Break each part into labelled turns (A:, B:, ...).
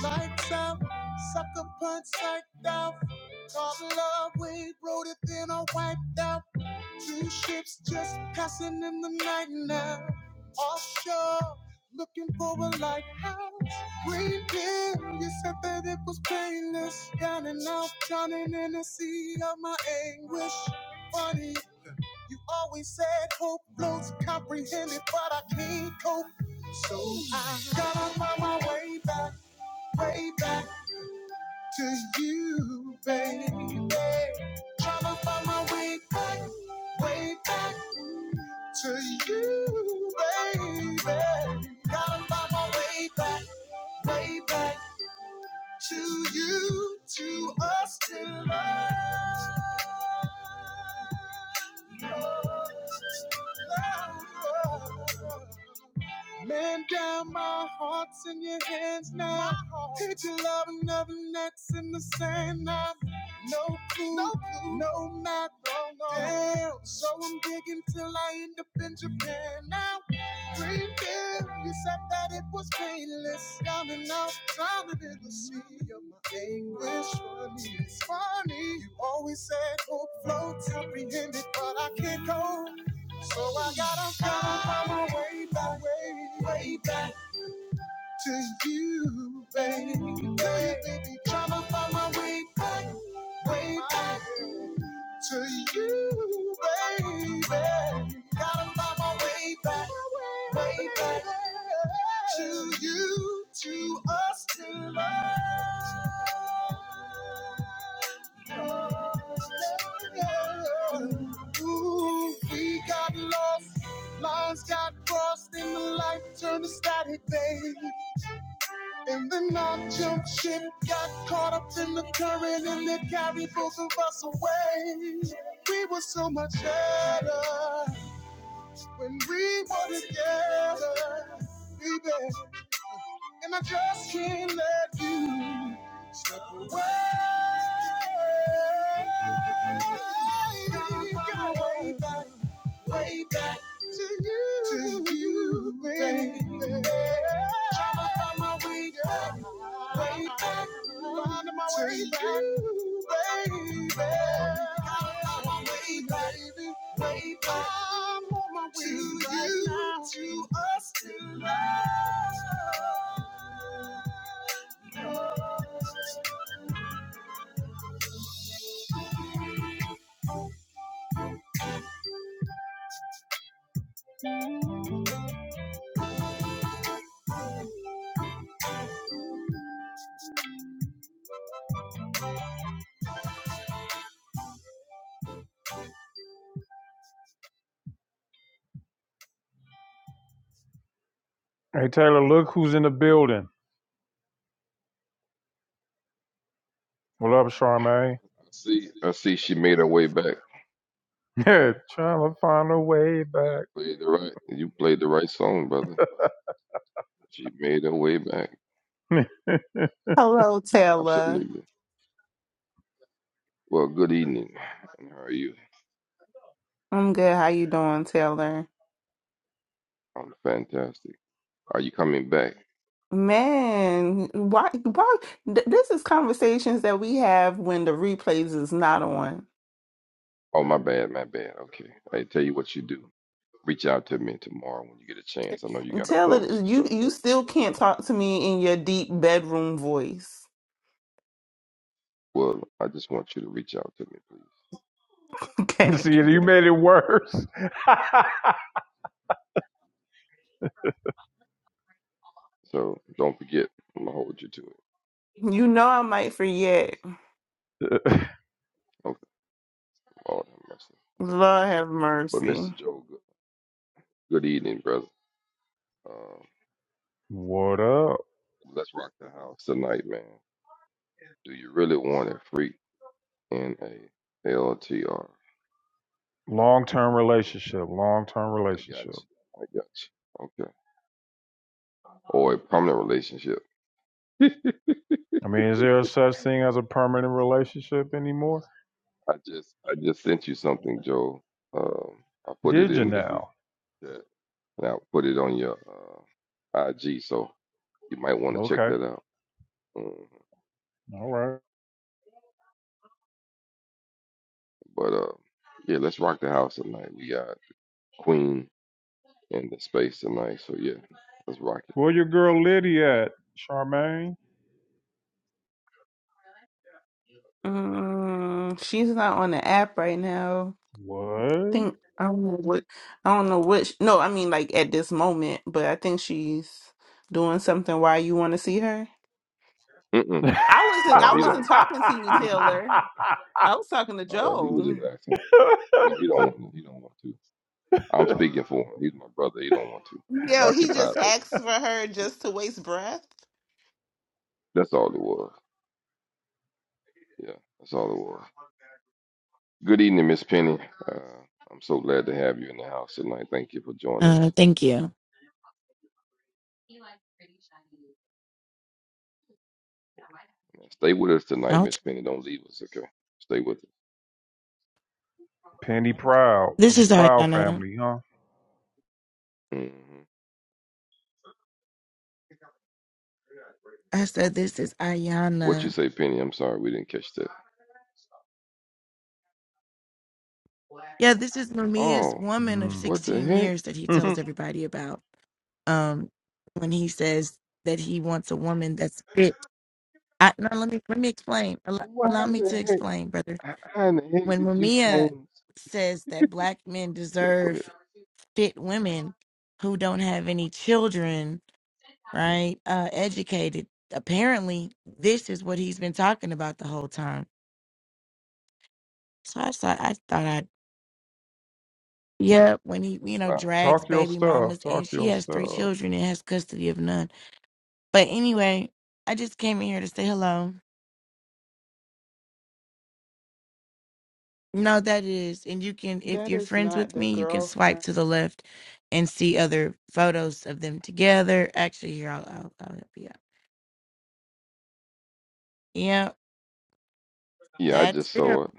A: Lights out, sucker punch psyched out. Caught love, we wrote it, then I wiped out. Two ships just passing in the night now. Offshore, looking for a lighthouse. Green deal, you said that it was painless. Down and out, drowning in the sea of my anguish. Funny, you always said hope floats comprehended, but I can't cope. So I got to find my way back, way back to you, baby. Tryna find my way back, way back to you, baby. Gotta find my way back, way back to you, to us, to love. Love. Man down, my heart's in your hands now. Hit your love and nothing that's in the sand now. No clue, no, no map, no, no. Damn. So I'm digging till I end up in Japan now. Green bill, you said that it was painless. Down and out, drowning in the sea of my anguish. Funny, it's funny. You always said hope floats, apprehended, but I can't go. So I gotta find my way back, way, way back to you, baby. Trying to find my way back, way back to you, baby. Gotta find my way back, way back to you, to us, to love. Ooh, we got lost, lines got crossed in the light, turned to static, baby. And the I jumped ship, got caught up in the current, and it carried both of us away. We were so much better when we were together, baby. And I just can't let you slip away. Go way back, way back to you, to you. Tryna find my way back, way back, finding my way to back, you, baby. Gotta find my way back, way back. I'm on my way to back you, now. to us, to us. Hey Taylor, look who's in the building. What up, Charmaine?
B: I see, I see. She made her way back.
A: Yeah, trying to find a way
B: You
A: back.
B: played the right. You played the right song, brother. She made her way back.
C: Hello, Taylor.
B: Absolutely. Well, good evening. And how are you?
C: I'm good. How you doing, Taylor?
B: I'm fantastic. Are you coming back?
C: Man, why why th- this is conversations that we have when the replays is not on.
B: Oh, my bad, my bad. Okay. I tell you what you do. Reach out to me tomorrow when you get a chance. I know you
C: And
B: got
C: Taylor,
B: appointments and
C: you
B: stuff,
C: you
B: but
C: still can't talk to me in your deep bedroom voice.
B: well, I just want you to reach out to me, please.
C: Okay.
A: See,
B: Yeah.
A: you made it worse.
B: So don't forget. I'm gonna hold you to it.
C: You know I might forget.
B: Okay. Lord have mercy.
C: Lord have
B: But Mr.
C: mercy.
B: Joe, good, good evening, brother. Um,
A: what up?
B: let's rock the house tonight, man. Do you really want a freak in a L T R?
A: Long term
B: Yeah,
A: relationship. Long term
B: I got
A: relationship.
B: you. I got you. Okay. Or a permanent relationship.
A: I mean, is there a such thing as a permanent relationship anymore?
B: I just I just sent you something, Joe. Um, I put it
A: Did you
B: in the group
A: now?
B: chat. And I put it on your uh, IG, so you might want to check
A: Okay.
B: that out. Mm,
A: All right.
B: But uh, yeah, let's rock the house tonight. We got Queen in the space tonight, so yeah, let's rock
A: Where your girl Liddy at, Charmaine?
C: Mm, she's not on the app right now.
A: What?
C: think I don't know what I don't know which. No, I mean like at this moment, but I think she's doing something. Why you want to see her?
B: it. Mm-mm.
C: I wasn't. I
B: No, you
C: wasn't
B: don't.
C: talking to you,
B: He was just
C: Taylor.
B: asking.
C: I was talking to
B: Oh, he was just
C: Joe.
B: asking. No, he don't want. He don't want to. I'm speaking for him. He's my brother. He don't want to. He's
C: Yo, he
B: occupied
C: just
B: right now.
C: asked for her
B: He-
C: just to waste breath.
B: That's all it was. Yeah, that's all it was. Good evening, Miss Penny. Uh, I'm so glad to have you in the house tonight. Thank you for joining
D: Uh,
B: us.
D: thank you.
B: Stay with us tonight,
D: I'll tr-
B: Miss Penny. Don't leave us, okay? Stay with us.
A: Penny Proud from
D: this
A: the
D: is
A: Proud
D: Ayana.
A: family, huh?
B: hmm
D: I said this is
B: What you
D: Ayana.
B: say, Penny? I'm sorry, we didn't catch that.
D: Yeah, this is Mamiya's
B: Oh,
D: woman of
A: Mm.
B: what the
D: 16
B: heck?
D: years that he tells everybody about. Um, when he says that he wants a woman that's fit. I, no, let me let me explain. Allow,
B: Why
D: allow
B: in
D: me
B: the
D: to
B: heck?
D: explain, brother.
B: How in the heck
D: When
B: did you
D: Mamiya
B: change?
D: says that black men
B: Okay, go ahead.
D: deserve fit women who don't have any children, right? Uh, educated. Apparently, this is what he's been talking about the whole time So I thought I thought I yeah, when he you know
B: Wow.
D: drags
A: talk your
D: baby
A: stuff.
D: mamas and
A: Talk
D: she
A: your
D: has three
A: stuff.
D: children and has custody of none. But anyway, I just came in here to say hello. No, that is, and you can if
C: That
D: you're
C: is
D: friends
C: not
D: with
C: the
D: me, you can swipe
C: girlfriend.
D: to the left and see other photos of them together. Actually, here I'll I'll, I'll help you out. Yeah,
B: Yeah, I
D: that's
B: just
D: them.
B: saw it.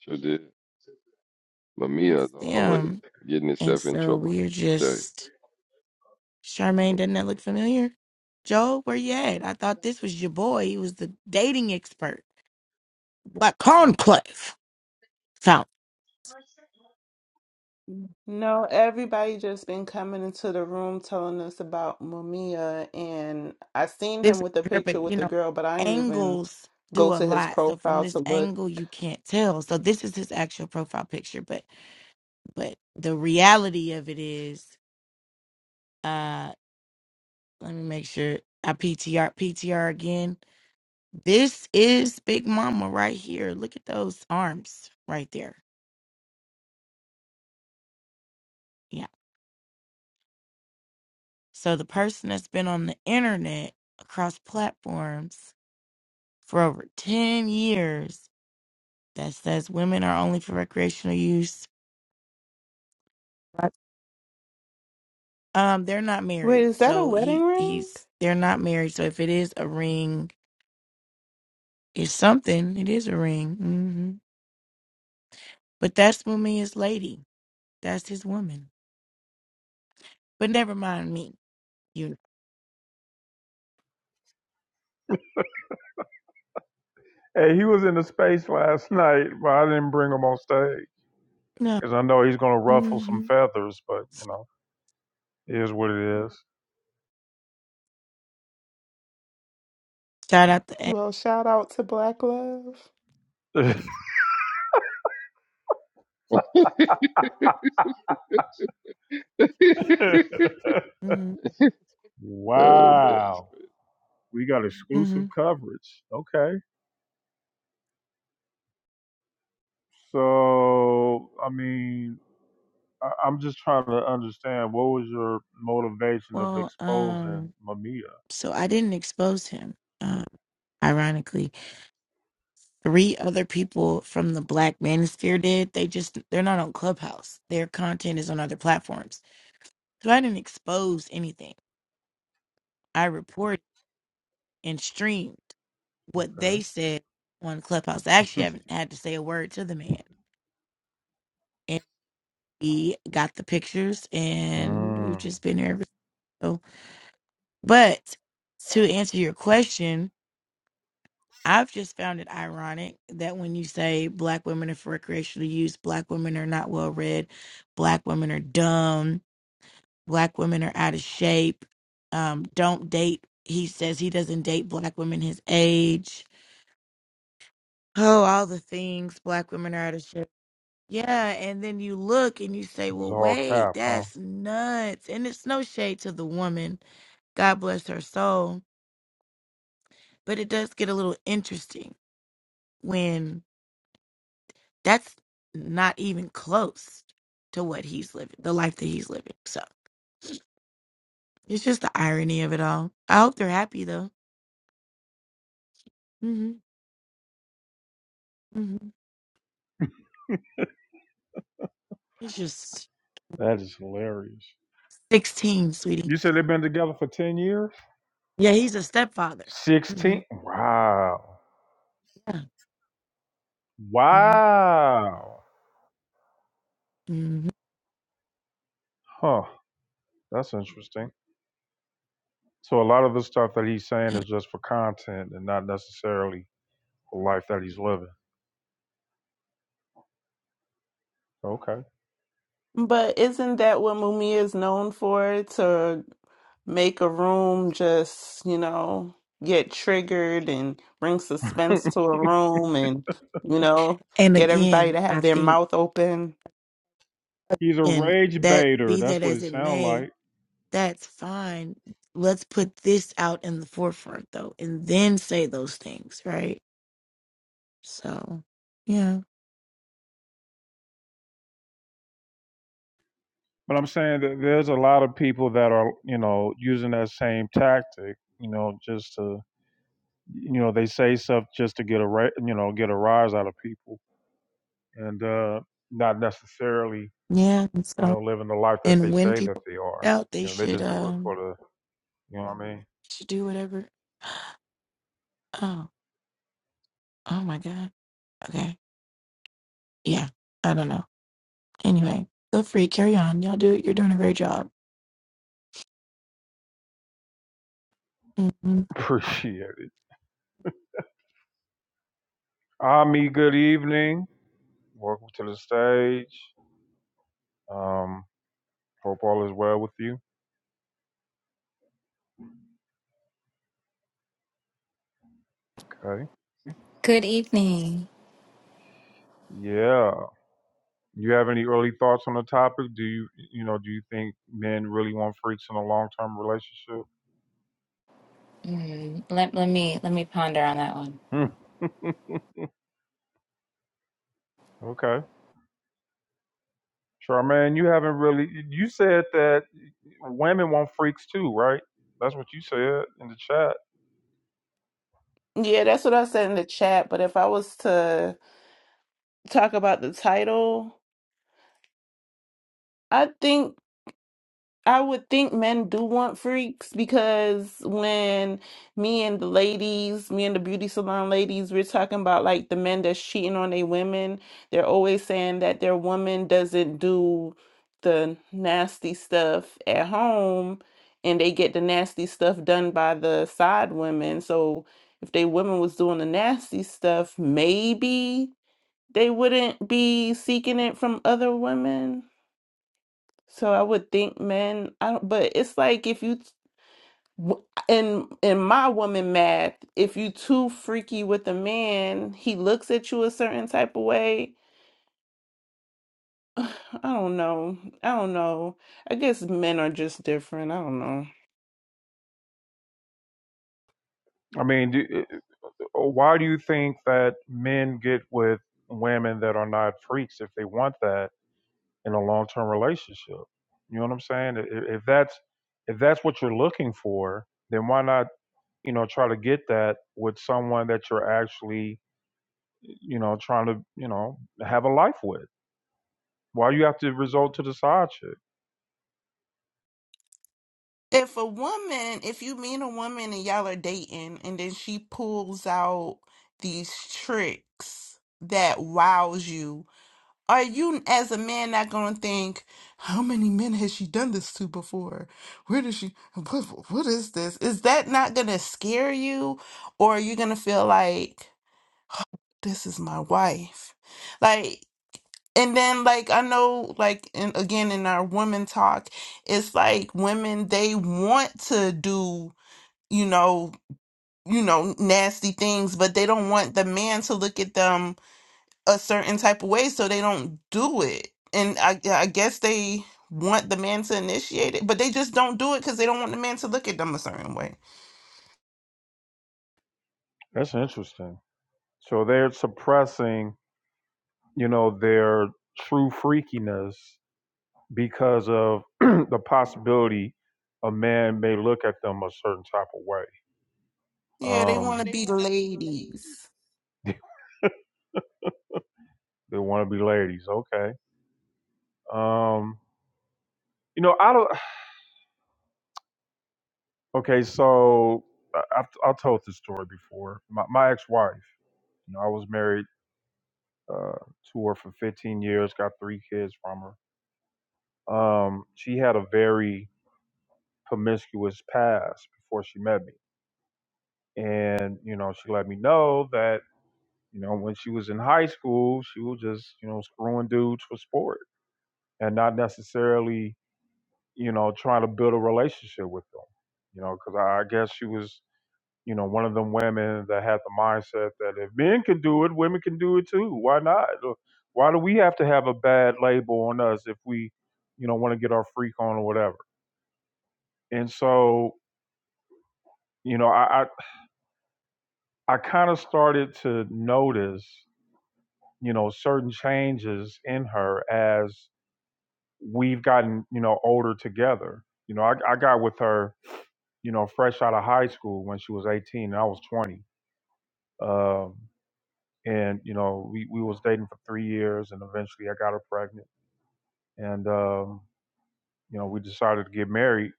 B: Sure did. Mamiya,
D: That's
B: as always.
D: them.
B: Getting
D: And
B: itself in
D: so
B: trouble.
D: we are
B: I tell you.
D: just Charmaine. Doesn't that look
B: Mhm.
D: familiar? Joe, where you at? I thought this was your boy. He was the dating expert. like conclave fountain.
C: No, everybody just been coming into the room telling us about Mamiya, and I seen
D: This
C: him
D: is
C: with the
D: her,
C: picture
D: but
C: with
D: you
C: the
D: know,
C: girl, but I didn't even
D: angles
C: go
D: do a
C: to his
D: lot. So from
C: profile
D: this
C: to look.
D: angle, you can't tell. So this is his actual profile picture, but but the reality of it is, uh, let me make sure I PTR PTR again. This is Big Mama right here. Look at those arms right there. Yeah. So the person that's been on the internet across platforms for over 10 years that says women are only for recreational use. Right. Um, they're not
C: Wait,
D: married,
C: is that a
D: so he
C: wedding ring?
D: he's they're not married. So if it is a ring, it's something. It is a ring. hmm But that's Mumia's lady. That's his woman. But never mind me. You
A: Hey, he was in the space last night, but I didn't bring him on stage
D: know.
A: because I know he's gonna
D: No.
A: ruffle some
D: hmm
A: feathers. But you know, it is what it
D: Shout out to.
C: Well, shout out to Black Love.
A: is.
D: Mm-hmm.
B: Oh man,
A: Wow. We got exclusive
D: hmm
A: coverage. Okay. So, I mean, I, I'm just trying to understand what was your motivation of
D: Well,
A: exposing
D: um,
A: Mamiya?
D: so I didn't expose him. Um, ironically Three other people from the Black Manosphere did. They just they're not on Clubhouse. Their content is on other platforms. So I didn't expose anything. I reported and streamed what they
A: Okay.
D: said on Clubhouse. I actually haven't had to say a word to the man. And he got the pictures and we've
A: Mm,
D: just been here ever so but to answer your question, I've just found it ironic that when you say black women are for recreational use, black women are not well read, black women are dumb, black women are out of shape. Um, don't date. He says he doesn't date black women his age. Oh, all the things black women are out of shape. Yeah, and then you look and you say,
A: it's
D: "Well,
A: all
D: wait,
A: cap, huh?
D: that's nuts." And it's no shade to the woman. God bless her soul, but it does get a little interesting when that's not even close to what he's living, the life that he's living. So it's just the irony of it all. I hope they're happy though. hmm hmm It's just
A: That is hilarious.
D: 16, sweetie.
A: You said they've been together for 10 years?
D: Yeah, he's a stepfather. hmm
A: 16? Wow.
D: Yeah. hmm
A: Wow.
D: hmm
A: Huh. That's interesting. So, a lot of the stuff that he's saying is just for content and not necessarily the life that he's living. Okay.
C: But isn't that what Mumia is known for? To make a room just, you know, get triggered and bring suspense to a room and, you know,
D: And
C: get everybody
D: again,
C: to have
D: I
C: their
D: think,
C: mouth open.
A: He's a
D: and
A: rage
D: that
A: baiter.
D: be
A: That's
D: that
A: what
D: as
A: it
D: it
A: sounds
D: may,
A: like.
D: that's fine. Let's put this out in the forefront, though, and then say those things, right? So, yeah,
A: But I'm saying that there's a lot of people that are, you know, using that same tactic, you know, just to, you know, they say stuff just to get a, ra- you know, get a rise out of people and uh, not necessarily,
D: yeah. And
A: you
D: so,
A: know, living the life that they
D: and when
A: say that
D: people
A: they are.
D: find out, they
A: You know, they
D: should
A: just do it for
D: um
A: the, you know what I mean?
D: should do whatever. Oh, oh my God. Okay. Yeah. I don't know. Anyway, feel free. Carry on. Y'all do. it. You're doing a great job. Mm-hmm.
A: Appreciate it. Ami, good evening. Welcome to the stage. Um, hope all is well with you. Okay.
E: Good evening.
A: Yeah. You have any early thoughts on the topic? Do you you know do you think men really want freaks in a long term relationship?
E: Mm, let let me let me ponder on that one.
A: Hmm. Okay, Charmaine, you haven't really. You said that women want freaks too, right? That's what you said in the chat.
C: Yeah, that's what I said in the chat. But if I was to talk about the title, I think. I would think men do want freaks because when me and the ladies, me and the beauty salon ladies, we're talking about like the men that's cheating on their women, they're always saying that their woman doesn't do the nasty stuff at home and they get the nasty stuff done by the side women. So if they women was doing the nasty stuff, maybe they wouldn't be seeking it from other women. So I would think men, I don't, but it's like if you w- in in my woman math, if you too freaky with a man, he looks at you a certain type of way. I don't know. I don't know. I guess men are just different. I don't know.
A: I mean, do, eh, eh, why do you think that men get with women that are not freaks if they want that in a long term relationship? You know what I'm saying? If, if that's if that's what you're looking for, then why not? you know try to get that with someone that you're actually you know trying to you know have a life with why you have to resort to the side chick
C: If a woman, if you meet a woman and y'all are dating, and then she pulls out these tricks that wows you Are you, as a man, not going to think, how many men has she done this to before? Where does she, what, what is this? Is that not going to scare you? Or are you going to feel like, this is my wife? Like, and then, like, I know, like, and again, in our women talk, it's like women, they want to do, you know, you know, nasty things, but they don't want the man to look at them a certain type of way so they don't do it. And I, I guess they want the man to initiate it, but they just don't do it because they don't want the man to look at them a certain way.
A: that's interesting so they're suppressing you know their true freakiness because of the possibility a man may look at them a certain type of way
C: Yeah, they
A: um
C: want
A: yeah,
C: to
A: they
C: be
A: want to be the
C: ladies.
A: lady. They want to be ladies okay um you know i don't Okay, so I- I've, I've told this story before. My, my ex-wife, you know, I was married uh, to her for 15 years, got three kids from her. Um, she had a very promiscuous past before she met me, and you know, she let me know that you know when she was in high school, she was just you know screwing dudes for sport and not necessarily you know trying to build a relationship with them. You know, because I, I guess she was You know, one of them women that had the mindset that if men can do it, women can do it too. Why not? Uh, Why do we have to have a bad label on us if we, you know, want to get our freak on or whatever? And so, you know, I I, I kind of started to notice, you know, certain changes in her as we've gotten, you know, older together. You know, I, I got with her you know, fresh out of high school when she was 18 and I was 20. Um, and you know we we was dating for three years and eventually i got her pregnant and um you know we decided to get married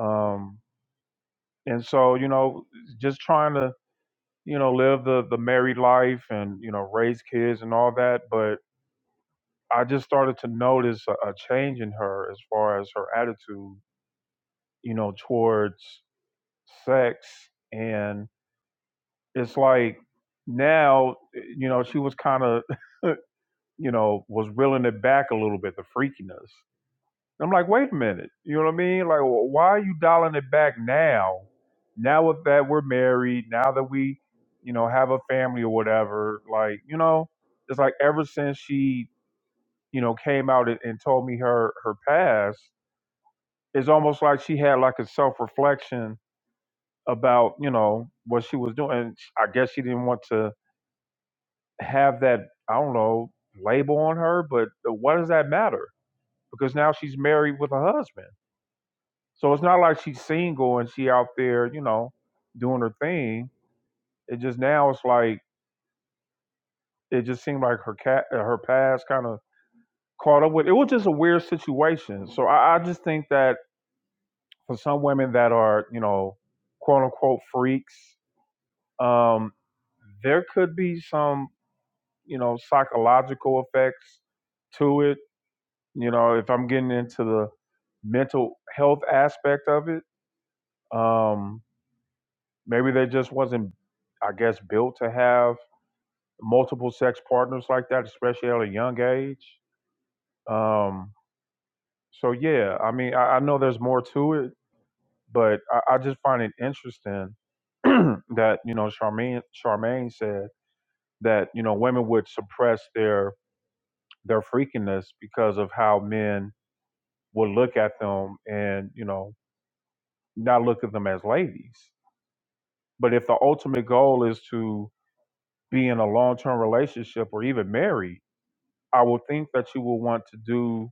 A: um and so you know just trying to you know live the the married life and you know raise kids and all that but i just started to notice a, a change in her as far as her attitude you know towards sex and it's like now eh, you know she was kind of you know was reeling it back a little bit the freakiness I'm like, wait a minute. You know what I mean? Like, wh- why are you dialing it back now? Now with that we're married, now that we, you know, have a family or whatever. Like, you know, it's like ever since she, you know, came out and, and told me her her past, it's almost like she had like a self reflection about, you know, what she was doing. And I guess she didn't want to have that, I don't know, label on her. But what does that matter? Because now she's married with a husband So it's not like she's single and she out there, you know, doing her thing. It just now it's like it just seemed like her cat her past kind of caught up with. It was just a weird situation. So I, I just think that for some women that are you know quote unquote freaks, um, there could be some you know psychological effects to it. You know, if I'm getting into the mental health aspect of it. Um, Maybe they just wasn't, I guess, built to have multiple sex partners like that, especially at a young age. Um, so yeah, I mean, I, I know there's more to it, but I, I just find it interesting that you know Charmaine Charmaine said that you know women would suppress their their freakiness because of how men would look at them and you know not look at them as ladies. But if the ultimate goal is to be in a long term relationship or even married I would think that you will want to do,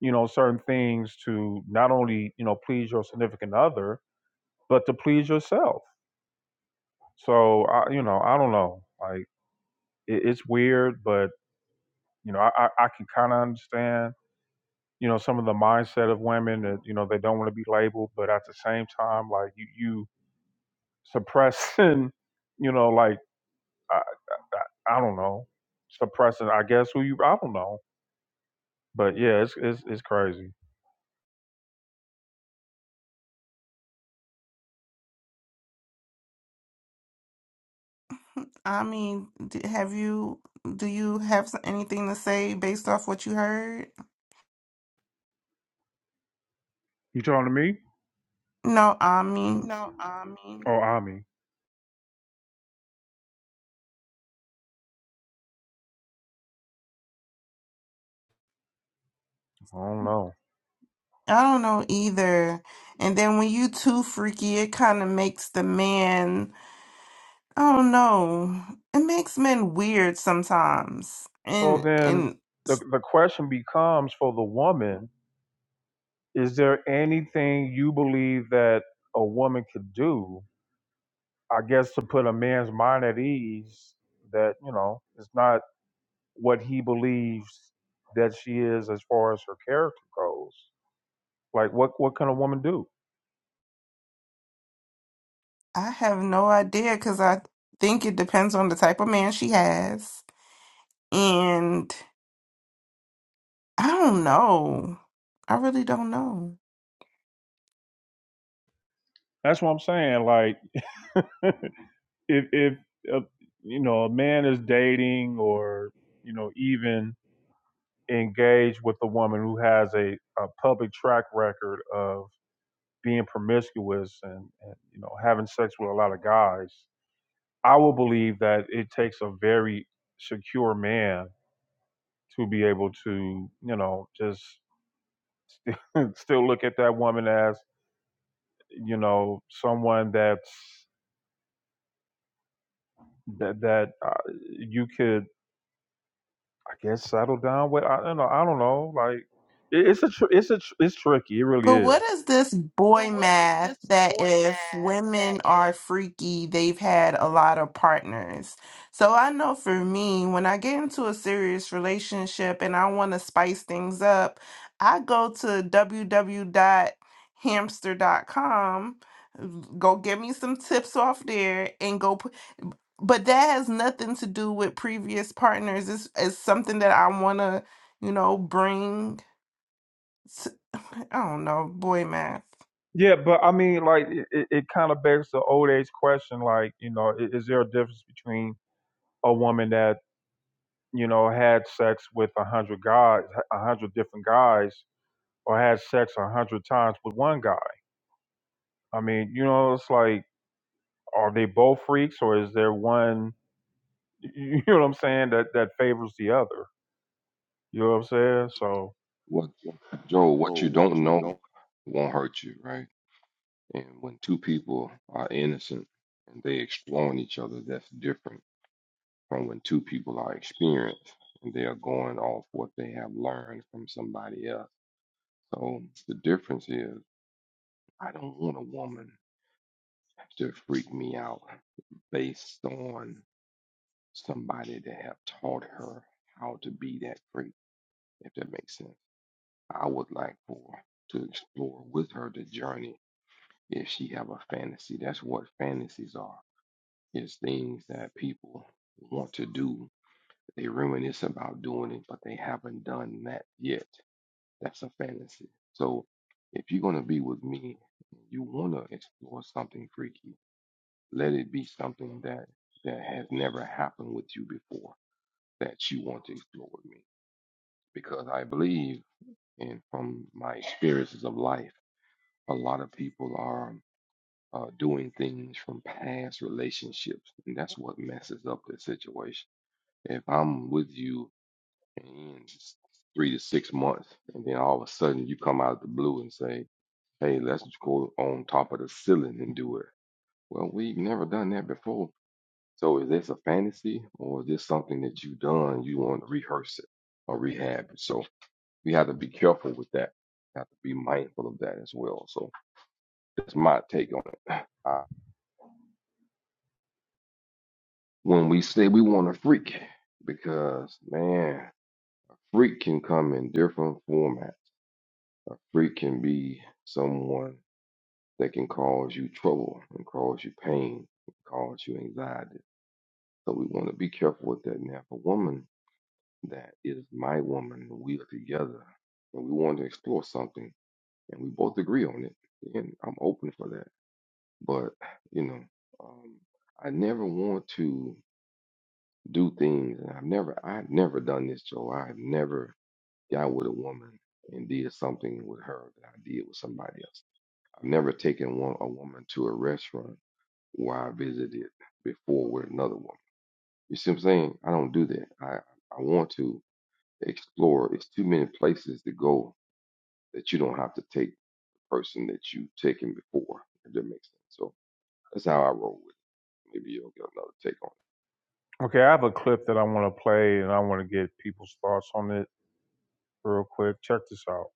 A: you know, certain things to not only, you know, please your significant other, but to please yourself. So, I, you know, I don't know. Like, it, it's weird, but, you know, I, I, I can kind of understand, you know, some of the mindset of women that, you know, they don't want to be labeled, but at the same time, like, you, you suppressing, you know, like, I, I, I don't know, suppressing, I guess, who you, I don't know. But yeah, it's, it's, it's crazy.
C: I mean, d- have you, do you have s- anything to say based off what you heard?
A: You talking to me?
C: No, I mean,
A: No, I mean, or Ami. I don't know.
C: I don't know either. And then when you too freaky, it kind of makes the man, I don't know, it makes men weird sometimes.
A: So
C: And
A: then
C: and
A: the the question becomes for the woman, is there anything you believe that a woman could do, I guess to put a man's mind at ease that, you know, it's not what he believes that she is as far as her character goes. Like what what can a woman do?
C: I have no idea because I think it depends on the type of man she has. And I don't know. I really don't know.
A: That's what I'm saying. Like if if uh, you know, a man is dating or, you know, even engage with a woman who has a, a public track record of being promiscuous and, and you know having sex with a lot of guys, I will believe that it takes a very secure man to be able to you know just still look at that woman as you know someone that's that that uh, you could I guess settle down with. I don't know. I don't know. Like it- it's a tr- it's a tr- it's tricky. It really
C: But what
A: is.
C: is this
A: So
C: boy
A: what is
C: math
A: this
C: that
A: boy math
C: if women
A: that
C: are
A: is?
C: freaky, they've had a lot of partners? So I know for me, when I get into a serious relationship and I want to spice things up, I go to dot dot hamster dot com. go get me some tips off there and go put but that has nothing to do with previous partners. It's, it's something that I want to, you know, bring. To, I don't know, boy, man.
A: Yeah, but I mean, like, it, it it kind of begs the old age question, like, you know, i- is there a difference between a woman that, you know, had sex with a hundred guys, a hundred different guys, or had sex a hundred times with one guy? I mean, you know, it's like, are they both freaks, or is there one, you know what I'm saying, that that favors the other? You know what I'm saying? So,
B: what Joe? What you don't know won't hurt you, right? And when two people are innocent and they exploring each other, that's different from when two people are experienced and they are going off what they have learned from somebody else. So the difference is, I don't want a woman to freak me out based on somebody that have taught her how to be that freak, if that makes sense. I would like for to explore with her the journey if she have a fantasy. That's what fantasies are. It's things that people want to do. They reminisce about doing it, but they haven't done that yet. That's a fantasy. So if you're gonna be with me, you wanna explore something freaky. Let it be something that that has never happened with you before that you want to explore with me. Because I believe and from my experiences of life a lot of people are uh, doing things from past relationships, and that's what messes up the situation. If I'm with you in s- three to six months, and then all of a sudden you come out of the blue and say, "Hey, let's go on top of the ceiling and do it," well, we've never done that before. So is this a fantasy, or is this something that you've done? You want to rehearse it or rehab it? So we have to be careful with that. Have to be mindful of that as well. So that's my take on it. when we say we want a freak because man a freak can come in different formats a freak can be someone that can cause you trouble and cause you pain and cause you anxiety so we want to be careful with that now if a woman that is my woman and we are together and we want to explore something and we both agree on it then i'm open for that but you know um, i never want to do things. And I've never, I've never done this, Joe. I've never got with a woman and did something with her that I did with somebody else. I've never taken one, a woman to a restaurant where I visited before with another woman. You see what I'm saying? I don't do that. I, I want to explore. It's too many places to go that you don't have to take the person that you've taken before, if that makes sense. So that's how I roll with it. Maybe you'll get another take on it.
A: okay, I have a clip that I want to play, and I want to get people's thoughts on it. real quick. Check this out.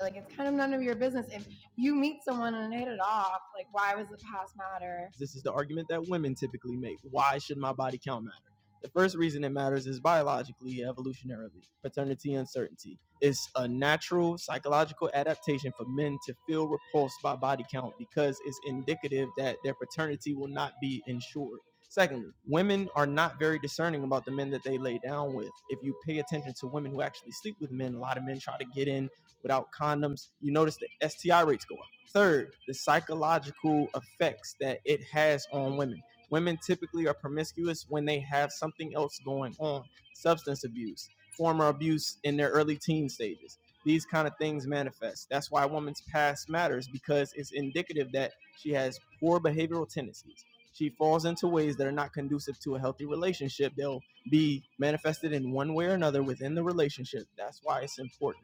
A: Like it's kind of none of your business. If you meet someone and hit it off, like why was the past matter? This is the argument that women typically make. Why should my body count matter? The first reason it matters is biologically, evolutionarily, paternity uncertainty. It's a natural psychological adaptation for men to feel repulsed by body count because it's indicative that their paternity will not be ensured. Secondly, women are not very discerning about the men that they lay down with. If you pay attention to women who actually sleep with men, a lot of men try to get in without condoms, you notice the STI rates go up. Third, the psychological effects that it has on women. Women typically are promiscuous when they have something else going on substance abuse, former abuse in their early teen stages. These kind of things manifest. That's why a woman's past matters because it's indicative that she has poor behavioral tendencies. She falls into ways that are not conducive to a healthy relationship. They'll be manifested in one way or another within the relationship. That's why it's important.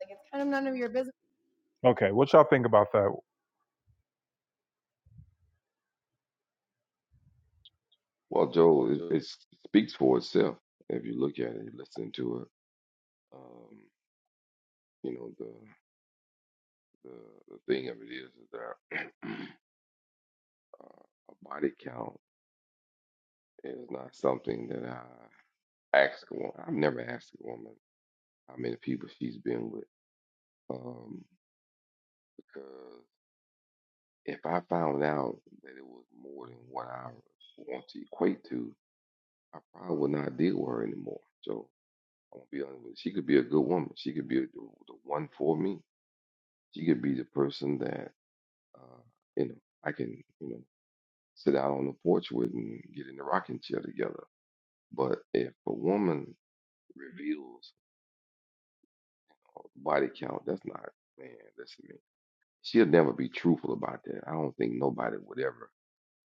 A: Like it's kind of none of your business. Okay, what y'all think about that?
B: Well, Joel, it, it speaks for itself if you look at it, you listen to it. Um, you know, the, the the thing of it is, is that uh, a body count is not something that I ask a woman. I've never asked a woman how many people she's been with, um, because if I found out that it was more than what I want to equate to, I probably would not deal with her anymore. So I'm gonna be honest with you. She could be a good woman. She could be a, the the one for me She could be the person that, uh, you know, I can, you know, sit out on the porch with and get in the rocking chair together. But if a woman reveals body count, that's not, man, listen to me. She'll never be truthful about that. I don't think nobody would ever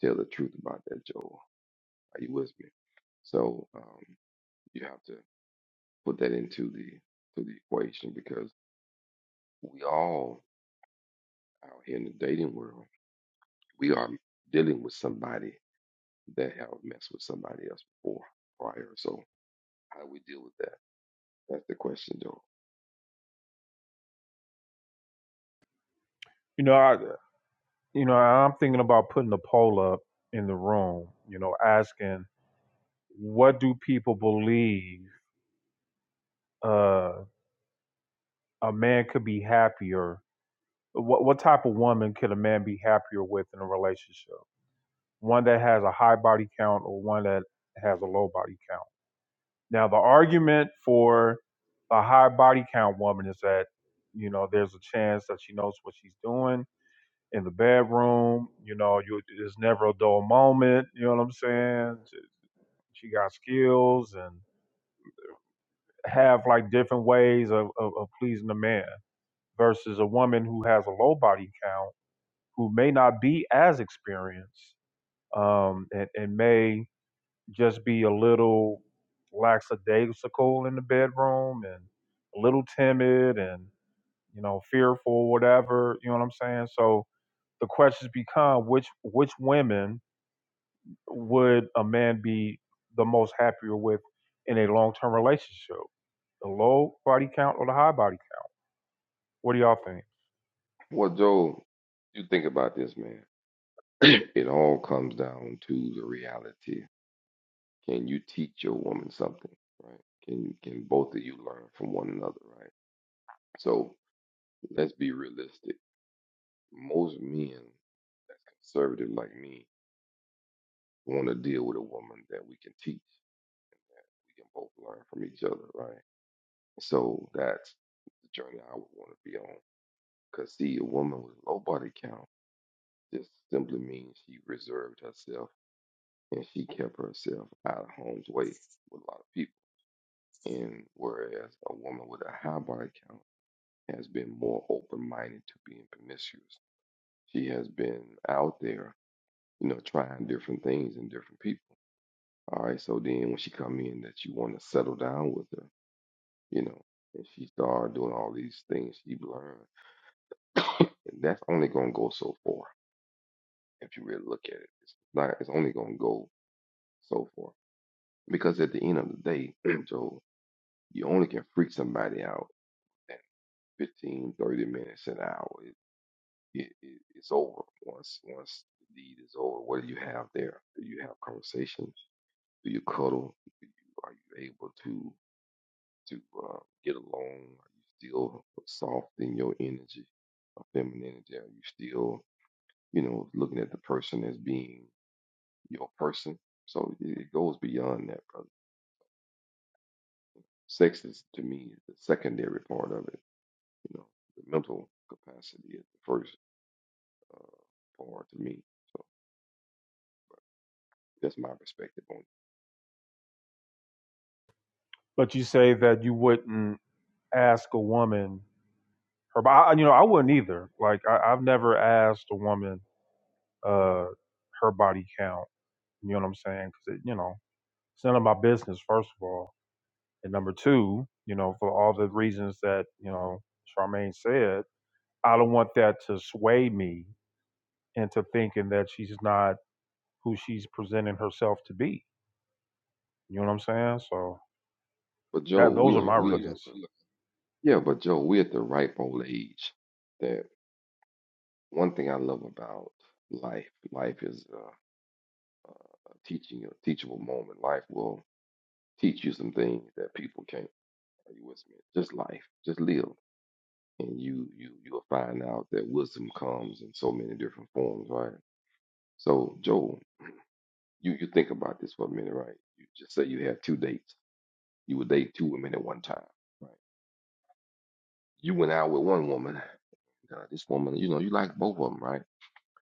B: tell the truth about that, Joel. Are you with me? So um, you have to put that into the to the equation because we all out here in the dating world, we are dealing with somebody that have messed with somebody else before, prior. So how do we deal with that? That's the question, Joel.
A: You know, I you know, I'm thinking about putting a poll up in the room, you know, asking what do people believe uh a man could be happier what what type of woman could a man be happier with in a relationship? One that has a high body count or one that has a low body count. Now the argument for a high body count woman is that, you know, there's a chance that she knows what she's doing in the bedroom. You know, you there's never a dull moment. You know what I'm saying? She got skills and have like different ways of, of, of pleasing a man versus a woman who has a low body count who may not be as experienced um, and, and may just be a little lackadaisical in the bedroom and a little timid and you know fearful whatever you know what i'm saying so the questions become which which women would a man be the most happier with in a long term relationship? The low body count or the high body count? What do y'all think?
B: Well, Joel, you think about this, man. it all comes down to the reality. Can you teach your woman something, right? Can can both of you learn from one another, right? So let's be realistic. Most men that's conservative like me want to deal with a woman that we can teach. We can both learn from each other, right? So that's the journey I would want to be on. Because, see, a woman with low body count just simply means she reserved herself and she kept herself out of harm's way with a lot of people. And whereas a woman with a high body count has been more open minded to being promiscuous, she has been out there, you know, trying different things and different people. All right, so then when she come in that you want to settle down with her, you know, and she start doing all these things she learned, and that's only gonna go so far if you really look at it. It's not it's only gonna go so far. Because at the end of the day, Joe, you only can freak somebody out in 15, 30 minutes, an hour. It, it, it, it's over once once the deed is over. What do you have there? Do you have conversations? Do you cuddle? Are you able to to uh, get along? Are you still soft in your energy, of femininity? Are you still you know looking at the person as being your person. So it it goes beyond that, brother. Sex is to me the secondary part of it. You know, the mental capacity is the first uh, part to me. So that's my perspective on it.
A: But you say that you wouldn't ask a woman her body. You know, I wouldn't either. Like I, I've never asked a woman uh, her body count. You know what I'm saying? Because you know, it's none of my business. First of all, and number two, you know, for all the
B: Absolutely
A: reasons that you know Charmaine said, I don't want that to sway me into thinking that she's not who she's presenting herself to be. You know what I'm
B: right.
A: saying? So
B: But Joe,
A: that those
B: we
A: are
B: are
A: my
B: we are at
A: reasons.
B: the yeah, but Joe, we're at the ripe old age. That one thing I love about life. Life is uh, uh, a teaching a teachable moment. Life will teach you some things that people can't. Are you with me? Just life. Just live. and you you you'll find out that wisdom comes in so many different forms, right? So Joel, you you think about this for a minute, right? You just say you have two dates. You would date two women at one time, right? You went out with one woman. Uh, this woman, you know, you like both of them, right?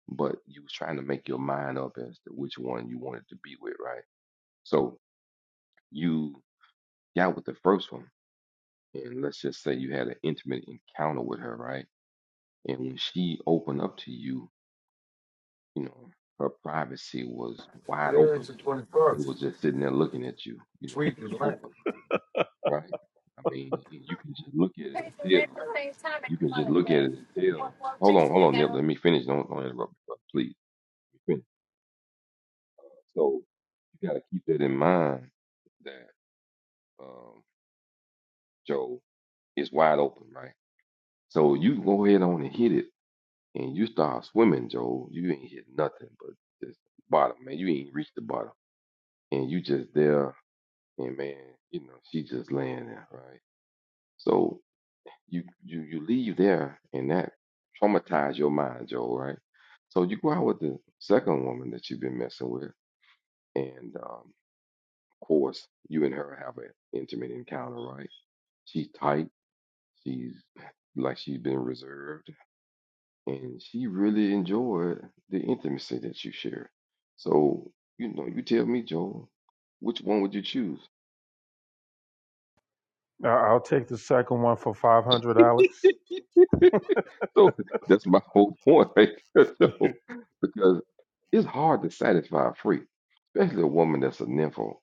B: But you was trying to make your mind up as to which one you wanted to be with, right? So you got with the first one, and let's just say you had an intimate encounter with her, right? And when she opened up to you You know, her privacy was wide
F: Today
B: open.
F: is the
B: It
F: 21st.
B: was just sitting there looking at you, you know,
F: Sweet is right.
B: open, right? I mean, y- you can just look at
F: Pay
B: it and
F: the rent at
B: tell.
F: the same time
B: You
F: every
B: can just look at
F: Monday.
B: it and
F: One,
B: tell.
F: one
B: Hold on,
F: takes it
B: hold on, Nip.
F: together.
B: Let me finish. Don't, don't interrupt me, brother, please. Let me finish. So you got to keep that in mind that um, Joe is wide open, right? So you go ahead on and hit it, and you start swimming, Joe. You ain't hit nothing but just bottom, man. You ain't reached the bottom, and you just there and man, you know, she just laying there, right? So you you you leave there and that traumatize your mind, Joe, right? So you go out with the second woman that you've been messing with, and um, of course you and her have an intimate encounter, right? She's tight, she's like she's been reserved, and she really enjoyed the intimacy that you shared. So you know, you tell me, Joe, which one would you choose?
A: I- will take the second one for 500, Alex.
B: So that's my whole point right So, Because it's hard to satisfy a freak, especially a woman that's a nympho.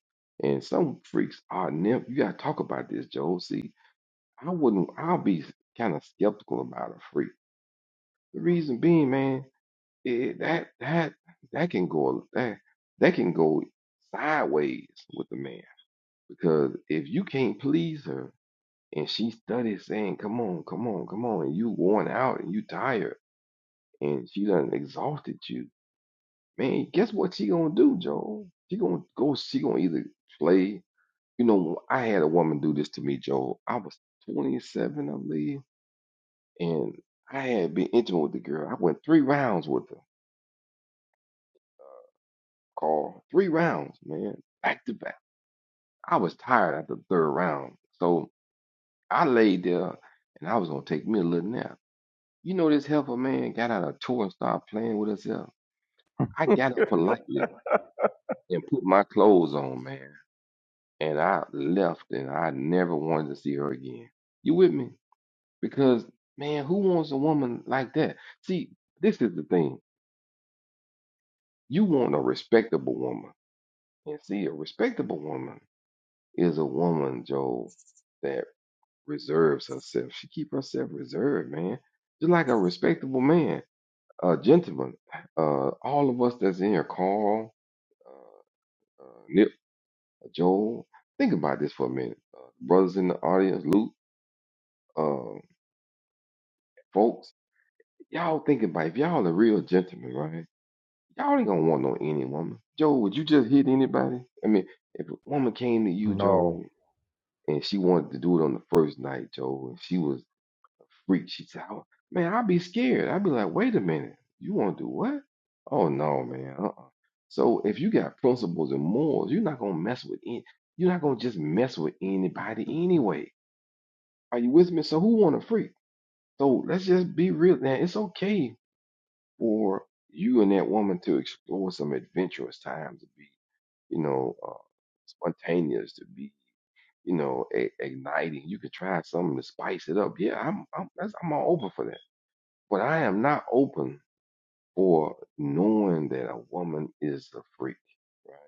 B: And some freaks are nymph. You gotta talk about this, Joe. See, I wouldn't. I'll be kind of skeptical about a freak. The reason being, man, it, that that that can go that that can go sideways with a man because if you can't please her and she studies saying, "Come on, come on, come on," and you worn out and you tired and she done exhausted you, man, guess what she gonna do, Joel? She gonna go. She gonna either play. You know, I had a woman do this to me, Joel. I was 27, I believe, and I had been intimate with the girl. I went three rounds with her, Carl. Three rounds, man, back to back. I was tired after the third round, so I laid there and I was gonna take me a little nap. You know, this helper man got out of chore and started playing with herself. I got up politely and put my clothes on, man. and I left and I never wanted to see her again. You with me? Because man, who wants a woman like that? See, this is the thing. You want a respectable woman. And see, a respectable woman is a woman, Joel, that reserves herself. She keep herself reserved, man. Just like a respectable man, a gentleman. Uh, all of us that's in here, Carl, uh, uh, Nip, Joel. Think about this for a minute, uh, brothers in the audience, Luke, uh, folks. Y'all thinking, about it. if y'all a real gentleman, right? Y'all ain't gonna want no any woman. Joe, would you just hit anybody? I mean, if a woman came to you,
A: No,
B: Joe, and she wanted to do it on the first night, Joe, and she was freaked, she said, "I- "Man, I'd be scared. I'd be like, wait a minute, you want to do what? Oh no, man. Uh-uh. So if you got principles and morals, you're not gonna mess with any. You're not gonna just mess with anybody anyway. Are you with me? So who want to freak? So let's just be real, man. It's okay for you and that woman to explore some adventurous time to be, you know, uh, spontaneous, to be, you know, a- igniting. You could try something to spice it up. Yeah, I'm, I'm, that's, I'm all open for that. But I am not open for knowing that a woman is a freak, right?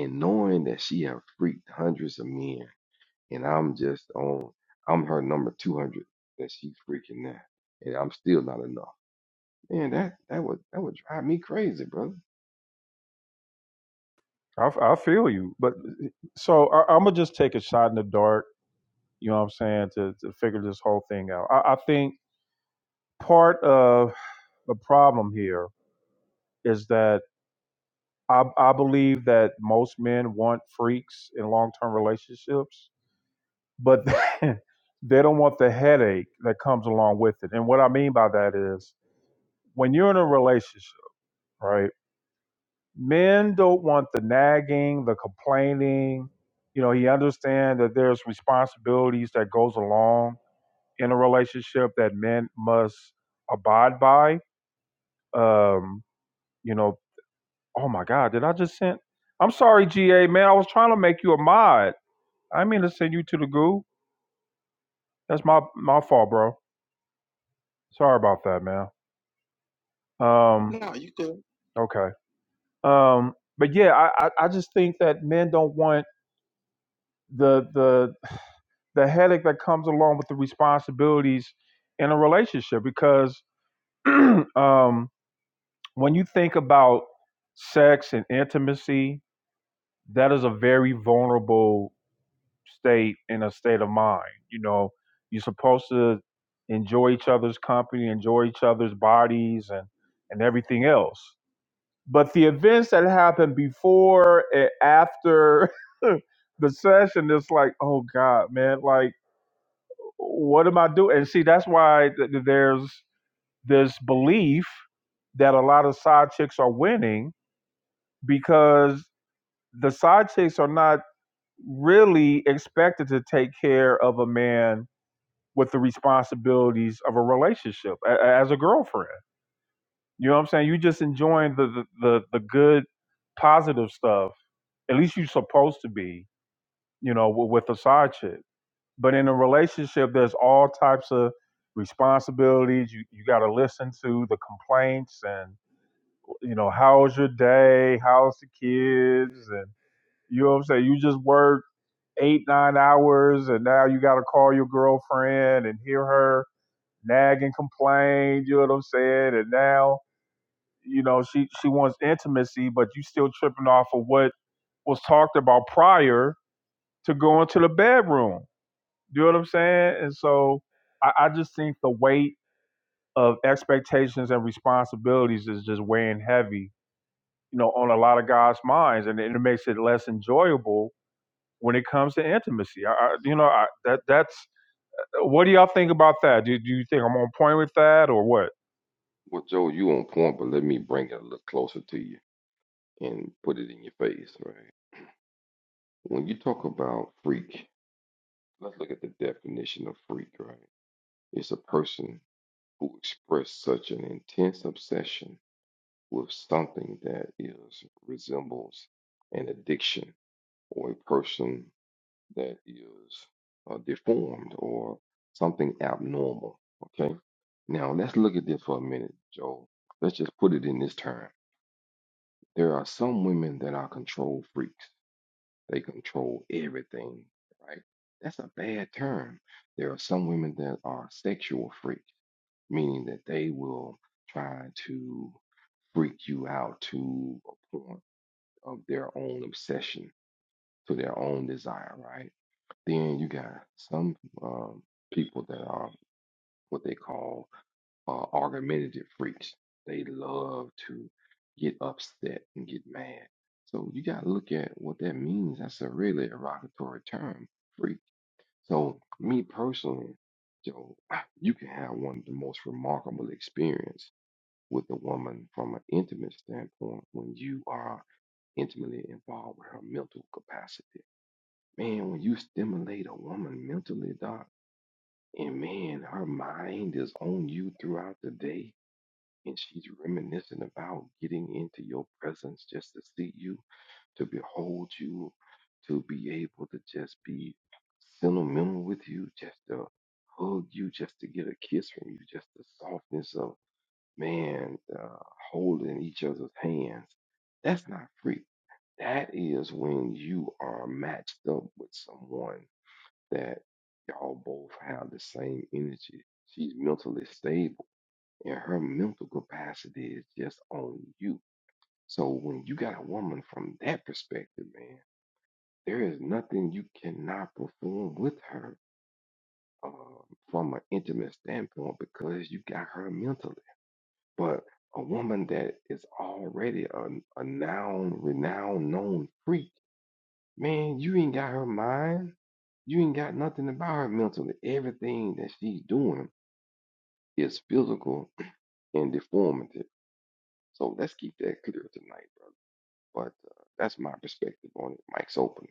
B: And knowing that she have freaked hundreds of men, and I'm just on, I'm her number two hundred that she's freaking now, and I'm still not enough. Man, that that would that would drive me crazy, brother.
A: I I feel you, but eh, so I, I'm gonna just take a shot in the dark. You know what I'm saying to to figure this whole thing out. I, I think part of the problem here is that I, I believe that most men want freaks in long term relationships but they don't want the headache that comes along with it. And what I mean by that is when you're in a relationship, right? Men don't want the nagging, the complaining. You know, he understands that there's responsibilities that goes along in a relationship that men must abide by. Um, you know, oh my God, did I just send? I'm sorry, GA man. I was trying to make you a mod. I didn't mean to send you to the goo. That's my my fault, bro. Sorry about that, man. Um, okay. Um, but yeah, I, I, I just think that men don't want the the the headache that comes along with the responsibilities in a relationship because um, when you think about sex and intimacy, that is a very vulnerable state and a state of mind. You know, you're supposed to enjoy each other's company, enjoy each other's bodies, and and everything else. But the events that happened before and after the session, it's like, oh God, man, like, what am I doing? And see, that's why th- th- there's this belief that a lot of side chicks are winning because the side chicks are not really expected to take care of a man with the responsibilities of a relationship a- a- as a girlfriend You know what I'm saying? You just enjoying the the the, the good, positive stuff. At least you're supposed to be. You know, with, with a side chick. But in a relationship, there's all types of responsibilities. You you got to listen to the complaints and you know how's your day? How's the kids? And you know what I'm saying? You just work eight nine hours, and now you got to call your girlfriend and hear her nag and complain. You know what I'm saying? And now you know, she she wants intimacy, but you still tripping off of what was talked about prior to going to the bedroom. Do You know what I'm saying? And so I, I just think the weight of expectations and responsibilities is just weighing heavy, you know, on a lot of guys' minds, and it, it makes it less enjoyable when it comes to intimacy. I, I you know, I, that that's what do y'all think about that? Do, do you think I'm on point with that or what?
B: Well, Joe, you on point, but let me bring it a little closer to you and put it in your face, right? When you talk about freak, let's look at the definition of freak, right? It's a person who expresses such an intense obsession with something that is resembles an addiction or a person that is uh, deformed or something abnormal, okay? Now, let's look at this for a minute, Joe. Let's just put it in this term. There are some women that are control freaks. They control everything, right? That's a bad term. There are some women that are sexual freaks, meaning that they will try to freak you out to a point of their own obsession, to their own desire, right? Then you got some um, people that are what they call uh, argumentative freaks. They love to get upset and get mad. So you got to look at what that means. That's a really derogatory term, freak. So me personally, Joe, you can have one of the most remarkable experience with a woman from an intimate standpoint when you are intimately involved with her mental capacity. Man, when you stimulate a woman mentally, doc, and man, her mind is on you throughout the day and she's reminiscing about getting into your presence just to see you, to behold you, to be able to just be sentimental with you, just to hug you, just to get a kiss from you, just the softness of man uh, holding each other's hands. That's not free. That is when you are matched up with someone that y'all both have the same energy. She's mentally stable and her mental capacity is just on you. So when you got a woman from that perspective, man, there is nothing you cannot perform with her uh, from an intimate standpoint because you got her mentally. But a woman that is already a, a noun, renowned, known freak, man, you ain't got her mind. You ain't got nothing about her mentally. Everything that she's doing is physical and deformity. So let's keep that clear tonight, brother. But uh, that's my perspective on it. Mike's open.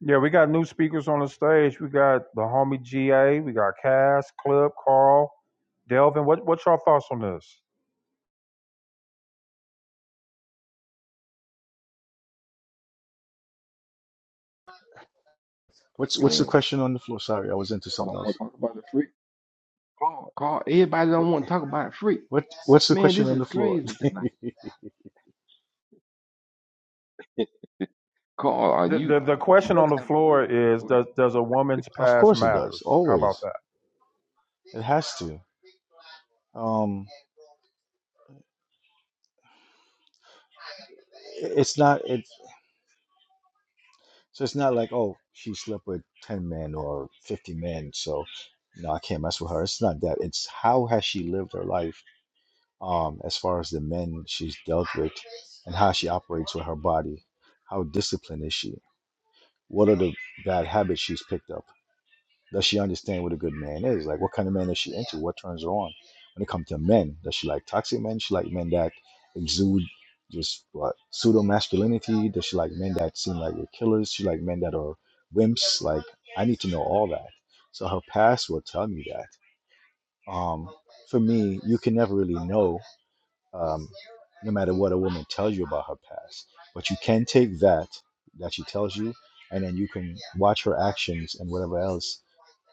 A: Yeah, we got new speakers on the stage. We got the homie GA. We got Cass, Clip, Carl, Delvin. What what's your thoughts on this?
G: What's what's the
B: Man,
G: question on the floor? Sorry, I was into
B: I
G: something
B: don't want
G: else.
B: to talk about the freak. Carl, Carl, everybody
G: What
B: don't want to talk about freak.
G: what what's the
B: Man,
G: question
B: this
G: on the
B: is
G: floor?
B: crazy tonight. Carl, are
A: The,
B: you?
A: the the
B: Would you
A: question on
B: rather
A: the
B: have a freak?
A: floor is
B: Go ahead.
A: does does a woman's
G: Of
A: past
G: course it does.
A: matters? How about
G: Always.
A: that?
G: It has to. Um i- it's not it. so it's not like, oh, she slept with 10 men or 50 men, so no, I can't mess with her. It's not that. It's how has she lived her life um as far as the men she's dealt with and how she operates with her body. How disciplined is she? What are the bad habits she's picked up? Does she understand what a good man is? Like, what kind of man is she into? What turns her on? When it comes to men, does she like toxic men? She like men that exude just what pseudo masculinity? Does she like men that seem like they're killers? She like men that are wimps? Like, I need to know all that. So her past will tell me that. Um, for me, you can never really know, um, no matter what a woman tells you about her past. But you can take that that she tells you, and then you can watch her actions and whatever else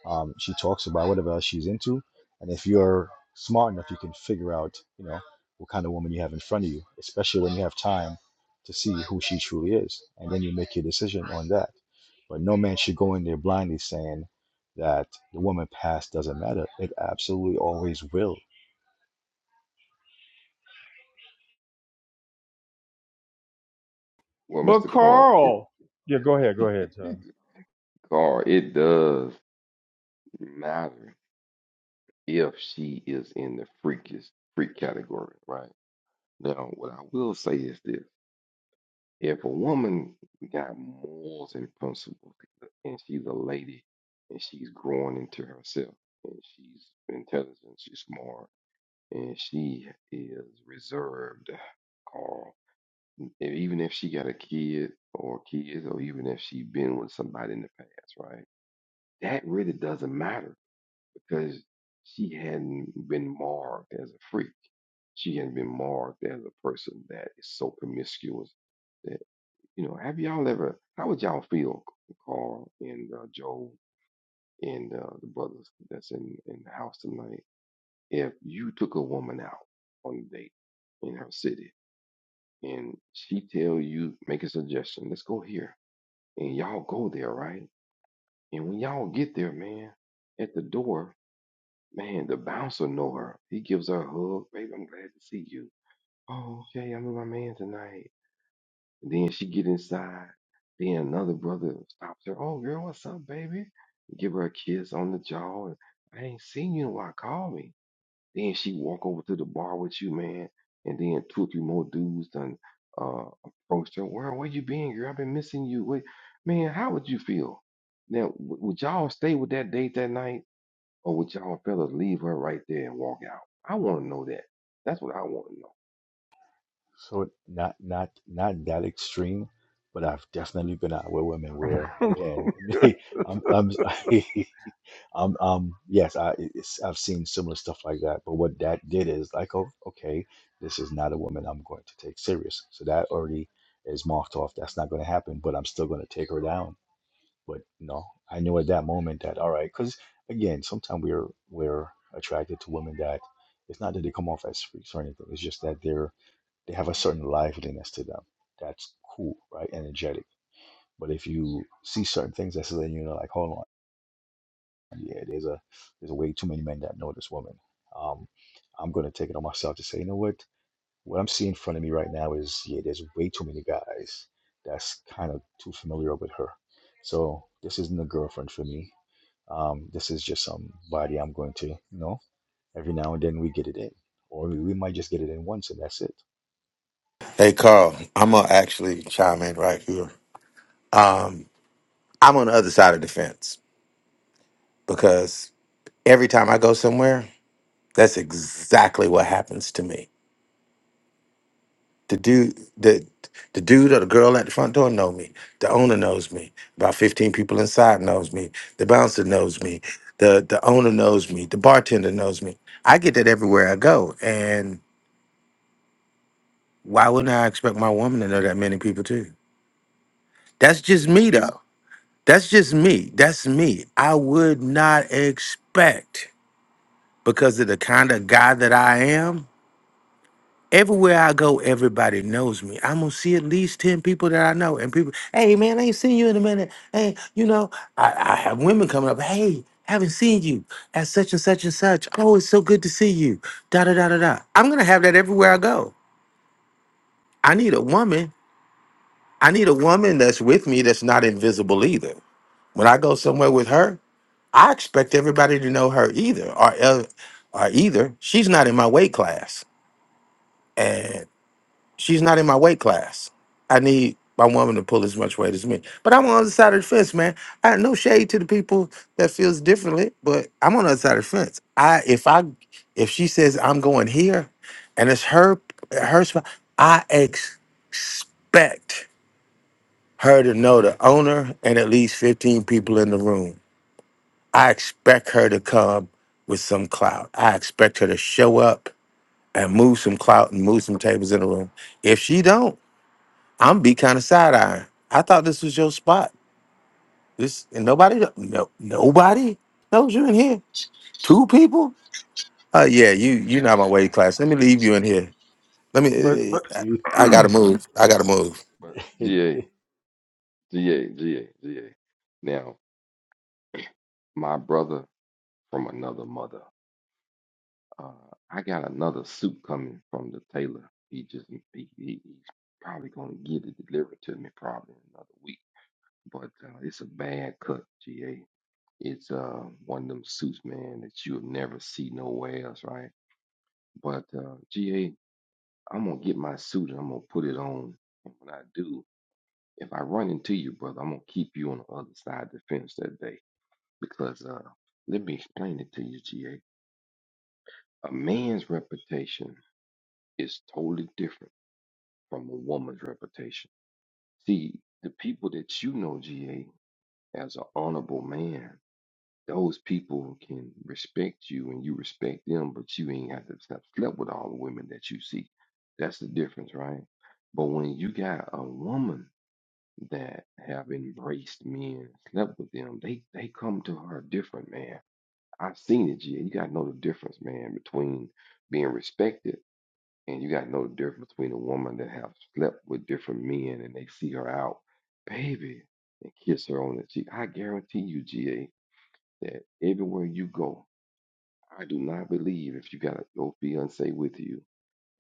G: um, she talks about whatever else she's into and if you're smart enough you can figure out you know what kind of woman you have in front of you especially when you have time to see who she truly is and then you make your decision on that but no man should go in there blindly saying that the woman past doesn't matter it absolutely always will
B: Well,
A: But
B: Mr. Carl, it,
A: Carl. Yeah, go ahead, go
B: it
A: ahead, Taylor.
B: Carl, it does matter if she is in the freakiest freak category, right? Now, what I will say is this. If a woman got morals and principles and she's a lady and she's growing into herself and she's intelligent, she's smart, and she is reserved or and even if she got a kid or kids or even if she been with somebody in the past, right? That really doesn't matter because she hadn't been marked as a freak. She hadn't been marked as a person that is so promiscuous that. You know, have y'all ever? How would y'all feel, Carl and uh, Joe and uh, the brothers that's in in the house tonight, if you took a woman out on a date in her city and she tell you make a suggestion, let's go here, and y'all go there, right? And when y'all get there, man, at the door, man, the bouncer know her. He gives her a hug, baby. I'm glad to see you. Oh, okay, I'm with my man tonight. And then she get inside. Then another brother stops her. Oh, girl, what's up, baby? Give her a kiss on the jaw. And I ain't seen you in a while. Call me. Then she walk over to the bar with you, man. And then two or three more dudes done uh, approached her. Where where you been, girl? I've been missing you. Wait, man, how would you feel? Now, w- would y'all stay with that date that night, or would y'all fellas leave her right there and walk out? I want to know that. That's what I want to know.
G: so not not not that extreme but I've definitely been out with women where, again, I'm, I'm Um, um, yes, I, it's, I've seen similar stuff like that. But what that did is like, oh, okay, this is not a woman I'm going to take serious. So that already is marked off. That's not going to happen. But I'm still going to take her down. But no, I knew at that moment that all right, because again, sometimes we're we're attracted to women that it's not that they come off as freaks or anything. It's just that they're they have a certain liveliness to them. That's cool, right? Energetic. But if you see certain things that's letting you know, like, hold on. Yeah, there's a there's way too many men that know this woman. Um, I'm gonna take it on myself to say, you know what? What I'm seeing in front of me right now is yeah, there's way too many guys that's kind of too familiar with her. So this isn't a girlfriend for me. Um, this is just somebody I'm going to, you know, every now and then we get it in, or we we might just get it in once and that's it.
H: Hey Carl, I'm gonna actually chime in right here. Um, I'm on the other side of the fence because every time I go somewhere, that's exactly what happens to me. The dude, the the dude or the girl at the front door know me. The owner knows me. About 15 people inside knows me. The bouncer knows me. The the owner knows me. The bartender knows me. I get that everywhere I go, and why wouldn't I expect my woman to know that many people too? That's just me though. That's just me. That's me. I would not expect because of the kind of guy that I am. Everywhere I go, everybody knows me. I'm gonna see at least 10 people that I know. And people, hey man, I ain't seen you in a minute. Hey, you know, I, I have women coming up, hey, haven't seen you at such and such and such. Oh, it's so good to see you. Da da da da da. I'm gonna have that everywhere I go. I need a woman. I need a woman that's with me that's not invisible either. When I go somewhere with her, I expect everybody to know her either, or el- or either she's not in my weight class, and she's not in my weight class. I need my woman to pull as much weight as me. But I'm on the other side of the fence, man. I no shade to the people that feels differently, but I'm on the other side of the fence. I if I if she says I'm going here, and it's her her spot, I ex- expect her to know the owner and at least 15 people in the room I expect her to come with some clout. I expect her to show up and move some clout and move some tables in the room. If she don't, I'm be kind of side eyeing. I thought this was your spot. This and nobody, no, nobody knows you in here. Two people. Uh, yeah, you you're not my weight class. Let me leave you in here. Let me.
A: But
H: eh,
A: but
H: I, I gotta move. I gotta move.
B: But
G: Eh, eh,
B: GA, GA, GA, GA. Now, my brother from another mother. Uh, I got another suit coming from the tailor. He just he, he he's probably gonna get it delivered to me probably in another week. But uh, it's a bad cut, GA. It's uh one of them suits, man, that you'll never see nowhere else, right? But uh, GA, I'm gonna get my suit and I'm gonna put it on. And when I do, if I run into you, brother, I'm gonna keep you on the other side of the fence that day because uh, let me explain it to you, GA A man's reputation is totally different from a woman's reputation. See, the people that you know, GA, as an honorable man, those people can respect you and you respect them, but you ain't have to have slept with all the women that you see. That's the difference, right? But when you got a woman that have embraced men, slept with them, they they come to her different, man. I've seen it, GA. You gotta know the difference, man, between being respected and you got to know the difference between a woman that have slept with different men and they see her out, baby, and kiss her on the cheek. I guarantee you, GA, that everywhere you go, I do not believe if you got a, your fiance with you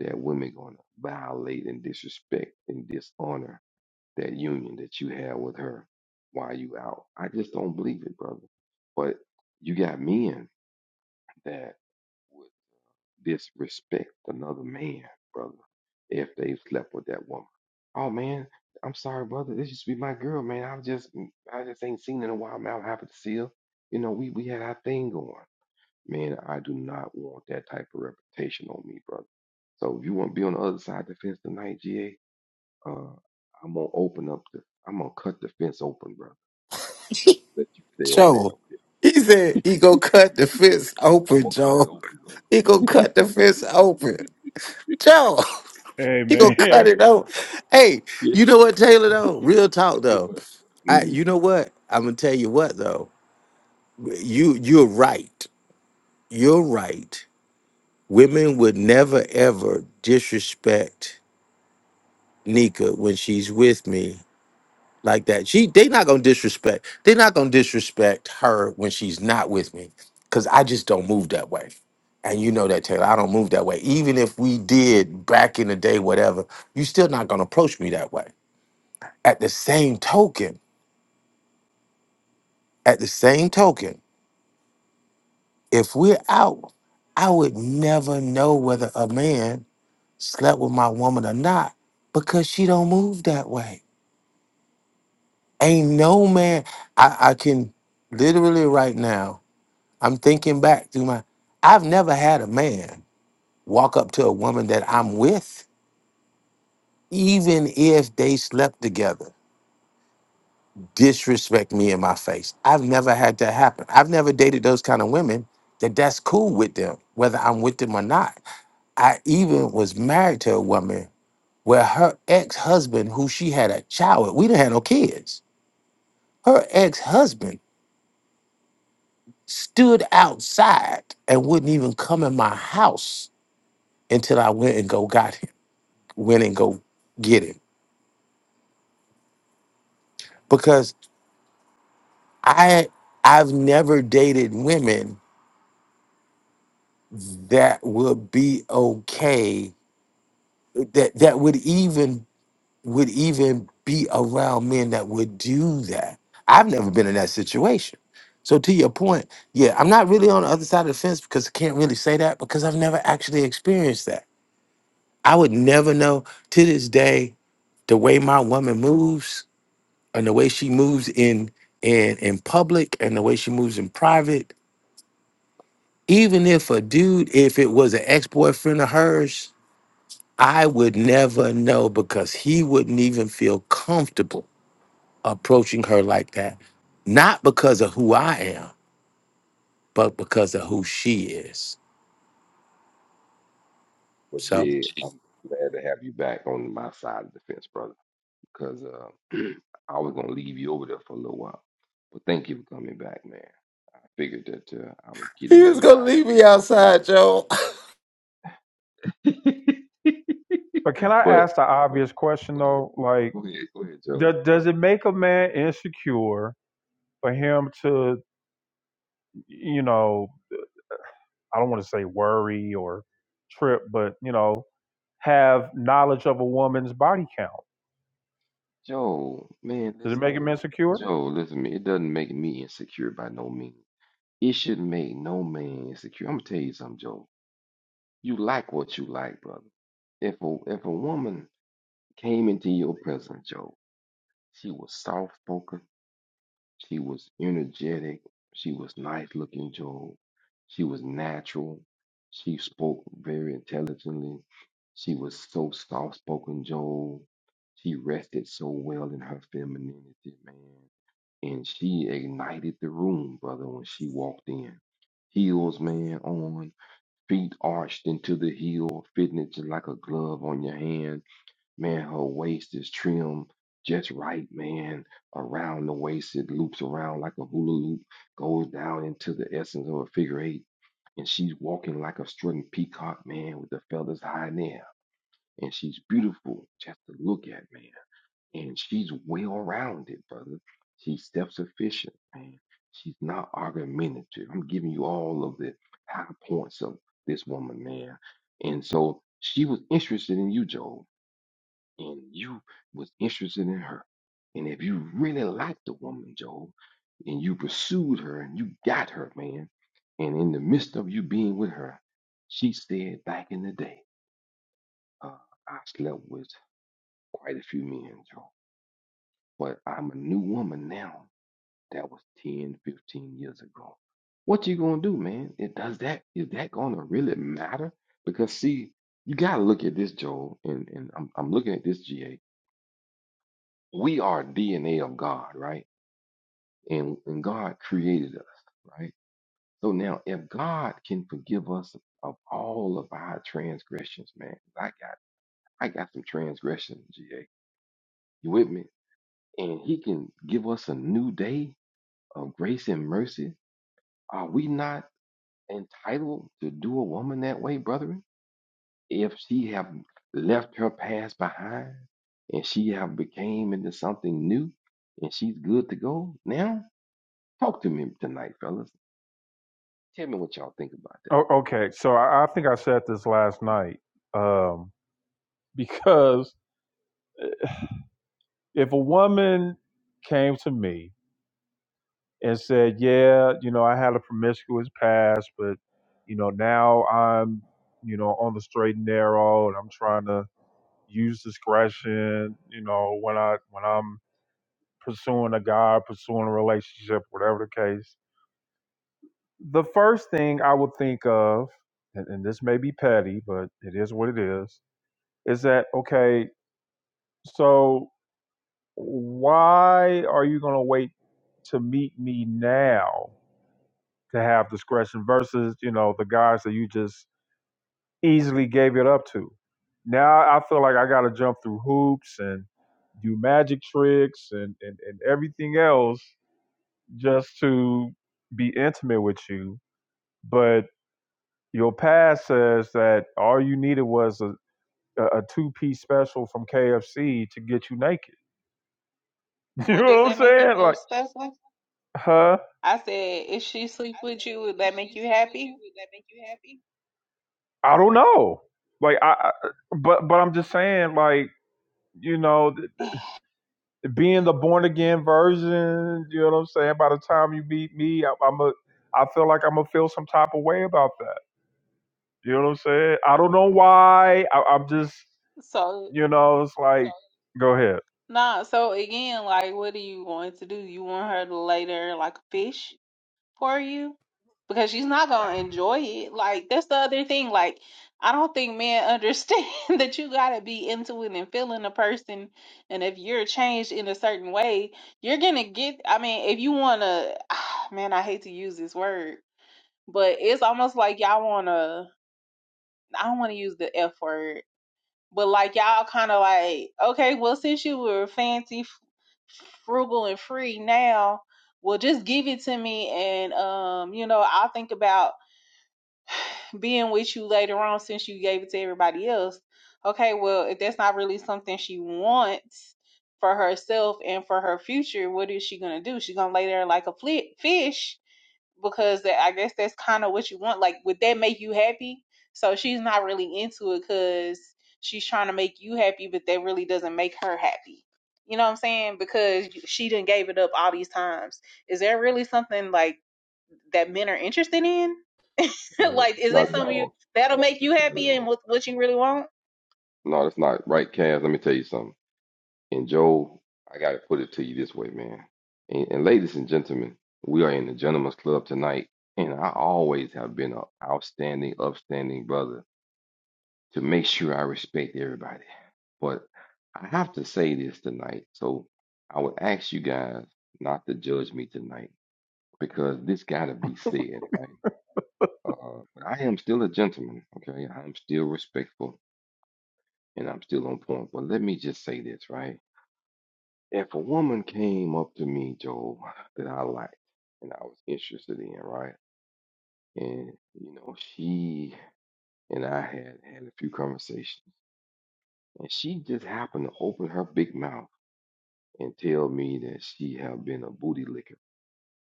B: that women gonna violate and disrespect and dishonor that union that you had with her while you out. I just don't believe it, brother. But you got men that disrespect another man, brother, if they've slept with that woman. Oh man, I'm sorry, brother. This used to be my girl, man. I just I just ain't seen her in a while, man. I'm happy to see her. You know, we we had our thing going. Man, I do not want that type of reputation on me, brother. So if you want to be on the other side of the fence tonight, GA, uh, I'm gonna open up the I'm gonna cut the fence open, brother. Let you stay over there.
H: Joe,
B: Okay?
H: he said he go cut the fence
B: I'm
H: open,
B: gonna cut it
H: Joe.
B: open, brother.
H: He go cut the fence open. Joe.
A: Hey
H: He gonna
A: man,
H: cut it out. Hey,
B: Yeah.
H: you know what, Taylor? Though, real talk though. I,
B: Hmm.
H: you know what? I'm gonna tell you what though. You, you're right. You're right. Women would never ever disrespect Nika when she's with me like that. She, they not gonna disrespect. They're not gonna disrespect her when she's not with me, cause I just don't move that way. And you know that, Taylor. I don't move that way. Even if we did back in the day, whatever, you still not gonna approach me that way At the same token, at the same token, if we're out, I would never know whether a man slept with my woman or not because she don't move that way. Ain't no man I, I can literally right now, I'm thinking back through my I've never had a man walk up to a woman that I'm with, even if they slept together. disrespect me in my face. I've never had that happen. I've never dated those kind of women that that's cool with them, whether I'm with them or not. I even was married to a woman where her ex-husband, who she had a child with, we didn't have no kids. Her ex-husband stood outside and wouldn't even come in my house until I went and go got him, went and go get him. Because I I've never dated women that would be okay that that would even would even be around men that would do that. I've never been in that situation. So to your point, yeah, I'm not really on the other side of the fence because I can't really say that because I've never actually experienced that. I would never know to this day the way my woman moves and the way she moves in in in public and the way she moves in private. Even if a dude, if it was an ex boyfriend of hers, I would never know because he wouldn't even feel comfortable approaching her like that. Not because of who I am, but because of who she is.
B: Well,
H: So
B: Jed, I'm glad to have you back on my side of the fence, brother, because uh, I was going to leave you over there for a little while. But thank you for coming back, man. I figured that uh, I would get
H: He
B: in your
H: was gonna leave
B: mind to
H: me
B: talk to you.
H: outside, Joe.
A: But can I
B: But,
A: ask the
B: but,
A: obvious question
B: go ahead,
A: though? Like,
B: go ahead, go ahead, Joe.
A: do, does it make a man insecure for him to, you know, I don't want to say worry or trip, but you know, have knowledge of a woman's body count?
B: Joe, man,
A: Does it
B: listen
A: make
B: to me.
A: him insecure?
B: Joe, listen to me. It doesn't make me insecure by no means. It should make no man insecure. I'm going to tell you something, Joe. You like what you like, brother if a if a woman came into your presence, Joe. She was soft spoken. She was energetic. She was nice looking, Joe. She was natural. She spoke very intelligently. She was so soft spoken, Joe. She rested so well in her femininity, man. And she ignited the room, brother, when she walked in. Heels, man, on, feet arched into the heel, fitting it just like a glove on your hand Man, her waist is trimmed just right, man. Around the waist, it loops around like a hula loop, goes down into the essence of a figure eight. And she's walking like a strutting peacock, man, with the feathers high in the air. And she's beautiful just to look at, man. And she's well rounded, brother. She's self sufficient, man. She's not argumentative. I'm giving you all of the high points of this woman, man. And so she was interested in you, Job and you was interested in her, and if you really liked the woman, Job, and you pursued her and you got her, man, and in the midst of you being with her, she said back in the day, uh, I slept with quite a few men, Job, but I'm a new woman now. That was 10, 15 years ago. What you gonna do, man? It does that is that gonna really matter? Because see, you gotta look at this, Joel, and, and I'm I'm looking at this GA. we are DNA of God, right? And, and God created us, right? So now, if God can forgive us of all of our transgressions, man, 'cause I got I got some transgressions, GA. You with me? And He can give us a new day of grace and mercy. Are we not entitled to do a woman that way, brethren? If she have left her past behind and she have became into something new and she's good to go now, Talk to me tonight, fellas. Tell me what y'all think about that.
A: Oh, okay, so I, I think I said this last night um, because if a woman came to me and said, "Yeah, you know, I had a promiscuous past, but you know, now I'm, you know, on the straight and narrow, and I'm trying to use discretion, you know, when I when I'm pursuing a guy, pursuing a relationship, whatever the case." The first thing I would think of, and, and this may be petty, but it is what it is, is that okay? So why are you going to wait to meet me now to have discretion versus you know the guys that you just easily gave it up to. Now I feel like I got to jump through hoops and do magic tricks and, and and everything else just to be intimate with you. But your past says that all you needed was a a two piece special from KFC to get you naked. You
I: Well, does
A: know what I'm
I: that make you
A: saying?
I: feel
A: Like,
I: special?
A: huh?
I: I said, if she sleep with you, would that make you happy?
A: I don't know. Like I, I- but but I'm just saying, like you know, th- being the born again version. You know what I'm saying? By the time you meet me, I, I'm a. I feel like I'm gonna feel some type of way about that. You know what I'm saying? I don't know why. I, I'm just,
I: So,
A: you know, it's like, go ahead,
I: nah. So again, like, what are you going to do? You want her to lay there like a fish for you? Because she's not gonna enjoy it. Like, that's the other thing. Like, I don't think men understand that you gotta be into it and feeling a person. And if you're changed in a certain way, you're gonna get. I mean, if you wanna, man, I hate to use this word, but it's almost like y'all wanna. I don't want to use the F word, but like y'all kind of like, okay, well, since you were fancy, frugal, and free now, well, just give it to me, and um, you know, I'll think about being with you later on since you gave it to everybody else. Okay, well, if that's not really something she wants for herself and for her future, what is she gonna do? She's gonna lay there like a fli fish because that I guess that's kind of what you want. Like, would that make you happy? So she's not really into it because she's trying to make you happy, but that really doesn't make her happy. You know what I'm saying? Because she didn't gave it up all these times. Is there really something like that men are interested in?
G: eh,
I: like, is
B: Not
I: that
B: at
I: something you
B: all.
I: that'll
B: No,
I: make you
B: Not at
I: happy and
B: all.
I: what what you really want?
B: No, that's not right, Cass. Let me tell you something. And Joe, I gotta put it to you this way, man. And, and ladies and gentlemen, we are in the gentleman's club tonight, and I always have been an outstanding, upstanding brother to make sure I respect everybody. But I have to say this tonight, so I would ask you guys not to judge me tonight because this gotta be said, right? Uh, I am still a gentleman, okay? I'm still respectful and I'm still on point. But let me just say this, right? If a woman came up to me, Joe, that I liked and I was interested in, right? And, you know, she and I had had a few conversations, and she just happened to open her big mouth and tell me that she have been a booty licker.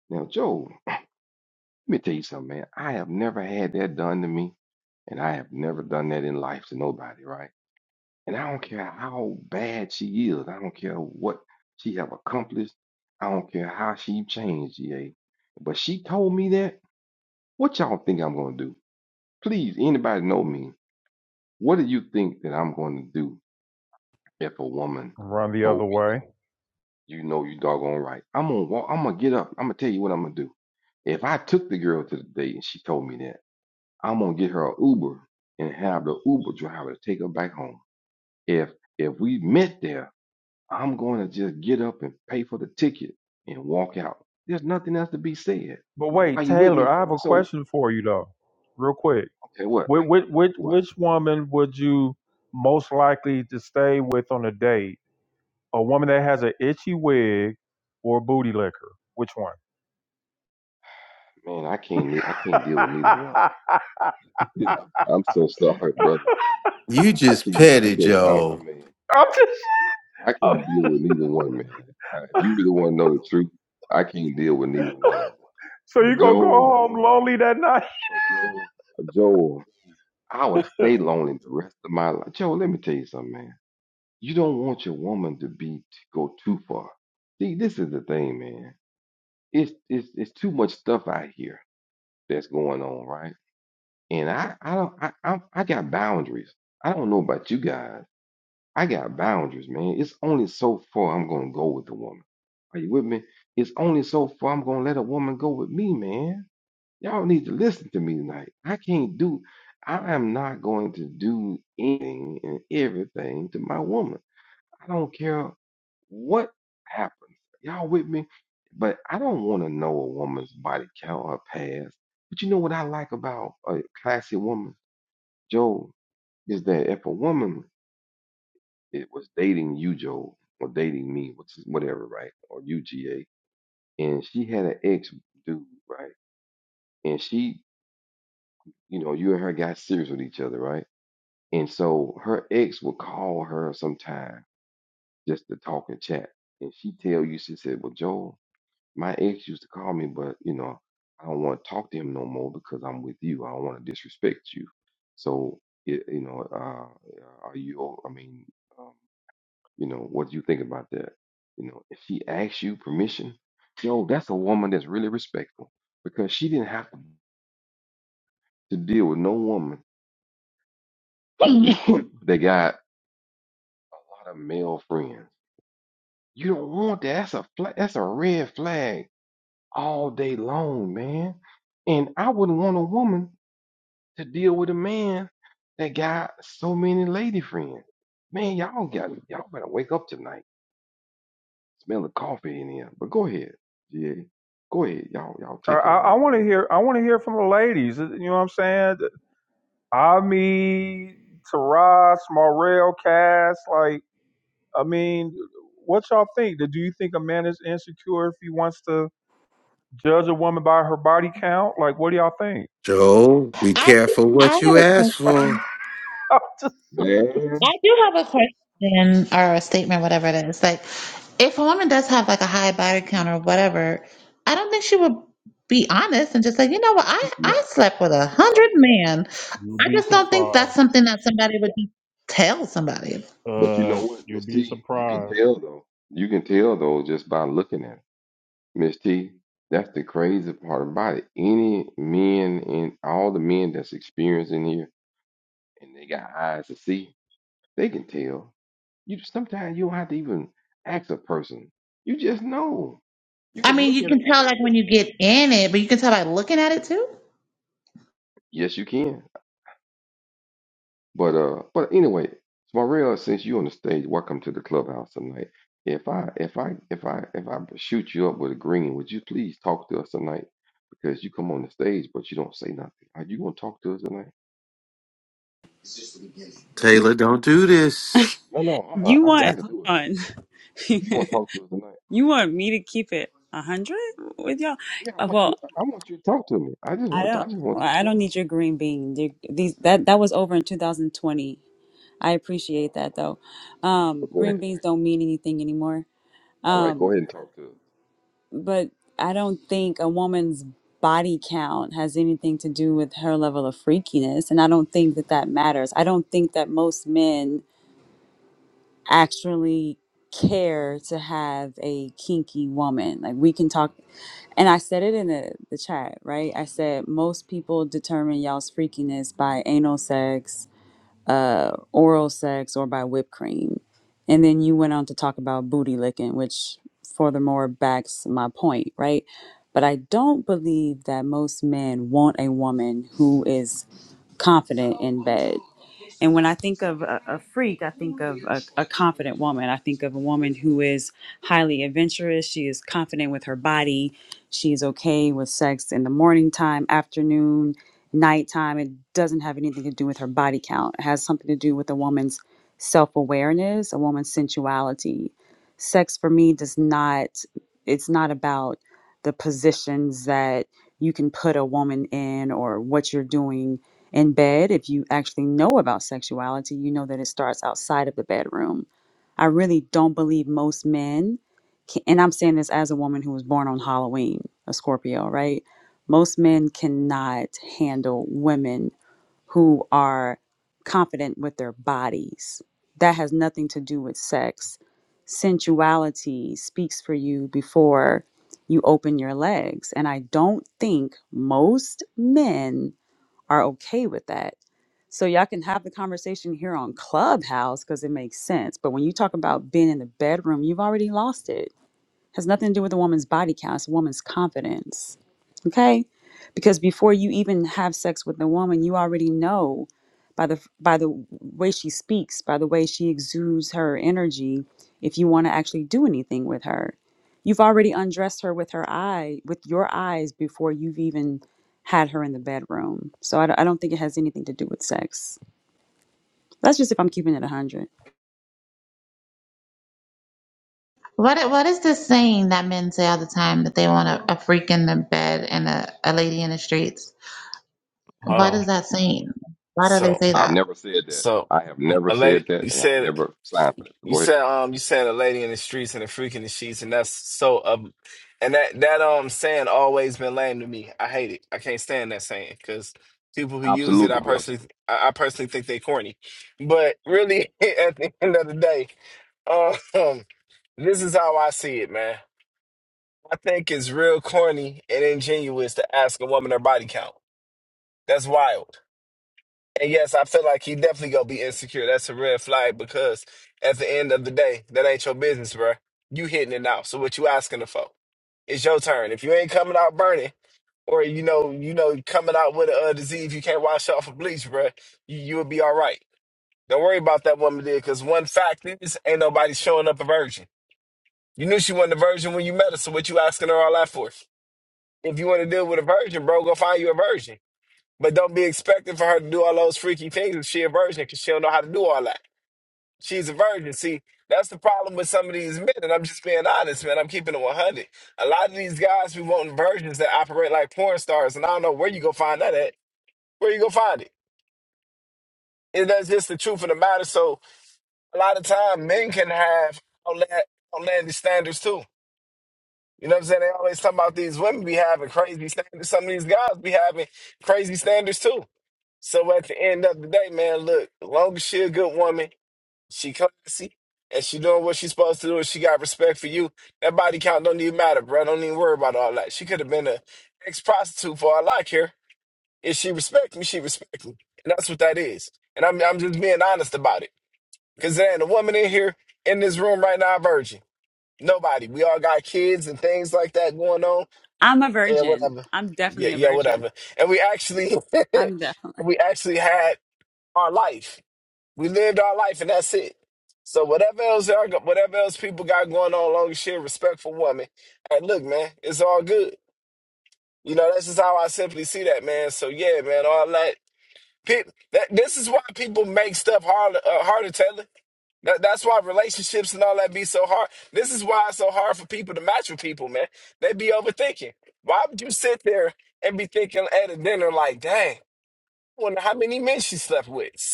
B: Now, Joe, let me tell you something, man. I have never had that done to me, and I have never done that in life to nobody, right? And I don't care how bad she is. I don't care what she have accomplished. I don't care how she changed, GA. But she told me that. What y'all think I'm gonna do? Please, anybody know me? What do you think that I'm gonna do if a woman
A: run the other
B: told me that?
A: way.
B: You know you doggone right. I'm gonna walk, I'm gonna get up. I'm gonna tell you what I'm gonna do. If I took the girl to the date and she told me that, I'm gonna get her an Uber and have the Uber driver to take her back home. If if we met there I'm going to just get up and pay for the ticket and walk out. There's nothing else to be said.
A: But
B: Are
A: wait,
B: you with
A: Taylor,
B: me?
A: I have a
B: So,
A: question for you though, real quick.
B: okay, what?
A: Which which which,
B: What?
A: which woman would you most likely to stay with on a date? A woman that has an itchy wig or a booty liquor? Which one?
B: Man, I can't. I can't deal with neither one. I'm so sorry, brother.
H: You
B: I
H: just
B: can't. I
H: petty,
B: can't. I, I
H: Joe.
B: mean,
A: I'm just.
B: I
A: I'm,
B: can't deal with neither one, man. Uh, If you really want to know the truth, I can't deal with neither one of them.
A: so
B: But
A: you gonna go
B: Joel,
A: home lonely that night?
B: but Joel, Joel, I would stay lonely the rest of my life. Joel, let me tell you something, man. you don't want your woman to be to go too far. See, this is the thing, man. It's it's it's too much stuff out here that's going on, right? And I I don't I I, I got boundaries. I don't know about you guys. I got boundaries, man. It's only so far I'm gonna go with the woman. Are you with me? It's only so far I'm gonna let a woman go with me, man. Y'all need to listen to me tonight. I can't do. I am not going to do anything and everything to my woman. I don't care what happens. Y'all with me? But I don't want to know a woman's body count, her past. But you know what I like about a classy woman, Joe, is that if a woman it was dating you, Joe, or dating me, which is whatever, right, or UGA, and she had an ex dude, right, and she, you know, you and her got serious with each other, right, and so her ex would call her sometime just to talk and chat, and she tell you, she said, well, Joe. My ex used to call me, but you know, I don't want to talk to him no more because I'm with you. I don't want to disrespect you. So, it, you know, uh, are you? o- I mean, um, you know, what do you think about that? You know, if she asks you permission, yo, that's a woman that's really respectful because she didn't have to to deal with no woman that got a lot of male friends. You don't want that. That's a fla- that's a red flag all day long, man. And I wouldn't want a woman. to deal with a man that got so many lady friends. Man, y'all got y'all better wake up tonight. Smell the coffee in here. But go ahead, GA. Go ahead. Y'all y'all
A: I,
B: take it
A: I, I
B: on, bro.
A: want to hear. I want to hear from the ladies. uh, You know what I'm saying? Ami, Taras, Morel, Cass. Like, I mean, what y'all think? Do you think a man is insecure if he wants to judge a woman by her body count? Like, what do y'all think?
H: Joe, be
J: I
H: careful
B: Well,
J: I have
H: what you
J: a
H: ask for.
J: question.
A: I'm just-
B: man,
J: I do have a question or a statement, whatever it is. Like, if a woman does have like a high body count or whatever, I don't think she would be honest and just say, you know what, I
B: he's
J: I
B: not.
J: slept with a
B: You're
J: hundred
B: right.
J: men. I just don't think that's something that somebody would just tell somebody.
B: But you
A: Uh,
B: know what, Miss T, you can
A: uh,
B: tell though. You can tell though just by looking at it. Miss T, that's the crazy part about it. Any men and all the men that's experienced in here and they got eyes to see, they can tell. You sometimes you don't have to even ask a person. You just know. You
J: I
B: can
J: mean,
B: look
J: you
B: at a
J: can
B: woman
J: tell like
B: and
J: when
B: tell.
J: you get in it, but you can tell by looking at it too.
B: Yes, you can. But uh, but anyway, Smarell, since you on the stage, welcome to the clubhouse tonight. If I if I if I if I shoot you up with a green, would you please talk to us tonight? Because you come on the stage, but you don't say nothing. Are you gonna talk to us tonight?
H: Taylor, don't do this.
B: No, no,
K: You
B: uh-uh, I've
H: Say,
K: want
B: got to
K: hold
B: do it.
K: on.
B: You gonna talk to us tonight?
K: you want me to keep it a hundred with y'all?
B: Yeah, I
K: Uh,
B: want
K: Well,
B: you. I I want you to talk to me. I just
K: I
B: want. To, I
K: don't.
B: just want
K: Well,
B: you
K: I
B: to
K: don't
B: talk.
K: need your green bean. The- These that that was over in 2020. I appreciate that though. Um,
B: But go
K: green
B: ahead.
K: beans don't mean anything anymore.
B: All right, go
K: Um,
B: ahead and talk to us.
K: but I don't think a woman's body count has anything to do with her level of freakiness, and I don't think that that matters. I don't think that most men actually care to have a kinky woman. Like we can talk and I said it in the, the chat, right? I said most people determine y'all's freakiness by anal sex, uh, oral sex, or by whipped cream. And then you went on to talk about booty licking, which furthermore backs my point, right? But I don't believe that most men want a woman who is confident in bed. And when I think of a, a freak, I think of a, a confident woman. I think of a woman who is highly adventurous. She is confident with her body. She is okay with sex in the morning time, afternoon, nighttime. It doesn't have anything to do with her body count. It has something to do with a woman's self awareness, a woman's sensuality. Sex for me does not, it's not about the positions that you can put a woman in or what you're doing in bed, if you actually know about sexuality, you know that it starts outside of the bedroom. I really don't believe most men, can, and I'm saying this as a woman who was born on Halloween, a Scorpio, right? Most men cannot handle women who are confident with their bodies. That has nothing to do with sex. Sensuality speaks for you before you open your legs. And I don't think most men are okay with that so y'all can have the conversation here on Clubhouse because it makes sense. But when you talk about being in the bedroom, you've already lost it has nothing to do with a woman's body count, it's a woman's confidence. Okay? Because before you even have sex with a woman, you already know by the by the way she speaks, by the way she exudes her energy, if you want to actually do anything with her. You've already undressed her with her eye, with your eyes before you've even had her in the bedroom. So I, don't- don't think it has anything to do with sex. That's just if I'm keeping it 100.
J: What what is this saying that men say all the time that they want a, a freak in the bed and a, a lady in the streets?
L: Hold
J: What
L: on.
J: is that saying? Why do they
L: So,
J: say
B: I've
J: that?
B: never said that.
L: so
B: I have never
L: a lady,
B: said
L: you
B: that, and I've
L: said,
B: never signed for that. So
L: you
B: Go ahead.
L: said, um, you said a lady in the streets and a freak in the sheets, and that's so, um, and that that um saying always been lame to me. I hate it. I can't stand that saying because people who use it, I
B: Absolutely, Bill.
L: personally, I, I personally think they corny. But really, at the end of the day, um, this is how I see it, man. I think it's real corny and ingenuous to ask a woman her body count. That's wild. And yes, I feel like he definitely gonna be insecure. That's a red flag because at the end of the day, that ain't your business, bro. You hitting it now. So what you asking the folk? It's your turn. If you ain't coming out burning, or you know, you know, coming out with a uh, disease you can't wash off with bleach, bro, you you'll be all right. Don't worry about that woman there, cause one fact is ain't nobody showing up a virgin. You knew she wasn't a virgin when you met her, so what you asking her all that for? If you want to deal with a virgin, bro, go find you a virgin. But don't be expecting for her to do all those freaky things if she a virgin, because she don't know how to do all that. She's a virgin. See, that's the problem with some of these men, and I'm just being honest, man. I'm keeping it 100. A lot of these guys be wanting virgins that operate like porn stars, and I don't know where you go find that at. Where you go find it? And that's just the truth of the matter. So a lot of time, men can have outla- outlandish standards too. You know what I'm saying? They always talk about these women be having crazy standards. Some of these guys be having crazy standards too. So at the end of the day, man, look, as long as she a good woman, she classy, and she doing what she supposed to do, and she got respect for you, that body count don't even matter, bro. Don't even worry about all that. She could have been a ex-prostitute for all I care. If she respect me, she respect me. And that's what that is. And I'm, I'm just being honest about it. Because there ain't a woman in here, in this room right now, virgin. Nobody. We all got kids and things like that going on.
K: I'm a
L: Yeah,
K: virgin.
L: whatever.
K: I'm
L: Yeah,
K: definitely a
L: yeah,
K: virgin.
L: whatever. And we actually,
K: I'm definitely.
L: we actually had our life. We lived our life and that's it. So whatever else y'all got, whatever else people got going on, long as she a respectful woman. And look, man, it's all good. You know, that's just how I simply see that, man. So yeah, man, all that. People, that this is why people make stuff harder, uh, harder, Taylor. That, that's why relationships and all that be so hard. This is why it's so hard for people to match with people, man. They be overthinking. Why would you sit there and be thinking at a dinner like, dang, I wonder how many men she slept with? So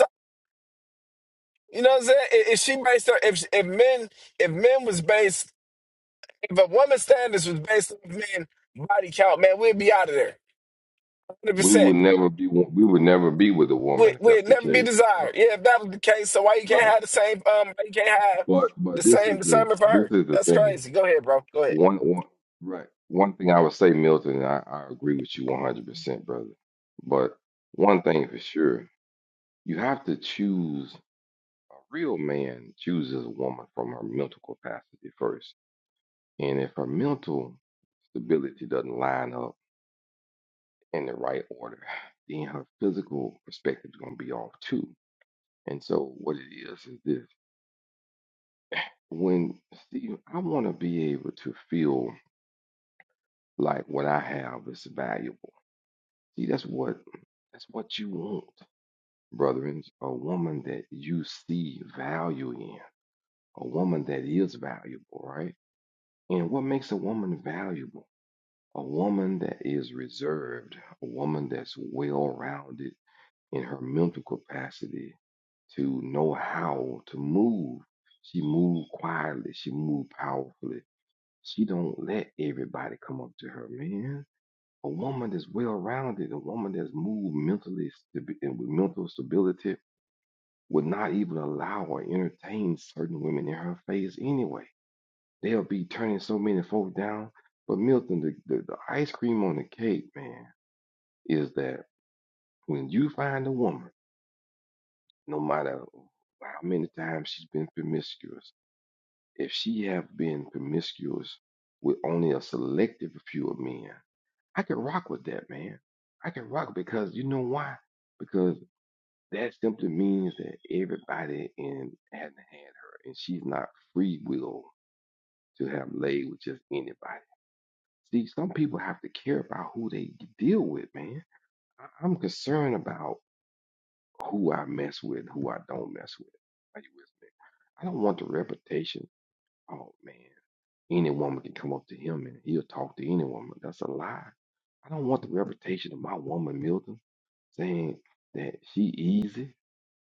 L: You know what I'm saying? If if she based her, if if men, if men was based, if a woman's standards was based on men body count, man, we'd be out of there, hundred
B: We
L: percent.
B: would never be. We would never be with a
L: We
B: woman if that's
L: we'd
B: the
L: never be
B: case. Uh,
L: desired. Yeah, if that was the case, so why you can't
B: right.
L: have the same? Um, why you can't have
B: But
L: the
B: but this
L: same
B: is the
L: discernment for
B: this
L: her?
B: is the
L: That's
B: thing.
L: crazy. Go ahead, bro. Go ahead.
B: One one right. One thing I would say, Milton, and I, I agree with you one hundred percent, brother. But one thing for sure, you have to choose. A real man chooses a woman from her mental capacity first, and if her mental stability doesn't line up in the right order, then her physical perspective is going to be off too. And so, what it is is this when see, I want to be able to feel like what I have is valuable. See, that's what that's what you want, brethren. A woman that you see value in, a woman that is valuable, right? And what makes a woman valuable? A woman that is reserved, a woman that's well rounded in her mental capacity, to know how to move. She moved quietly. She moved powerfully. She don't let everybody come up to her, man. A woman that's well-rounded, a woman that's moved mentally stabi- and with mental stability, would not even allow or entertain certain women in her face anyway. They'll be turning so many folk down. But Milton, the, the, the ice cream on the cake, man, is that when you find a woman, no matter how many times she's been promiscuous, if she have been promiscuous with only a selective few of men, I can rock with that, man. I can rock because you know why? Because that simply means that everybody in hasn't had her, and she's not free will to have laid with just anybody. See, some people have to care about who they deal with, man. I- I'm concerned about who I mess with, who I don't mess with. Are you with me? I don't want the reputation. Oh man. Any woman can come up to him and he'll talk to any woman. That's a lie. I don't want the reputation of my woman Milton saying that she easy,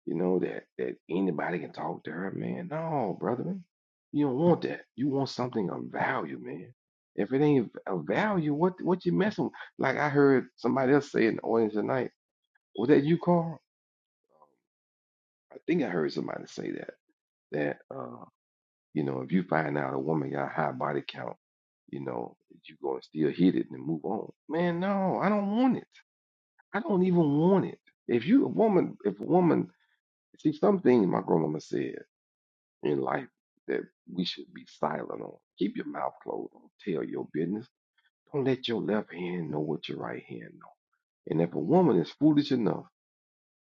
B: you know, that that anybody can talk to her, man. No, brother, man. You don't want that. You want something of value, man. If it ain't of value, what what you messing with? Like I heard somebody else say in the audience tonight, was that you, Carl? I think I heard somebody say that. That uh you know, if you find out a woman got a high body count, you know, you gonna still hit it and move on. Man, no, I don't want it. I don't even want it. If you a woman, if a woman, see something my grandmama said in life that we should be silent on. Keep your mouth closed. Don't tell your business. Don't let your left hand know what your right hand know. And if a woman is foolish enough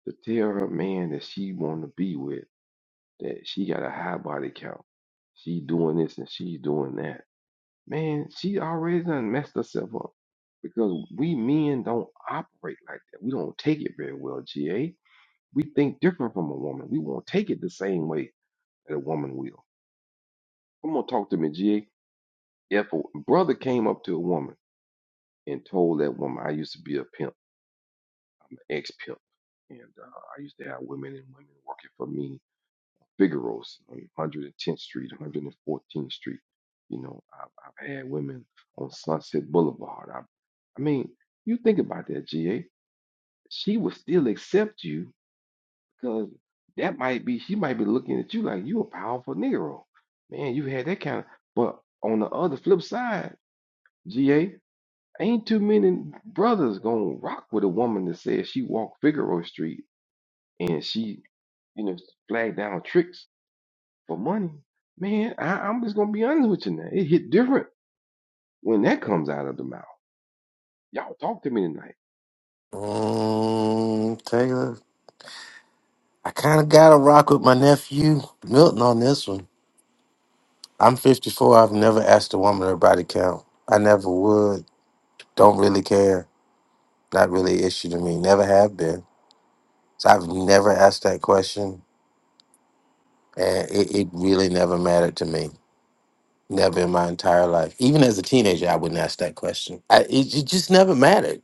B: to tell her man that she want to be with, that she got a high body count, she doing this and she's doing that Man, she already done messed herself up because we men don't operate like that. We don't take it very well, GA. We think different from a woman. We won't take it the same way that a woman will. Come on, talk to me, GA. If a brother came up to a woman and told that woman, I used to be a pimp, I'm an ex pimp, and uh, I used to have women and women working for me Figaro's on 110th Street, 114th Street. You know, I've, I've had women on Sunset Boulevard. I, I mean, you think about that, GA. She would still accept you because that might be, she might be looking at you like you a powerful Negro. Man, you had that kind of, but on the other flip side, GA, ain't too many brothers gonna rock with a woman that says she walked Figaro Street and she, you know, flagged down tricks for money, man, I, I'm just gonna be honest with you now. It hit different when that comes out of the mouth. Y'all talk to me tonight.
H: mm, Taylor, I kind of got to rock with my nephew Milton on this one. I'm 54. I've never asked a woman her body count. I never would. Don't really care. Not really an issue to me. Never have been. So I've never asked that question. And it, it really never mattered to me. Never in my entire life. Even as a teenager, I wouldn't ask that question. I, it, it just never mattered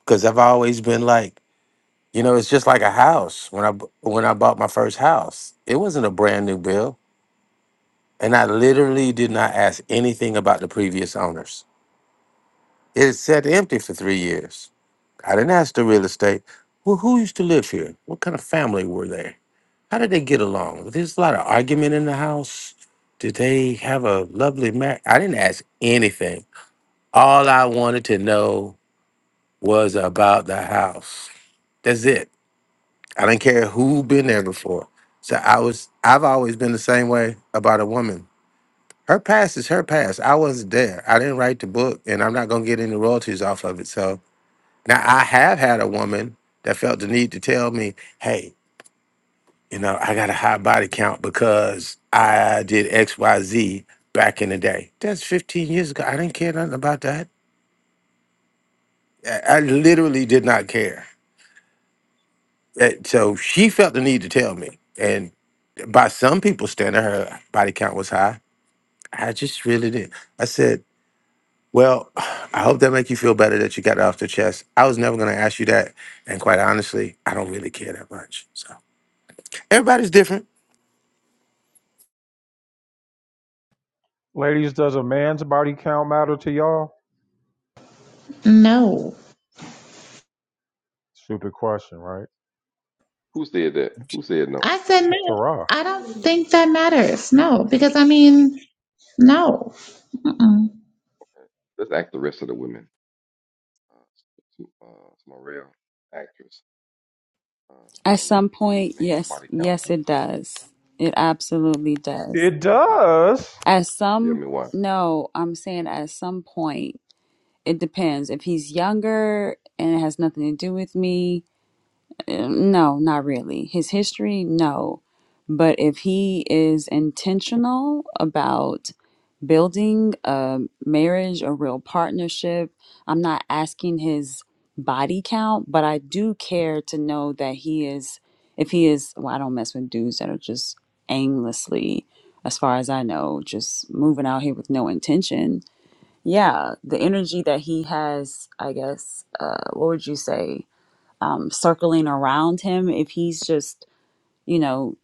H: because I've always been like, you know, it's just like a house. When I b- when I bought my first house, it wasn't a brand new bill, and I literally did not ask anything about the previous owners. It sat empty for three years. I didn't ask the real estate. Well, who used to live here? What kind of family were they? How did they get along? There's a lot of argument in the house. Did they have a lovely marriage? I didn't ask anything. All I wanted to know was about the house. That's it. I didn't care who been there before. So I was I've always been the same way about a woman. Her past is her past. I wasn't there. I didn't write the book and I'm not gonna get any royalties off of it. So now, I have had a woman that felt the need to tell me, hey, you know, I got a high body count because I did XYZ back in the day. That's 15 years ago. I didn't care nothing about that. I, I literally did not care. That- so she felt the need to tell me. And by some people's standard, her body count was high. I just really did. I said, well, I hope that make you feel better that you got it off the chest. I was never going to ask you that. And quite honestly, I don't really care that much. So everybody's different.
A: Ladies, does a man's body count matter to y'all?
J: No.
A: Stupid question, right?
B: Who said that? Who said no?
J: I said no.
A: Tarah.
J: I don't think that matters. No, because I mean, no. Mm-mm.
B: Let's ask the rest of the women. Uh, uh, Smarell, actress,
K: At
B: uh, Omni,
K: some
B: there's a
K: point,
B: man's
K: yes,
B: body count.
K: yes, it does. It absolutely does.
A: It does.
K: At
B: Tell
K: some,
B: me why.
K: no, I'm saying at some point, it depends. If he's younger and it has nothing to do with me, um, no, not really. His history, no. But if he is intentional about building a marriage, a real partnership, I'm not asking his body count, but I do care to know that he is, if he is, well, I don't mess with dudes that are just aimlessly, as far as I know, just moving out here with no intention. Yeah, the energy that he has, I guess, uh, what would you say? um, circling around him, if he's just, you know,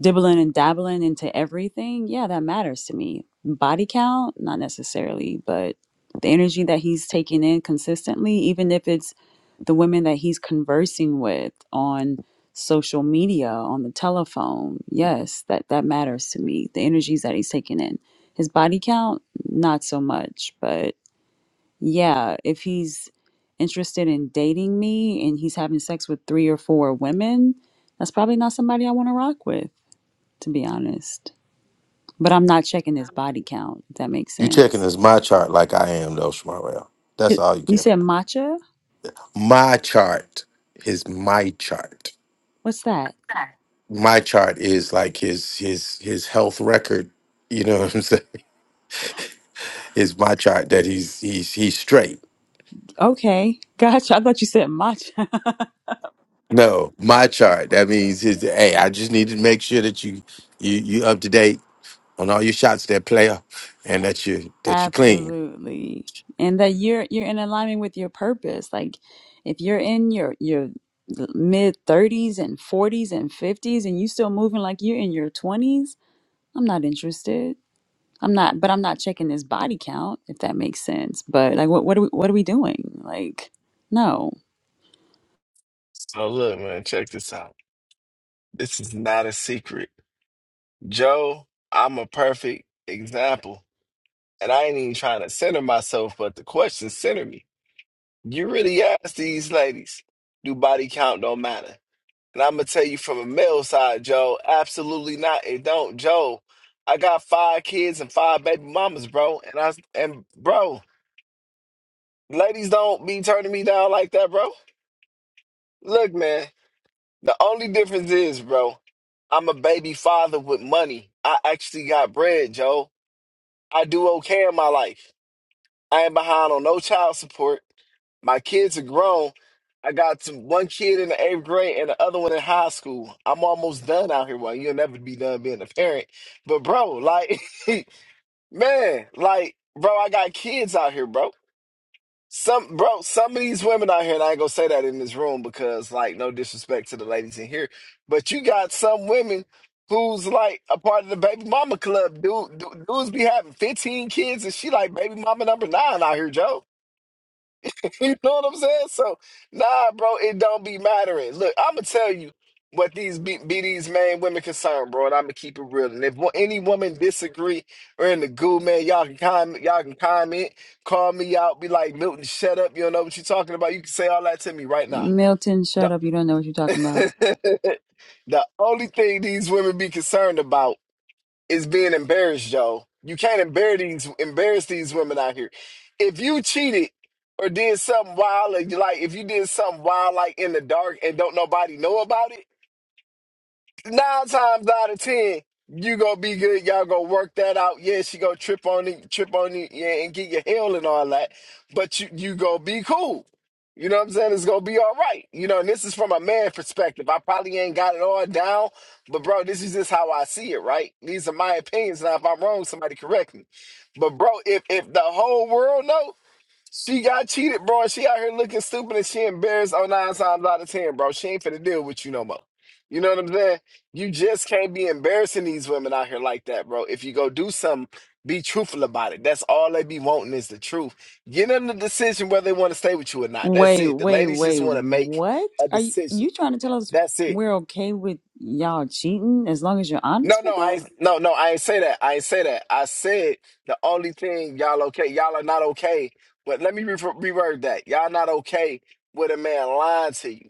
K: dibbling and dabbling into everything, yeah, that matters to me. Body count, not necessarily, but the energy that he's taking in consistently, even if it's the women that he's conversing with on social media, on the telephone, yes, that, that matters to me. The energies that he's taking in. His body count, not so much, but yeah, if he's interested in dating me and he's having sex with three or four women, that's probably not somebody I want to rock with, to be honest. But I'm not checking his body count, if that makes
H: You checking
K: sense.
H: is my chart like I am though, Shmarel. That's
K: It-
H: all you
K: You
H: care.
K: said matcha?
H: My chart is my chart.
K: What's that?
H: My chart is like his his his health record. You know what I'm saying? Is my chart that he's he's he's straight.
K: Okay, gotcha. I thought you said matcha.
H: No, my chart. That means his hey, I just need to make sure that you you you up to date on all your shots there, player, and that you that you clean.
K: Absolutely. And that you're you're in alignment with your purpose. Like if you're in your your mid 30s and 40s and 50s and you still moving like you're in your 20s, I'm not interested. I'm not, but I'm not checking this body count if that makes sense. But like, what what are we what are we doing? Like, no,
L: So look, man, check this out. This is not a secret, Joe. I'm a perfect example, and I ain't even trying to center myself, but the question centered me You really ask these ladies, do body count don't matter? And I'm gonna tell you from a male side, Joe, absolutely not. It don't, Joe. I got five kids and five baby mamas, bro. And I and bro, ladies don't be turning me down like that, bro. Look, man, the only difference is, bro, I'm a baby father with money. I actually got bread, Joe. I do okay in my life. I ain't behind on no child support. My kids are grown. I got some, one kid in the eighth grade and the other one in high school. I'm almost done out here. Well, you'll never be done being a parent. But bro, like, man, like, bro, I got kids out here, bro. Some bro, some of these women out here, and I ain't gonna say that in this room because, like, no disrespect to the ladies in here, but you got some women who's like a part of the baby mama club. Dude, dudes be having 15 kids, and she like baby mama number nine out here, Joe. You know what I'm saying? So, nah, bro, it don't be mattering. Look, I'ma tell you what these be, be these main women concerned, bro, and I'ma keep it real. And if wo- any woman disagree or in the goo, man, y'all can comment, y'all can comment, call me out, be like Milton, shut up, you don't know what you're talking about. You can say all that to me right now.
K: Milton,
L: The,
K: shut up. You don't know what you're talking about.
L: the only thing these women be concerned about is being embarrassed, y'all. You can't embarrass these embarrass these women out here. If you cheated or did something wild, like like, if you did something wild, like in the dark, and don't nobody know about it nine times out of ten, you gonna be good. Y'all gonna work that out. Yeah, she gonna trip on it, trip on it, yeah, and get your hell and all that. But you you gonna be cool. You know what I'm saying? It's gonna be all right. You know, and this is from a man perspective. I probably ain't got it all down, but bro, this is just how I see it, right? These are my opinions. Now, if I'm wrong, somebody correct me. But bro, if if the whole world knows. She got cheated, bro. and She out here looking stupid and she embarrassed on nine times out of ten, bro. She ain't finna deal with you no more. You know what I'm saying? You just can't be embarrassing these women out here like that, bro. If you go do something, be truthful about it. That's all they be wanting is the truth. Get them the decision whether they want to stay with you or not. That's
K: Wait,
L: it. The
K: wait,
L: ladies just
K: wait.
L: want to make
K: What
L: a
K: are you
L: decision.
K: you trying to tell us?
L: That's it.
K: We're okay with y'all cheating as long as you're
L: No,
K: honest with
L: no, I
K: us.
L: ain't- no, no, I ain't say that. I ain't say that. I said the only thing y'all okay, y'all are not okay. But let me re- reword that. Y'all not okay with a man lying to you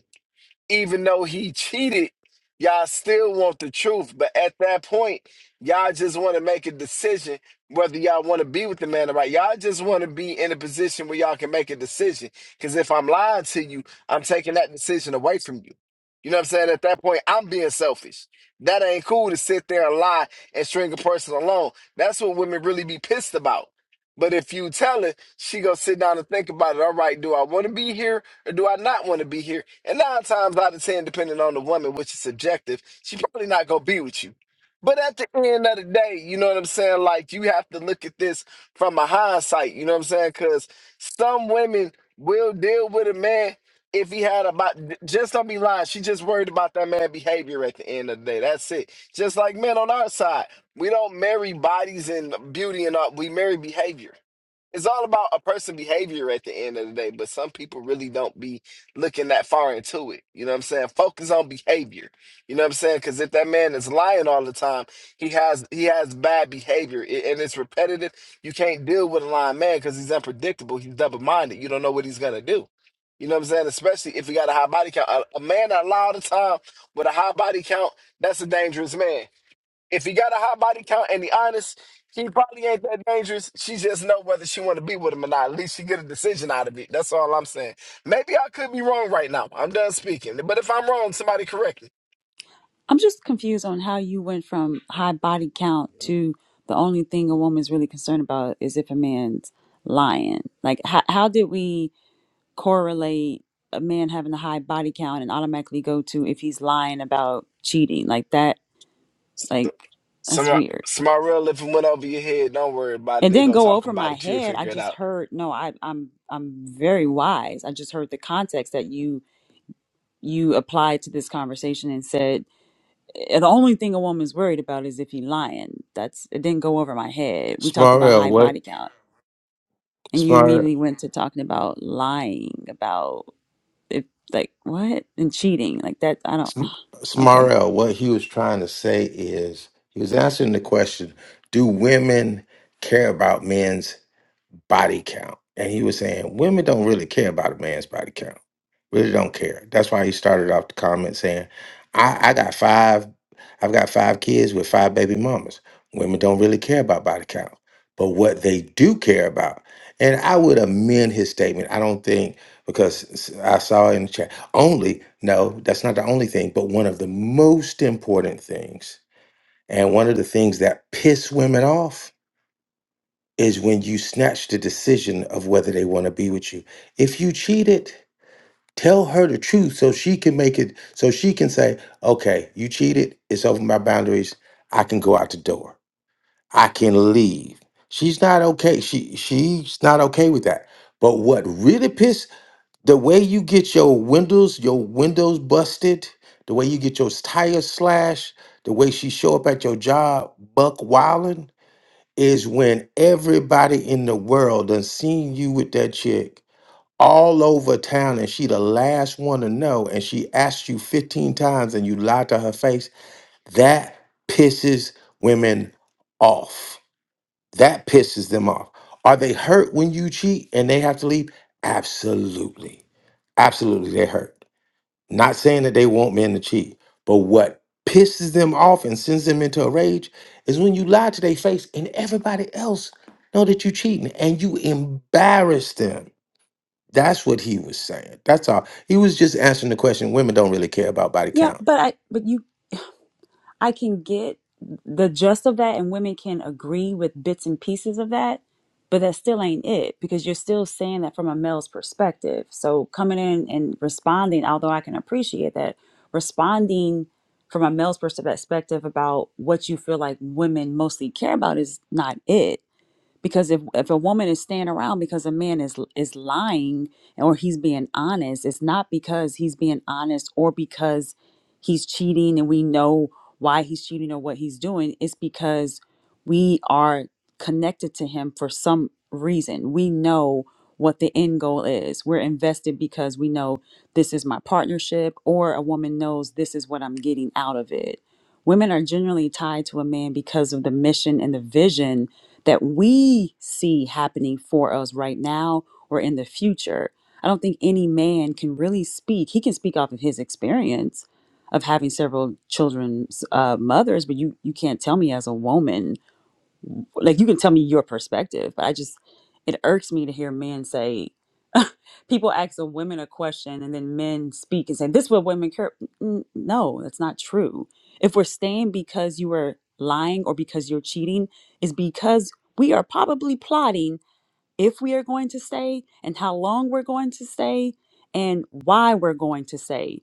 L: even though he cheated, y'all still want the truth. But at that point, y'all just want to make a decision whether y'all want to be with the man or not. Y'all just want to be in a position where y'all can make a decision. Because if I'm lying to you, I'm taking that decision away from you. You know what I'm saying? At that point, I'm being selfish. That ain't cool to sit there and lie and string a person along. That's what women really be pissed about. But if you tell her, she gonna sit down and think about it. All right, do I want to be here or do I not want to be here? And nine times out of ten, depending on the woman, which is subjective, she probably not gonna be with you. But at the end of the day, you know what I'm saying? Like you have to look at this from a hindsight. You know what I'm saying? Because some women will deal with a man if he had about just don't be lying. She just worried about that man behavior at the end of the day. That's it. Just like men on our side. We don't marry bodies and beauty and all. We marry behavior. It's all about a person' behavior at the end of the day. But some people really don't be looking that far into it. You know what I'm saying? Focus on behavior. You know what I'm saying? Because if that man is lying all the time, he has he has bad behavior i- and it's repetitive. You can't deal with a lying man because he's unpredictable. He's double minded. You don't know what he's gonna do. You know what I'm saying? Especially if he got a high body count. A, a man that lie all the time with a high body count, that's a dangerous man if he got a high body count and he honest, he probably ain't that dangerous. She just know whether she want to be with him or not. At least she get a decision out of it. That's all I'm saying. Maybe I could be wrong right now. I'm done speaking. But if I'm wrong, somebody correct
K: I'm just confused on how you went from high body count to the only thing a woman's really concerned about is if a man's lying. Like, how how did we? correlate a man having a high body count and automatically go to if he's lying about cheating like that like
L: me.
K: that's
L: Some
K: weird
L: Smarell, if it went over your head, don't worry about it.
K: it
L: They
K: didn't
L: gonna
K: go
L: talk
K: over
L: about
K: my
L: it. You'll
K: head i
L: figure it
K: just
L: out.
K: heard no I, i'm i'm very wise i just heard the context that you you applied to this conversation and said "Eh, the only thing a woman's worried about is if he lying that's it didn't go over my head we talked about
H: Smarell,
K: high
H: what?
K: body count and you
H: Smart
K: immediately went to talking about lying about if like what and cheating like that i don't
H: Sm-
K: okay
H: Smarell, what he was trying to say is he was answering the question Do women care about men's body count. And he was saying women don't really care about a man's body count. Really don't care. That's why he started off the comment saying, I, I got five, I've got five kids with five baby mamas. Women don't really care about body count. But what they do care about, and I would amend his statement. I don't think because s- I saw in the chat only, no, that's not the only thing, but one of the most important things, and one of the things that piss women off is when you snatch the decision of whether they want to be with you. If you cheated, tell her the truth so she can make it, so she can say, okay, you cheated, it's over my boundaries. I can go out the door. I can leave. She's not okay. She she's not okay with that. But what really pissed the way you get your windows, your windows busted, the way you get your tires slashed, the way she show up at your job, buck wilding, is when everybody in the world done seen you with that chick all over town and she the last one to know and she asked you 15 times and you lied to her face that pisses women off that pisses them off are they hurt when you cheat and they have to leave absolutely absolutely they hurt not saying that they want men to cheat, but what pisses them off and sends them into a rage is when you lie to their face and everybody else know that you cheating and you embarrass them. That's what he was saying. That's all. He was just answering the question. Women don't really care about body
K: Yeah,
H: count.
K: but I but you I can get the gist of that and women can agree with bits and pieces of that, but that still ain't it because you're still saying that from a male's perspective. So coming in and responding, although I can appreciate that, responding from a male's perspective about what you feel like women mostly care about is not it because if if a woman is staying around because a man is is lying or he's being honest it's not because he's being honest or because he's cheating and we know why he's cheating or what he's doing it's because we are connected to him for some reason we know what the end goal is we're invested because we know this is my partnership or a woman knows this is what i'm getting out of it women are generally tied to a man because of the mission and the vision that we see happening for us right now or in the future. I don't think any man can really speak. He can speak off of his experience of having several children's uh, mothers, but you you can't tell me as a woman. Like you can tell me your perspective, but I just it irks me to hear men say people ask a women a question and then men speak and say this is what women care N- no that's not true if we're staying because you were lying or because you're cheating is because we are probably plotting if we are going to stay and how long we're going to stay and why we're going to stay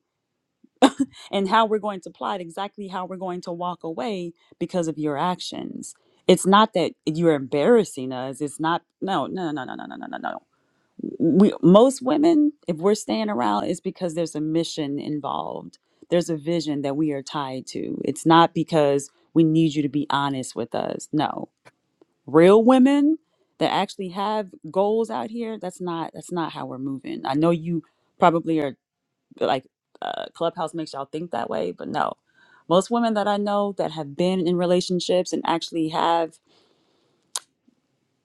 K: and how we're going to plot exactly how we're going to walk away because of your actions it's not that you're embarrassing us it's not no no no no no no no no no no, no we most women if we're staying around it's because there's a mission involved there's a vision that we are tied to it's not because we need you to be honest with us no real women that actually have goals out here that's not that's not how we're moving i know you probably are like uh, clubhouse makes y'all think that way but no most women that i know that have been in relationships and actually have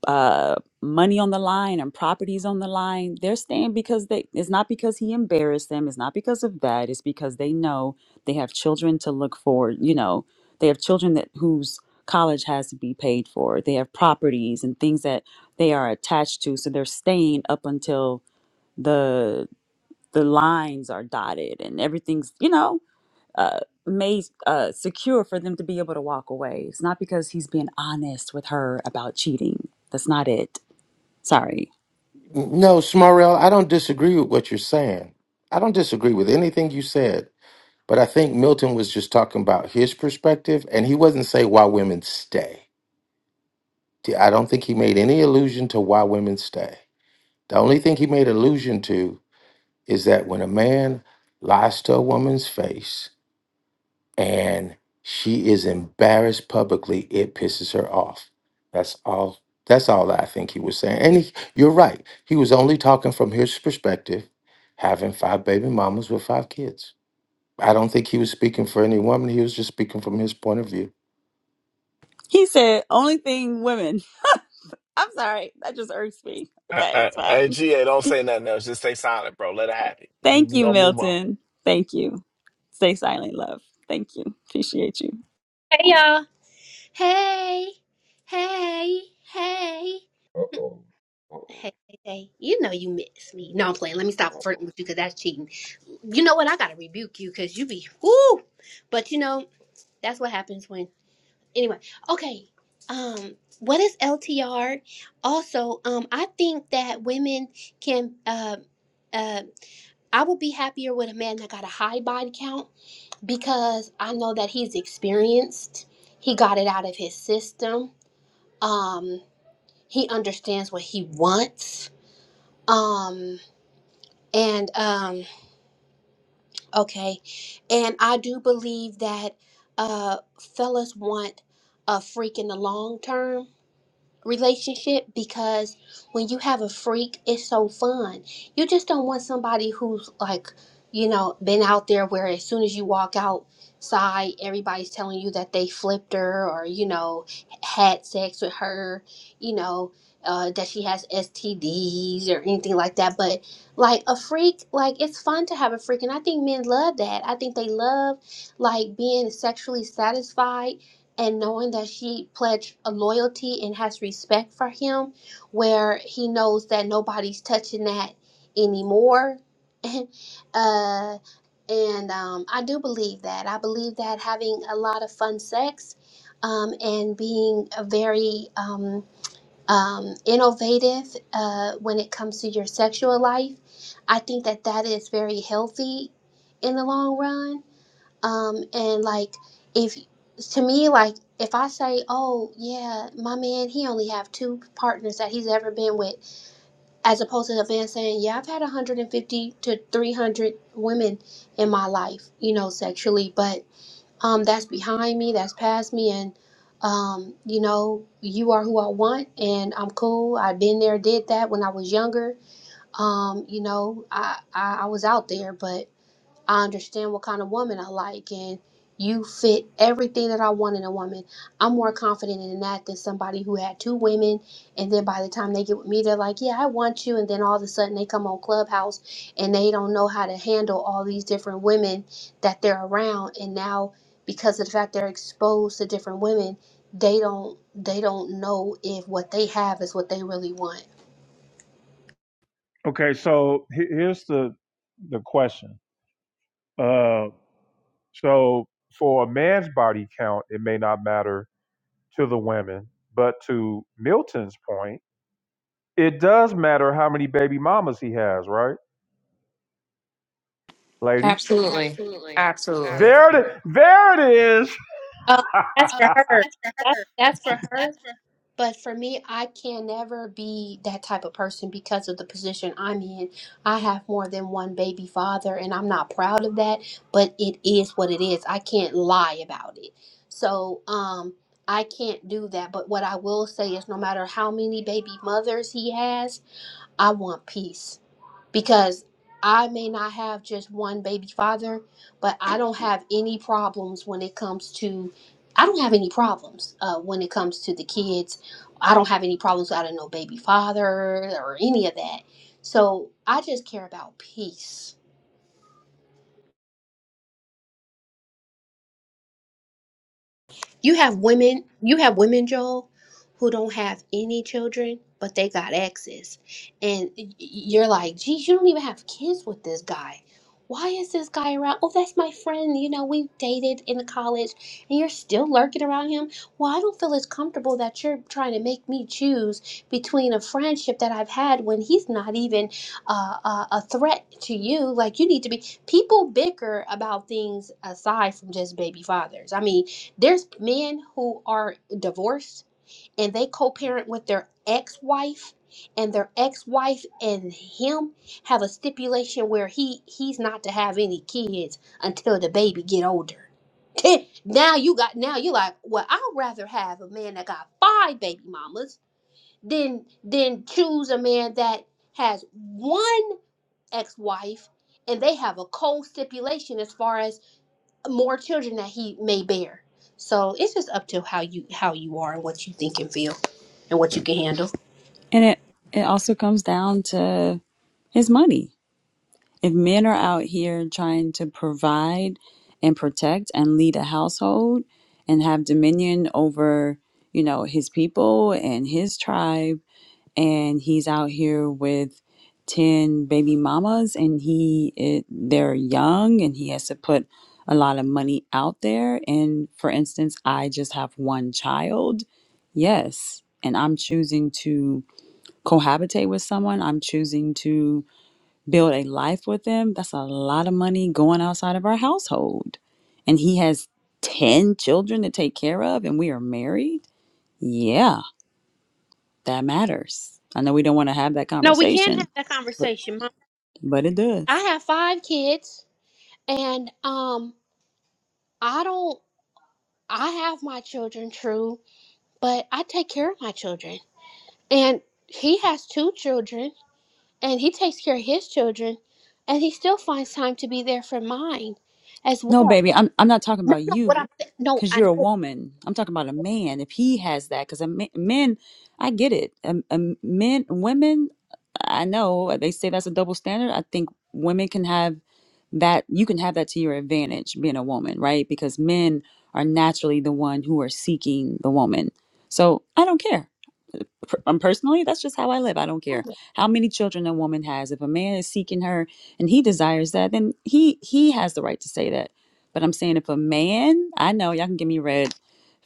K: uh, money on the line and properties on the line. They're staying because they. It's not because he embarrassed them. It's not because of that. It's because they know they have children to look for. You know, they have children that whose college has to be paid for. They have properties and things that they are attached to. So they're staying up until the the lines are dotted and everything's you know uh, made uh, secure for them to be able to walk away. It's not because he's being honest with her about cheating. That's not it. Sorry.
H: N- No, Smarell, I don't disagree with what you're saying. I don't disagree with anything you said. But I think Milton was just talking about his perspective, and he wasn't saying why women stay. I don't think he made any allusion to why women stay. The only thing he made allusion to is that when a man lies to a woman's face and she is embarrassed publicly, it pisses her off. That's all. That's all I think he was saying. And he, you're right. He was only talking from his perspective, having five baby mamas with five kids. I don't think he was speaking for any woman. He was just speaking from his point of view.
K: He said, only thing women. I'm sorry. That just irks me.
L: Uh,
K: Okay,
L: uh,
K: it's
L: Hey,
K: fine.
L: GA, don't say nothing else. Just stay silent, bro. Let it happen. We
K: Thank
L: we
K: you,
L: gonna move on.
K: Milton. Thank you. Stay silent, love. Thank you. Appreciate you.
M: Hey y'all. Hey, hey, hey,
B: Uh oh. Uh
M: hey,
B: oh.
M: hey, hey. You know you miss me. No, I'm playing. Let me stop
B: Uh
M: flirting
B: oh.
M: with you because that's cheating. You know what? I gotta rebuke you because you be whoo. But you know that's what happens when. Anyway, okay. Um, what is LTR? Also, um, I think that women can. Uh, uh, I would be happier with a man that got a high body count because I know that he's experienced. He got it out of his system um he understands what he wants um and um okay and i do believe that uh fellas want a freak in the long term relationship because when you have a freak, it's so fun. You just don't want somebody who's like, you know, been out there where as soon as you walk outside, everybody's telling you that they flipped her or, you know, had sex with her, you know, uh, that she has STDs or anything like that. But like a freak, like it's fun to have a freak. And I think men love that. I think they love like being sexually satisfied and knowing that she pledged a loyalty and has respect for him where he knows that nobody's touching that anymore uh and um i do believe that i believe that having a lot of fun sex um and being a very um um innovative uh when it comes to your sexual life i think that that is very healthy in the long run um, and like if to me, like if I say, "Oh yeah, my man, he only have two partners that he's ever been with," as opposed to the man saying, "Yeah, I've had 150 to 300 women in my life, you know, sexually, but um, that's behind me, that's past me, and um, you know, you are who I want, and I'm cool. I've been there, did that when I was younger. Um, you know, I I, I was out there, but." I understand what kind of woman I like, and you fit everything that I want in a woman. I'm more confident in that than somebody who had two women, and then by the time they get with me, they're like, Yeah, I want you. And then all of a sudden, they come on Clubhouse and they don't know how to handle all these different women that they're around. And now, because of the fact they're exposed to different women, they don't they don't know if what they have is what they really want.
A: Okay, so he- here's the the question. Uh, so for a man's body count, it may not matter to the women, but to Milton's point, it does matter how many baby mamas he has, right, ladies?
E: Absolutely, absolutely.
A: There, it- there it is.
M: Um, that's for her. That, that's for her. But for me, I can never be that type of person because of the position I'm in. I have more than one baby father, and I'm not proud of that, but it is what it is. I can't lie about it. So, um, I can't do that. But what I will say is no matter how many baby mothers he has, I want peace because I may not have just one baby father, but I don't have any problems when it comes to I don't have any problems uh, when it comes to the kids. I don't have any problems. I don't baby father or any of that. So I just care about peace You have women, you have women, Joel, who don't have any children, but they got exes. And y- y- you're like, geez, you don't even have kids with this guy. Why is this guy around? Oh, that's my friend. You know, we dated in college and you're still lurking around him. Well, I don't feel as comfortable that you're trying to make me choose between a friendship that I've had when he's not even uh, a, a threat to you. Like, you need to be. People bicker about things aside from just baby fathers. I mean, there's men who are divorced and they co-parent with their ex-wife and their ex-wife and him have a stipulation where he he's not to have any kids until the baby get older. now you got now you're like, well, I'd rather have a man that got five baby mamas than than choose a man that has one ex-wife and they have a cold stipulation as far as more children that he may bear. So it's just up to how you how you are and what you think and feel and what you can handle.
K: And it, it also comes down to his money. If men are out here trying to provide and protect and lead a household and have dominion over, you know, his people and his tribe and he's out here with 10 baby mamas and he it, they're young and he has to put a lot of money out there and for instance i just have one child yes and i'm choosing to cohabitate with someone i'm choosing to build a life with them that's a lot of money going outside of our household and he has 10 children to take care of and we are married yeah that matters. I know we don't want to have that
M: No, we can have
K: conversation,
M: that
K: but
M: conversation, Mom.
K: but it
M: I
K: does.
M: have five kids and um I don't I have my children true, but I take care of my children. And he has two children and he takes care of his children and he still finds time to be there for mine as
K: No,
M: well.
K: baby, I'm I'm not talking
M: No,
K: about
M: no,
K: you
M: what I'm no,
K: because
M: I
K: you're a woman. I'm talking about a man if he has that because men, I get it. Um, um, men, women, I know uh, they say that's a double standard. I think women can have that. You can have that to your advantage being a woman, right? Because men are naturally the one who are seeking the woman. So I don't care. per- um, personally, that's just how I live. I don't care
M: know.
K: how many children a woman has. If a man is seeking her and he desires that, then he he has the right to say that. But I'm saying if a man, I know y'all can give me red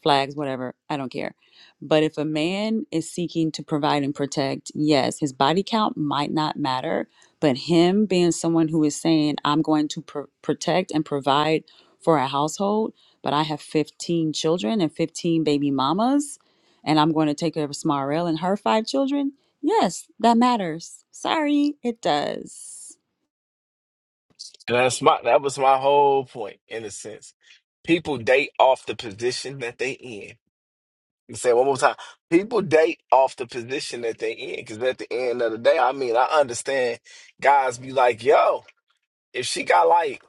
K: flags, whatever. I don't care. But if a man is seeking to provide and protect, yes, his body count might not matter, but him being someone who is saying, "I'm going to pr- protect and provide for a household," but I have 15 children and 15 baby mamas and I'm going to take care of Smarell and her five children, yes, that matters. Sorry, it does.
L: And that's my that was my whole point, in a sense. People date off the position that they in. You Say it one more time. People date off the position that they in, because at the end of the day, I mean, I understand guys be like, "Yo, if she got like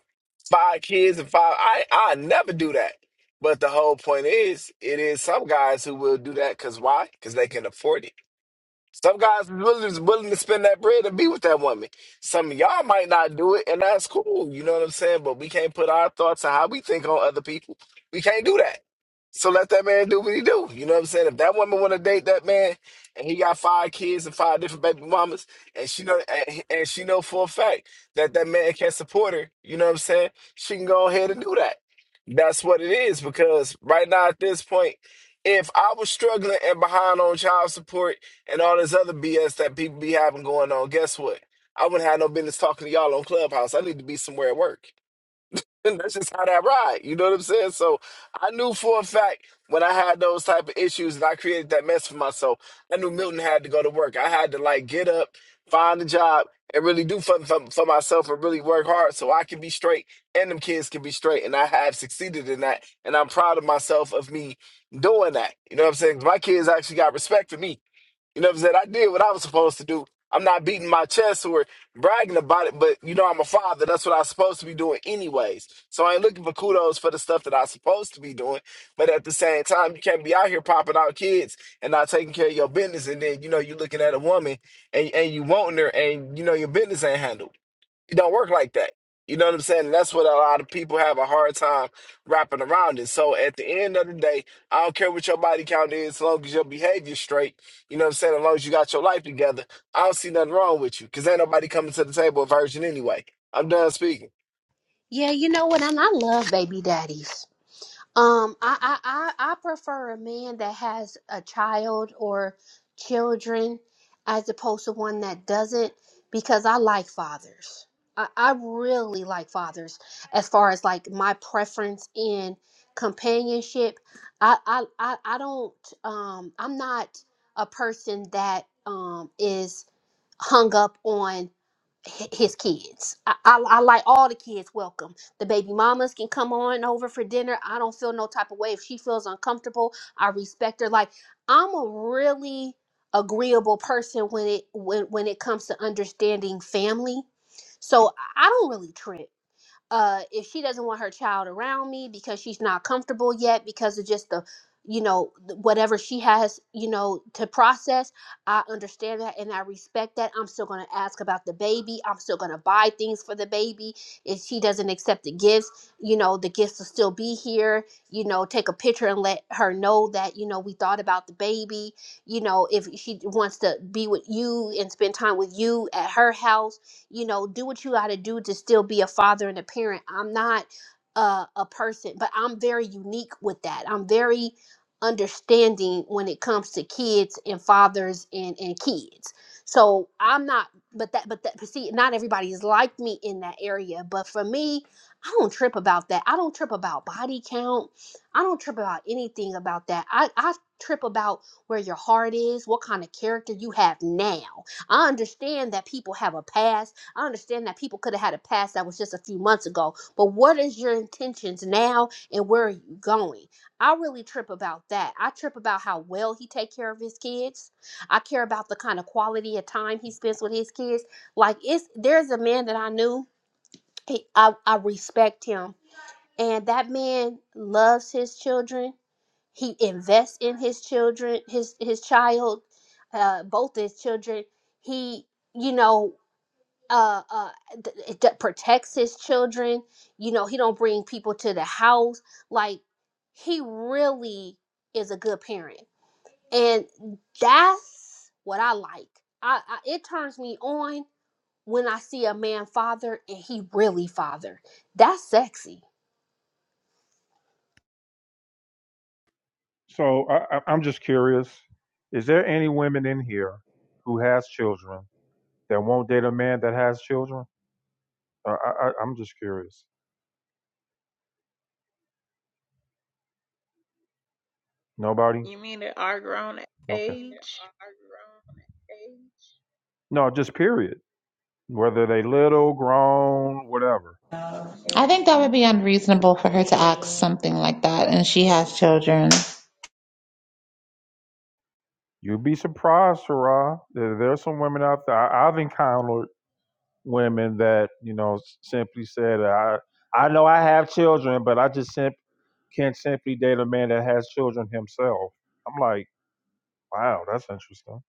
L: five kids and five, I I never do that." But the whole point is, it is some guys who will do that because why? Because they can afford it. Some guys is willing, is willing to spend that bread and be with that woman. Some of y'all might not do it, and that's cool. You know what I'm saying? But we can't put our thoughts on how we think on other people. We can't do that. So let that man do what he do. You know what I'm saying? If that woman want to date that man, and he got five kids and five different baby mamas, and she know and, and she know for a fact that that man can support her. You know what I'm saying? She can go ahead and do that. That's what it is. Because right now at this point, if I was struggling and behind on child support and all this other BS that people be having going on. Guess what? I wouldn't have no business talking to y'all on Clubhouse. I need to be somewhere at work. And that's just how that ride. You know what I'm saying? So I knew for a fact when I had those type of issues and I created that mess for myself, I knew Milton had to go to work. I had to like get up, find a job, and really do something for, for myself and really work hard so I can be straight and them kids can be straight. And I have succeeded in that. And I'm proud of myself of me doing that. You know what I'm saying? My kids actually got respect for me you know what I'm saying? I did what I was supposed to do. I'm not beating my chest or bragging about it, but you know, I'm a father. That's what I'm supposed to be doing, anyways. So I ain't looking for kudos for the stuff that I'm supposed to be doing. But at the same time, you can't be out here popping out kids and not taking care of your business. And then, you know, you looking at a woman and, and you wanting her and, you know, your business ain't handled. It don't work like that. You know what I'm saying? And that's what a lot of people have a hard time wrapping around it. So at the end of the day, I don't care what your body count is, as long as your behavior's straight, you know what I'm saying? As long as you got your life together, I don't see nothing wrong with you. Cause ain't nobody coming to the table a virgin anyway. I'm done speaking.
M: Yeah, you know what? And I love baby daddies. Um, I, I, I, I prefer a man that has a child or children as opposed to one that doesn't because I like fathers. I, I really like fathers as far as like my preference in companionship. I, I, I, I don't, um, I'm not a person that um, is hung up on hi- his kids. I, I, I like all the kids welcome. The baby mamas can come on over for dinner. I don't feel no type of way. If she feels uncomfortable, I respect her. Like I'm a really agreeable person when it when when it comes to understanding family. So I I don't really trip uh if she doesn't want her child around me because she's not comfortable yet because of just the you know th- whatever she has you know to process i understand that and i respect that i'm still going to ask about the baby i'm still going to buy things for the baby if she doesn't accept the gifts you know the gifts will still be here you know take a picture and let her know that you know we thought about the baby you know if she wants to be with you and spend time with you at her house you know do what you got to do to still be a father and a parent i'm not uh, a person but i'm very unique with that i'm very understanding when it comes to kids and fathers and and kids so i'm not but that but that but see not everybody is like me in that area but for me i don't trip about that i don't trip about body count i don't trip about anything about that i i trip about where your heart is what kind of character you have now i understand that people have a past I understand that people could have had a past that was just a few months ago, but what is your intentions now and where are you going? I really trip about that. I trip about how well he take care of his kids. I care about the kind of quality of time he spends with his kids. Like it's there's a man that I knew, he, I, I respect him. And that man loves his children. He invests in his children, his his child, uh, both his children. He you know uh uh th- th- that protects his children you know he don't bring people to the house like he really is a good parent and that's what i like i, I it turns me on when i see a man father and he really father that's sexy
A: So I, I, I'm just curious: is there any women in here who has children that won't date a man that has children? Uh, I, I, I'm just curious. Nobody?
I: You mean at our grown
A: Okay.
I: age?
A: No, just period. Whether they little, grown, whatever.
J: I think that would be unreasonable for her to ask something like that, and she has children.
A: You'd be surprised, Sarah. There, there are some women out there. I, I've encountered women that you know s- simply said, "I I know I have children, but I just simply." can't simply date a man that has children himself. I'm like, wow, that's interesting.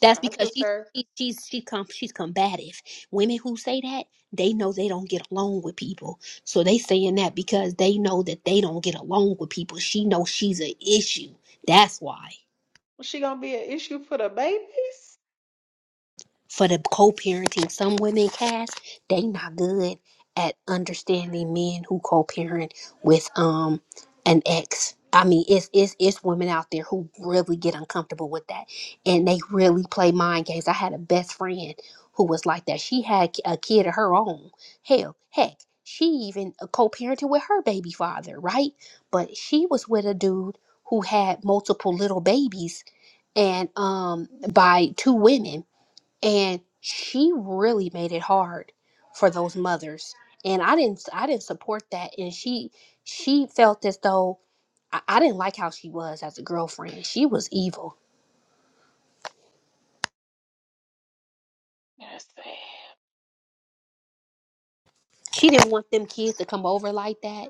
M: That's
I: I
M: because
I: just
M: she,
I: heard
M: she she's she com- she's combative. Women who say that they know they don't get along with people, so they saying that because they know that they don't get along with people. She knows she's an issue. That's why.
I: she gonna be an issue for the babies.
M: for the co-parenting. Some women, Cass, they not good at understanding men who co-parent with um an ex. I mean, it's it's it's women out there who really get uncomfortable with that, and they really play mind games. I had a best friend who was like that. She had a kid of her own. Hell, heck, she even uh, co-parented with her baby father, right? But she was with a dude who had multiple little babies, and um by two women and she really made it hard for those mothers and i didn't i didn't support that and she she felt as though i, I didn't like how she was as a girlfriend she was evil
I: That's sad.
M: she didn't want them kids to come over like that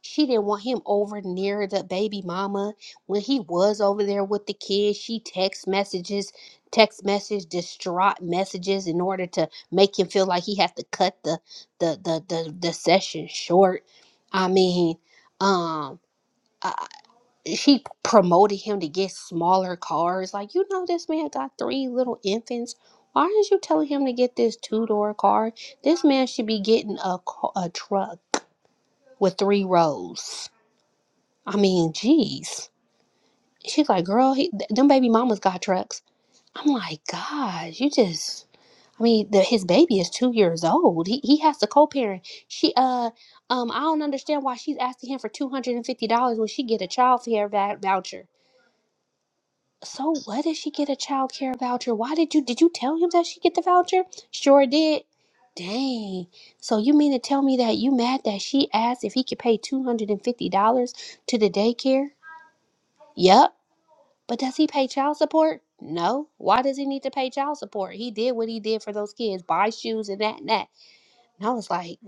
M: She didn't want him over near the baby mama. When he was over there with the kids, she text messages, text message, distraught messages in order to make him feel like he has to cut the the the the, the session short. I mean, um uh, she promoted him to get smaller cars. Like, you know, this man got three little infants. Why aren't you telling him to get this two door car? This man should be getting a, ca- a truck with three rows. I mean, geez. She's like, girl, he, th- them baby mamas got trucks. I'm like, gosh, you just. I mean, the, his baby is two years old. He he has to co-parent. She uh um I don't understand why she's asking him for two hundred and fifty dollars when she get a child care va- voucher. So what did she get a child care voucher? Why did you did you tell him that she get the voucher? Sure did. Dang. So you mean to tell me that you mad that she asked if he could pay two hundred and fifty dollars to the daycare? Yep. But does he pay child support? No. Why does he need to pay child support? He did what he did for those kids, buy shoes and that and that. And I was like,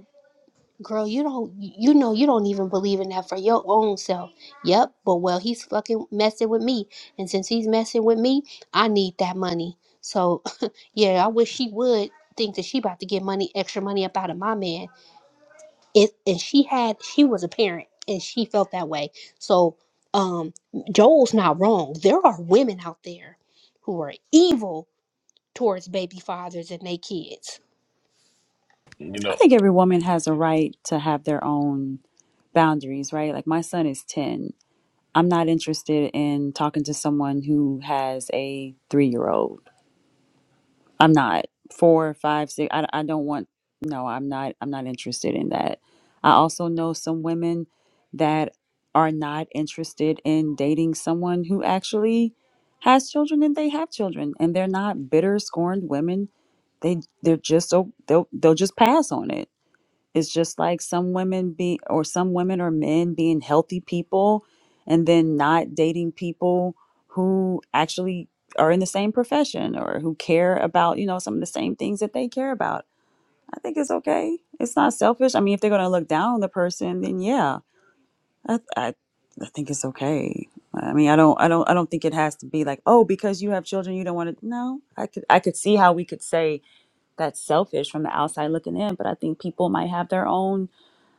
M: girl, you don't, you know, you don't even believe in that for your own self. Yep. But well, he's fucking messing with me, and since he's messing with me, I need that money. So, yeah, I wish she would think that she about to get money, extra money up out of my man it and she had she was a parent and she felt that way so um joel's not wrong there are women out there who are evil towards baby fathers and their kids
K: I think every woman has a right to have their own boundaries, right? Like my son is 10. I'm not interested in talking to someone who has a three year old I'm not four, five, six. I, I don't want. No, I'm not. I'm not interested in that. I also know some women that are not interested in dating someone who actually has children and they have children and they're not bitter, scorned women. They they're just so they'll they'll just pass on it. It's just like some women be or some women or men being healthy people and then not dating people who actually are in the same profession or who care about, you know, some of the same things that they care about. I think it's okay. It's not selfish. I mean, if they're going to look down on the person, then yeah. I I, I think it's okay. I mean, I don't I don't I don't think it has to be like, "Oh, because you have children, you don't want to." No. I could I could see how we could say that's selfish from the outside looking in, but I think people might have their own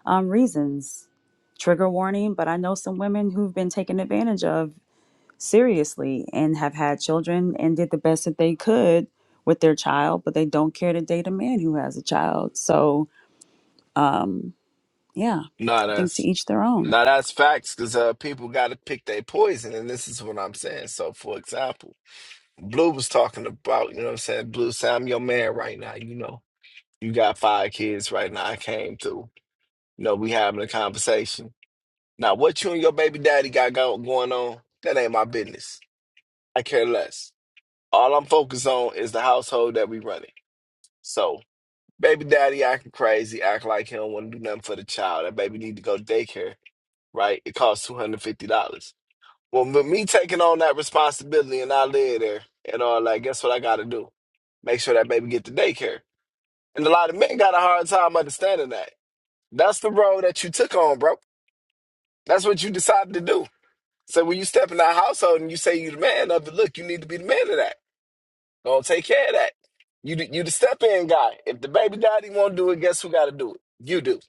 K: um, reasons. Trigger warning, but I know some women who've been taken advantage of seriously and have had children and did the best that they could with their child, but they don't care to date a man who has a child. So, yeah,
L: No,
K: I think to
L: that's
K: each their own.
L: no, that's facts, cause uh people gotta pick their poison, and this is what I'm saying. So for example, Blue was talking about, you know what I'm saying? Blue say I'm your man right now, you know. You got five kids right now. I came through. No, we having a conversation. Now, what you and your baby daddy got go- going on, that ain't my business. I care less. All I'm focused on is the household that we running. So, baby daddy acting crazy, act like he don't want to do nothing for the child. That baby need to go to daycare, right? It costs $250. Well, with me taking on that responsibility and I live there and all that, guess what I got to do? Make sure that baby get to daycare. And a lot of men got a hard time understanding that. That's the road that you took on, bro. That's what you decided to do. So when you step in that household and you say you the man of it, look, you need to be the man of that. Don't take care of that. You the, you the step in guy. If the baby daddy won't do it, guess who got to do it? You do.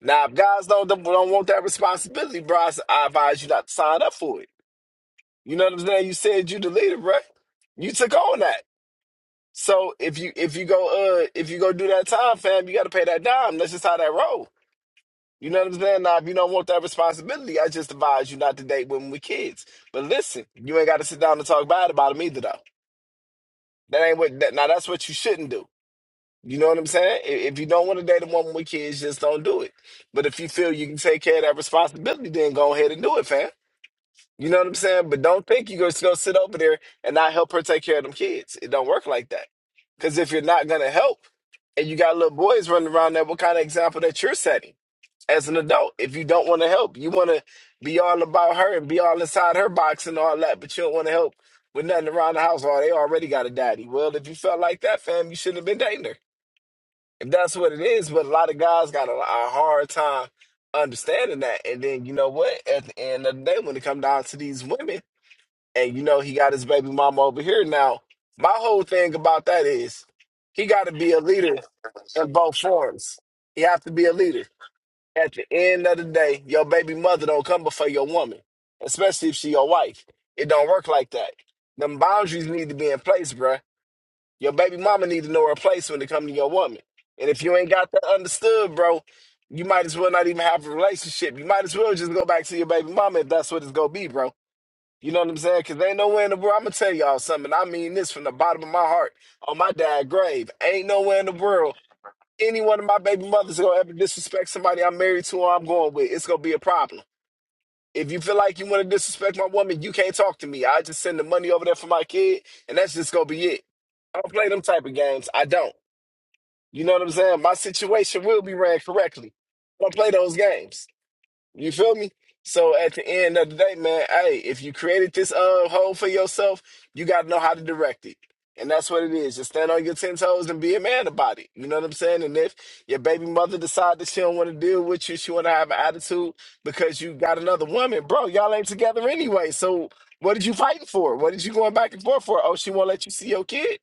L: Now, if guys don't don't don't want that responsibility, bro, I s- I advise you not to sign up for it. You know what I'm saying? You said you the leader, bro. You took on that. So if you if you go uh if you go do that time, fam, you got to pay that dime. That's just how that rolls. You know what I'm saying? Now, if you don't want that responsibility, I just advise you not to date women with kids. But listen, you ain't got to sit down and talk bad about them either, though. That ain't what. That, now, that's what you shouldn't do. You know what I'm saying? I- If you don't want to date a woman with kids, just don't do it. But if you feel you can take care of that responsibility, then go ahead and do it, fam. You know what I'm saying? But don't think you're just gonna sit over there and not help her take care of them kids. It don't work like that. Because if you're not gonna help, and you got little boys running around there, what kind of example that you're setting? as an adult if you don't want to help. You want to be all about her and be all inside her box and all that, but you don't want to help with nothing around the house. Or they already got a daddy. Well, if you felt like that, fam, you shouldn't have been dating her. If that's what it is, but a lot of guys got a, a hard time understanding that. And then you know what? At the end of the day, when it come down to these women, and you know he got his baby mama over here now. My whole thing about that is he got to be a leader in both forms. He have to be a leader. At the end of the day, your baby mother don't come before your woman, especially if she your wife. It don't work like that. Them boundaries need to be in place, bruh. Your baby mama need to know her place when it come to your woman. And if you ain't got that understood, bro, you might as well not even have a relationship. You might as well just go back to your baby mama if that's what it's gonna be, bro. You know what I'm saying? Cause ain't nowhere in the world. I'm gonna tell y'all something. And I mean this from the bottom of my heart, on my dad grave. Ain't nowhere in the world any one of my baby mothers gonna ever disrespect somebody I'm married to or I'm going with, it's gonna be a problem. If you feel like you want to disrespect my woman, you can't talk to me. I just send the money over there for my kid, and that's just gonna be it. I don't play them type of games. I don't. You know what I'm saying? My situation will be ran correctly. I don't play those games. You feel me? So at the end of the day, man, hey, if you created this uh hole for yourself, you gotta know how to direct it. And that's what it is. Just stand on your ten toes and be a man about it. You know what I'm saying? And if your baby mother decide that she don't want to deal with you, she want to have an attitude because you got another woman, bro. Y'all ain't together anyway. So what did you fighting for? What did you going back and forth for? Oh, she won't let you see your kid.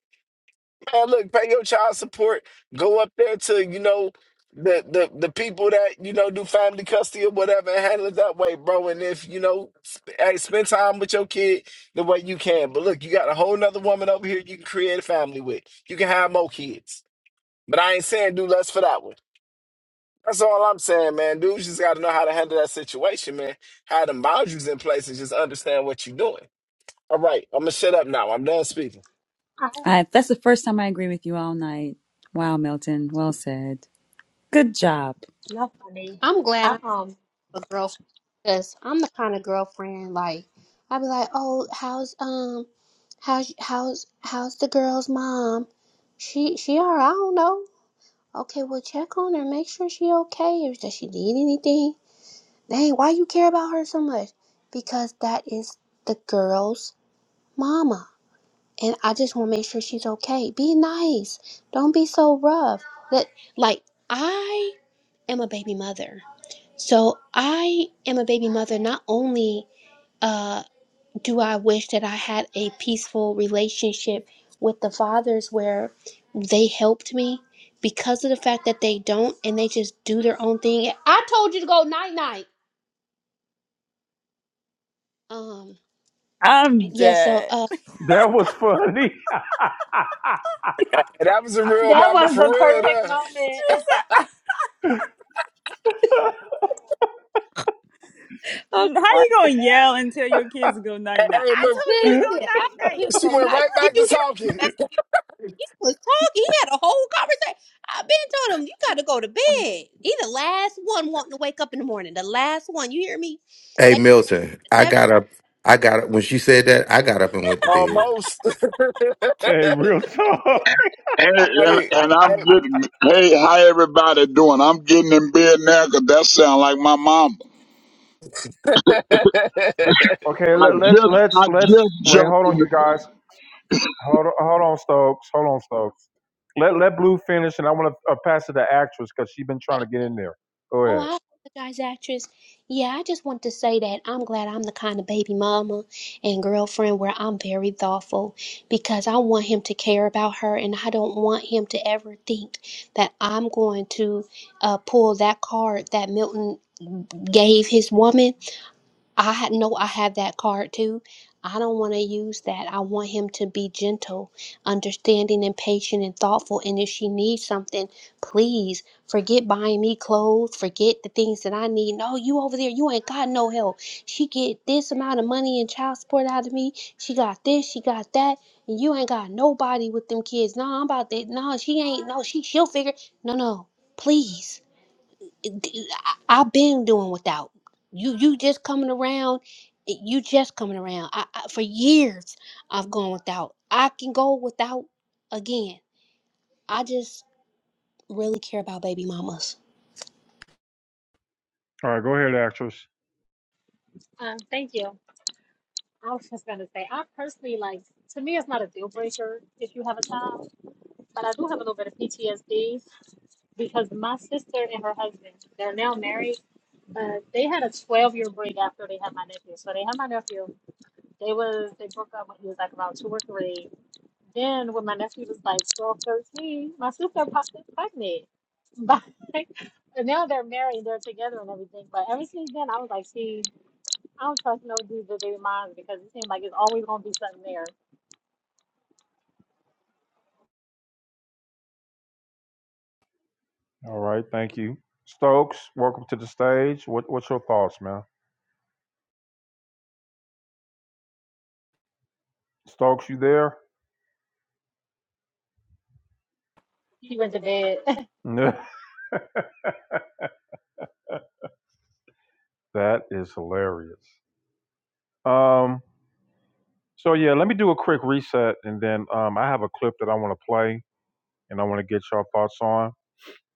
L: Man, look, pay your child support. Go up there to you know the the the people that you know do family custody or whatever, and handle it that way, bro. And if you know, sp- hey, spend time with your kid the way you can. But look, you got a whole nother woman over here you can create a family with. You can have more kids. But I ain't saying do less for that one. That's all I'm saying, man. Dudes just got to know how to handle that situation, man. Have them boundaries in place and just understand what you're doing. All right, I'm gonna shut up now. I'm done speaking.
N: I
K: I, that's the first time I agree with you all night. Wow, Milton, well said. Good job.
N: love funny.
M: i'm glad
N: I
M: i'm
N: um
M: a girlfriend because i'm the kind of girlfriend like i'd be like oh how's um how's how's how's the girl's mom she she all right i don't know okay well check on her make sure she okay if does she need anything Dang, why you care about her so much? Because that is the girl's mama. And I just want to make sure she's okay. Be nice. Don't be so rough. That like I am a baby mother. So I am a baby mother not only uh do I wish that I had a peaceful relationship with the fathers where they helped me because of the fact that they don't and they just do their own thing. I told you to go night night. Um
K: I'm
M: yeah, so
K: dead.
M: uh,
A: That was funny.
L: And that was a real
N: That
L: mama
N: was
L: for
N: the
L: real.
N: perfect
L: Though.
N: moment.
K: How
M: so sorry.
K: you gonna yell and tell your kids to go night night? I
L: Hey,
K: told you to go
M: Listen, I
K: night night.
M: know him
L: She
M: all
L: went
M: night.
L: right
M: Did
L: back
M: you
L: to
M: hear
L: talking.
M: him? He was talking. He had a whole conversation. I've been told him you got to go to bed. He the last one wanting to wake up in the morning. The last one. You hear me?
H: Hey
M: They
H: Milton, I
M: accept.
H: got up. I got up when she said that. I got up and went to bed.
L: Almost.
A: hey, real talk.
O: And, and,
L: Wait.
O: and I'm getting, hey, how everybody doing? I'm getting in bed now because that sound like my mama.
A: Okay,
O: I
A: let, let
O: just,
A: let's
O: I
A: let's
O: just
A: wait. Hold
O: jumped
A: on,
O: in the
A: you guys. Hold on, hold on, Stokes. Hold on, Stokes. Let let Blue finish, and I want to uh, pass it to the actress because she's been trying to
M: it.
A: get in there. Go
M: Oh,
A: ahead.
M: I apologize, actress. Yeah, I just want to say that I'm glad I'm the kind of baby mama and girlfriend where I'm very thoughtful because I want him to care about her and I don't want him to ever think that I'm going to uh, pull that card that Milton gave his woman. I ha- know I have that card too. I don't want to use that. I want him to be gentle, understanding, and patient and thoughtful. And if she needs something, please forget buying me clothes, forget the things that I need. No, you over there, you ain't got no help. She get this amount of money in child support out of me. She got this, she got that. And you ain't got nobody with them kids. No, I'm about that. No, she ain't. No, she she'll figure. No, no, please. I- I've been doing without you. You just coming around. eh, You just coming around. I, I, for years, I've gone without. I can go without again. I just really care about baby mamas.
A: All right, go ahead, actress.
N: uh, thank you. I was just gonna say I personally like to me it's not a deal breaker if you have a child, but I do have a little bit of PTSD because my sister and her husband, they're now married, but they had a twelve year break after they had my nephew. So they had my nephew They was they broke up when he was like around two or three. Then when my nephew was like 12, 13, my sister popped up pregnant. But and now they're married, they're together and everything. But ever since then, I was like, see, I don't trust no dudes that they minds because it seems like it's always gonna be something there.
A: All right, thank you, Stokes. Welcome to the stage. What what's your thoughts, man? Stokes, you there?
N: He went to bed.
A: that is hilarious. Um, So yeah, let me do a quick reset, and then um, I have a clip that I want to play, and I want to get your thoughts on.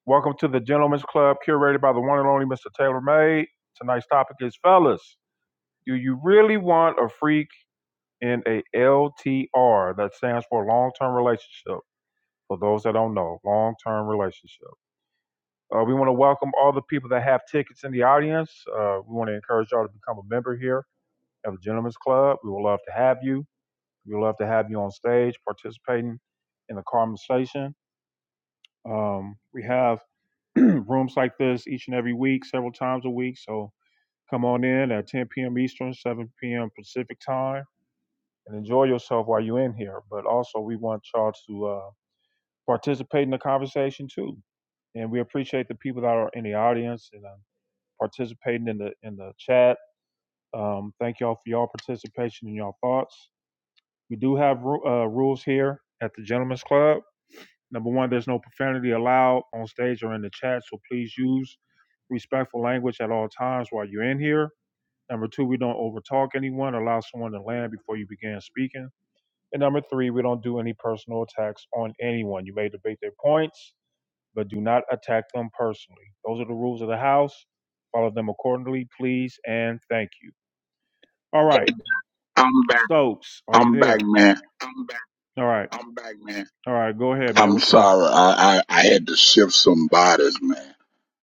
A: Welcome to the Gentlemen's Club, curated by the one and only Mr. Taylor May. Tonight's topic is fellas. Do you really want a freak in a LTR? That stands for long-term relationship. For those that don't know, long-term relationship. Uh, we want to welcome all the people that have tickets in the audience. Uh, we want to encourage y'all to become a member here at the Gentlemen's Club. We would love to have you. We love to have you on stage participating in the conversation. Um, we have rooms like this each and every week, several times a week. So come on in at 10 p.m. Eastern, 7 p.m. Pacific time, and enjoy yourself while you're in here. But also, we want y'all to uh, participate in the conversation too. And we appreciate the people that are in the audience and uh, participating in the in the chat. Um, thank y'all for y'all participation and y'all thoughts. We do have uh, rules here at the Gentlemen's Club Number one, there's no profanity allowed on stage or in the chat, so please use respectful language at all times while you're in here. Number two, we don't overtalk anyone. Allow someone to land before you begin speaking. And number three, we don't do any personal attacks on anyone. You may debate their points, but do not attack them personally. Those are the rules of the house. Follow them accordingly, please, and thank you. All right,
O: bed. I'm back.
A: Stokes, are you
O: I'm
A: there?
O: back, man.
A: All right, all right, go ahead, man.
O: I'm
A: What you got?
O: sorry. I, I, I had to shift some bodies, man.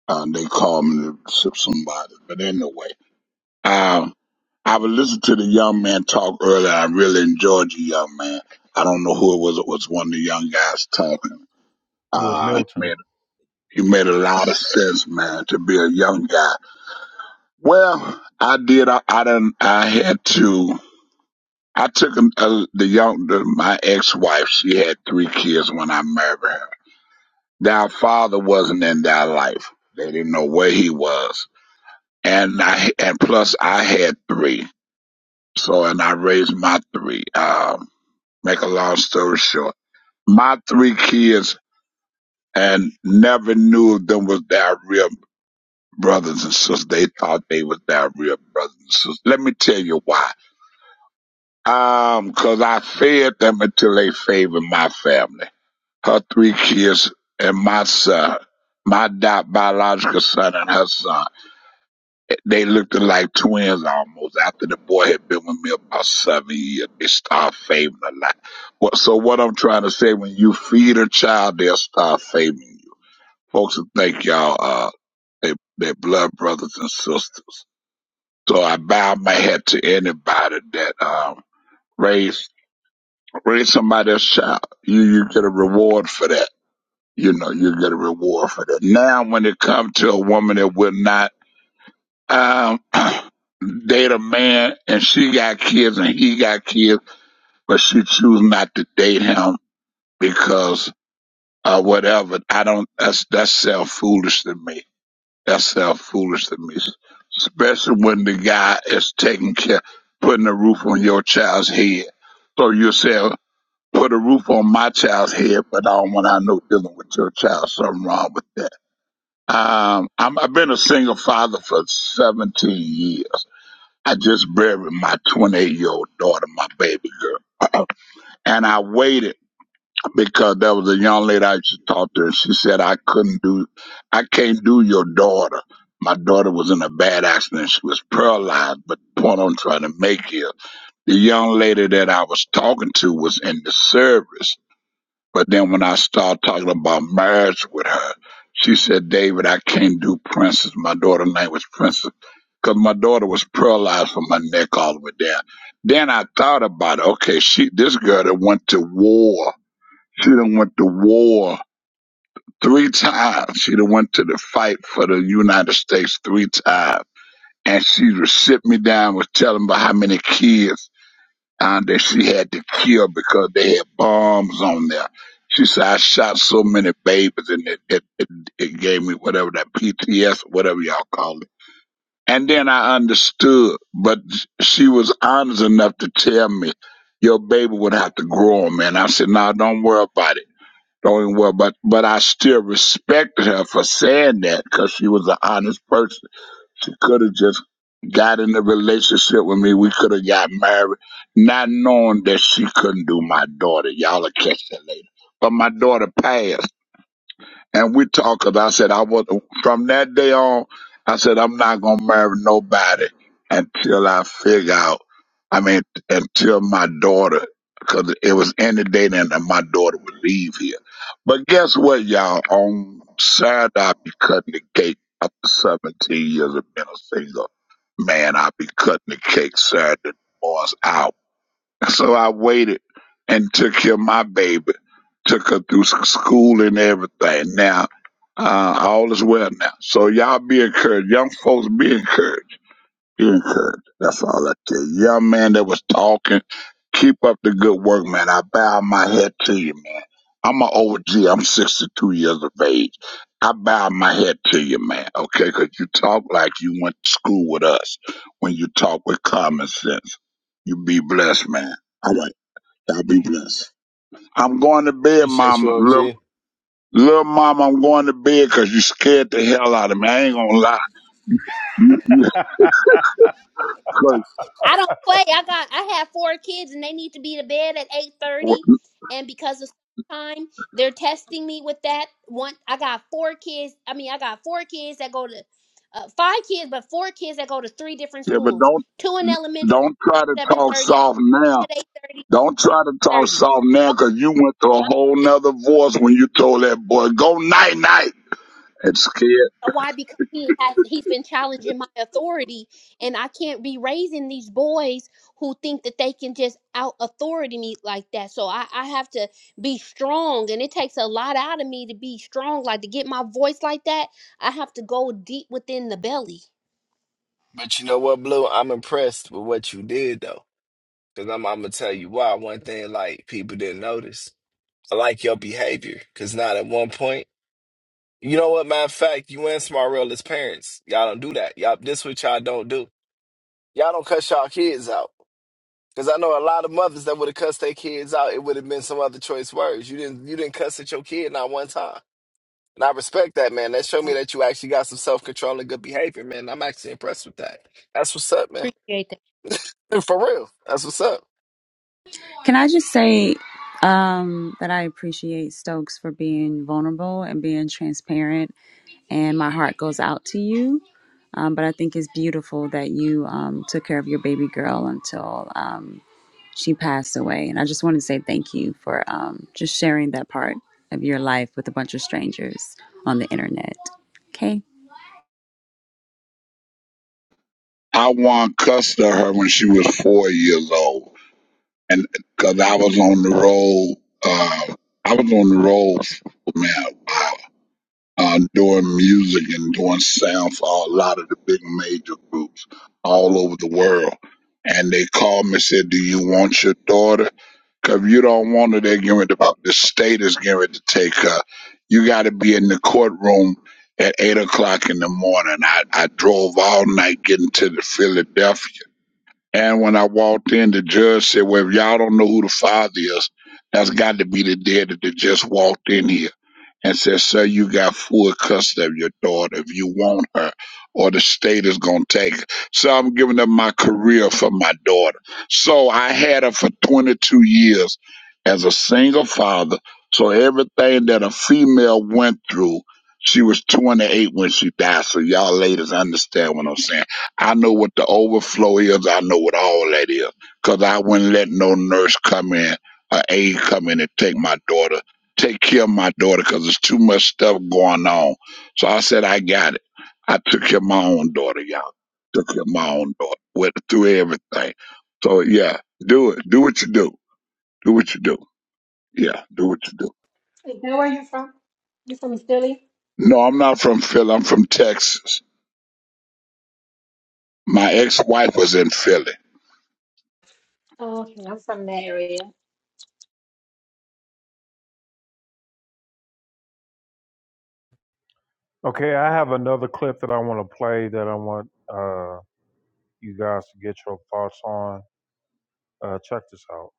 O: Uh, they called me to shift some bodies. But anyway, um, I was listening to the young man talk earlier. I really enjoyed the young man. I don't know who it was. It was one of the young guys talking.
A: It was
O: Uh, he
A: Milton.
O: made, he made a lot of sense, man, to be a young guy Well, I did. I, I done. I had to. I took an- uh, the young, the, my ex-wife. She had three kids when I married her. Their father wasn't in their life. They didn't know where he was, and I and plus I had three. So and I raised my three. Um, make a long story short, my three kids and never knew them was their real brothers and sisters. They thought they was their real brothers and sisters. Let me tell you why. Um, 'cause I fed them until they favored my family. Her three kids and my son, my di- biological son and her son. They looked like twins almost. After the boy had been with me about seven years, they start favoring a lot. What- So what I'm trying to say, when you feed a child, they'll start favoring you. Folks will think y'all, uh, they, they blood brothers and sisters. So I bow my head to anybody that, um, raised Raise somebody's child. You you get a reward for that. You know, you get a reward for that. Now when it comes to a woman that will not um date a man and she got kids and he got kids, but she choose not to date him because uh whatever. I don't that's that's self foolish to me. That's self foolish to me. Especially when the guy is taking care putting a roof on your child's head. So you say, put a roof on my child's head, but I don't want to know dealing with your child. Something wrong with that. Um, I'm, I've been a single father for 17 years. I just buried my 28 year old daughter, my baby girl. And I waited because there was a young lady I used to talk to, and she said, I couldn't do, I can't do your daughter. My daughter was in a bad accident. She was paralyzed, but the point I'm trying to make here, the young lady that I was talking to was in the service but then when I started talking about marriage with her, she said, David, I can't do Princess. My daughter's name was Princess. Because my daughter was paralyzed from her neck all the way down. Then I thought about it. Okay, she this girl that went to war. She done went to war three times. She done went to the fight for the United States three times. And she was sitting me down, was telling me how many kids and that she had to kill because they had bombs on there. She said, I shot so many babies and it, it, it, it gave me whatever that PTS, or whatever y'all call it. And then I understood, but she was honest enough to tell me, your baby would have to grow on me. And I said, no, don't worry about it. Don't even worry about it. But I still respected her for saying that because she was an honest person she could have just got in a relationship with me. We could have got married, not knowing that she couldn't do my daughter. Y'all will catch that later. But my daughter passed and we talked 'cause I said I was from that day on. I said I'm not gonna marry nobody until I figure out. I mean, until my daughter, 'cause it was any day then that my daughter would leave here. But guess what, y'all? On Saturday, I be cutting the cake after 17 years of being a single man. I be cutting the cake Saturday Boys out. So I waited and took care of my baby, took her through s- school and everything. Now, uh, all is well now. So y'all be encouraged. Young folks be encouraged good. That's all I tell you. Young man that was talking, keep up the good work, man. I bow my head to you, man. I'm an OG. I'm 62 years of age. I bow my head to you, man, okay? 'Cause you talk like you went to school with us when you talk with common sense. You be blessed, man. All right. Y'all be blessed. I'm going to bed,
L: Appreciate
O: mama.
L: you,
O: Little,
L: OG.
O: little mama, I'm going to bed 'cause you scared the hell out of me. I ain't going to lie. You, 'cause-
M: I don't play. I got. I have four kids, and they need to be to bed at eight thirty. And because of time, they're testing me with that. One, I got four kids. I mean, I got four kids that go to uh, five kids, but four kids that go to three different
O: yeah, but
M: schools.
O: don't
M: Two in elementary,
O: Don't try to
M: seven
O: talk
M: thirty
O: soft
M: they
O: now.
M: 30
O: Don't try to talk
M: thirty.
O: soft now
M: No,
O: because you went to a
M: I don't
O: whole nother voice when you told that boy, go night night. It scared.
M: know why? Because he has he's been challenging my authority, and I can't be raising these boys who think that they can just out authority me like that. So I, I have to be strong, and it takes a lot out of me to be strong, like to get my voice like that. I have to go deep within the belly.
L: But you know what, Blue? I'm impressed with what you did, though. Because I'm, I'm going to tell you why. One thing, like, people didn't notice. I like your behavior. Because not at one point, you know what, matter of fact, you and Smarell as parents, y'all don't do that. Y'all, this what y'all don't do. Y'all don't cuss y'all kids out. Because I know a lot of mothers that would have cussed their kids out. It would have been some other choice words. You didn't you didn't cuss at your kid not one time. And I respect that, man. That showed me
M: Oh,
L: that you actually got some self control and good behavior, man. I'm actually impressed with that. That's what's up, man.
M: Appreciate that.
L: And for real, that's what's up.
K: Can I just say um, that I appreciate Stokes for being vulnerable and being transparent, and my heart goes out to you. Um, but I think it's beautiful that you um, took care of your baby girl until um, she passed away. And I just want to say thank you for um, just sharing that part of your life with a bunch of strangers on the internet. Okay.
O: I won cussed to her when she was four years old. And because I was on the road, uh, I was on the road, man, uh, doing music and doing sound for a lot of the big major groups all over the world. And they called me and said, do you want your daughter? Cause you don't want it, they're giving it up. The state is giving it to take her. You got to be in the courtroom at eight o'clock in the morning. I, I drove all night getting to the Philadelphia. And when I walked in, the judge said, Well, if y'all don't know who the father is, that's got to be the dad that just walked in here and said, Sir, you got full custody of your daughter if you want her, or the state is going to take her. So I'm giving up my career for my daughter. So I had her for 22 years as a single father. So everything that a female went through, she was 28 when she died. So y'all ladies understand what I'm saying. I know what the overflow is, I know what all that is, because I wouldn't let no nurse come in. A aide come in and take my daughter take care of my daughter because there's too much stuff going on. So I said, I got it. I took care of my own daughter, y'all. Took care of my own daughter. Went through everything. So yeah, do it. Do what you do. Do what you do. Yeah, do what you do.
N: Is that where you from? You from Philly?
O: No, I'm not from Philly. I'm from Texas. My ex-wife was in Philly.
N: Oh, okay, I'm from that area.
A: Okay, I have another clip that I want to play that I want uh, you guys to get your thoughts on. Uh, check this out.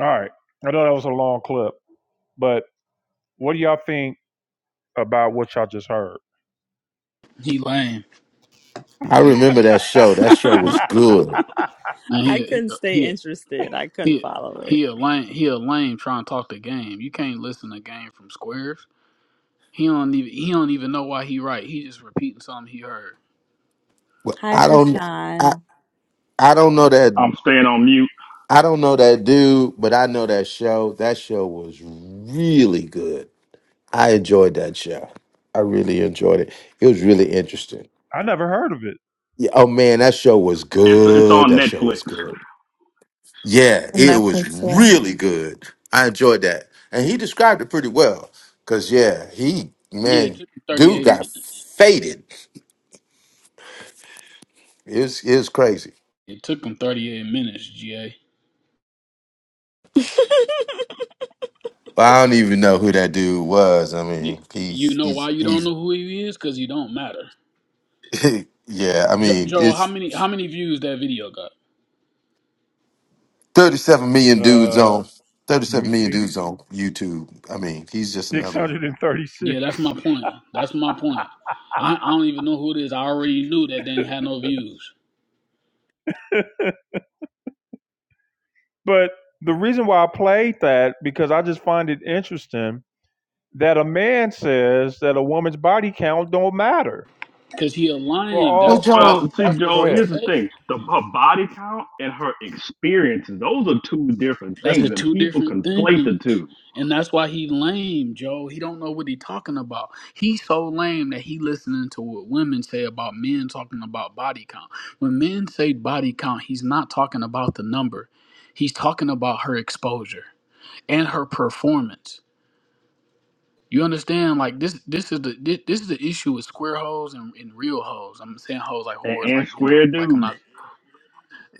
A: All right. I know that was a long clip, but what do y'all think about what y'all just heard?
P: He lame.
H: I
P: He can't.
H: remember that
A: I
H: show. That show
K: I
H: was
P: He,
H: good.
P: Man, he a, he
K: couldn't
P: a,
K: stay
P: he a,
K: interested. I
P: he
K: couldn't
P: a,
K: follow it.
P: he a lame. He a lame trying to talk the game. You can't listen to game from squares. He don't even he don't even know why he right. He just repeating something he heard.
H: Well,
K: Hi,
H: I don't I
K: Fashan.
H: I don't know that
Q: I'm staying on mute.
H: I don't know that dude, but I know that show. That show was really good. I enjoyed that show. I really enjoyed it. It was really interesting.
A: never heard of it.
H: Yeah, oh man, that show was
Q: It's it's
H: good.
Q: on
H: That show
Q: Netflix.
H: was good. Yeah,
E: I'm
H: it
E: not
H: was
E: concerned.
H: really good. I enjoyed that. And he described it pretty well. Cause yeah, he
P: Yeah, it
H: man,
P: took him thirty
H: dude
P: eight
H: got
P: minutes.
H: faded. It was it was crazy.
P: It took him thirty eight minutes. Ga.
H: But I don't even know who that dude was. I
P: You,
H: mean,
P: you
H: he's
P: know
H: he's
P: why you don't
H: he's
P: know who he is? Cause he don't matter.
H: yeah, I
P: Jo,
H: mean,
P: Joe, how
H: it's
P: many how many views that video got?
H: 37 million dudes
A: Uh,
H: on
A: let me
H: 37 million
A: see.
H: dudes on YouTube. I mean, he's just another one.
A: 636.
P: Yeah, that's my point. That's my point. I, I don't even know who it is. I already knew that they had no views.
A: But the reason why I played that because I just find it interesting that a man says that a woman's body count don't matter
P: Cause he
A: for
P: aligned.
H: Well,
A: all.
P: That's
A: For,
P: that's
H: Joe,
Q: Well, see,
P: that's what
A: go
Q: Joe,
P: Simp
A: ahead.
Q: here's the
P: said.
Q: thing: the her body count and her experiences; those are two different
P: That's the
Q: things, and
P: two
Q: people
P: different
Q: conflate the
P: things.
Q: two.
P: And that's why he lame, Joe. He don't know what he talking about. He so lame that he listening to what women say about men talking about body count. When men say body count, he's not talking about the number. He's talking about her exposure and her performance. You understand? Like this this is the this, this is the issue with square hoes and, and real hoes. I'm saying hoes like
Q: And,
P: whores,
Q: and
P: like you know,
Q: square
P: like I'm not
Q: dudes,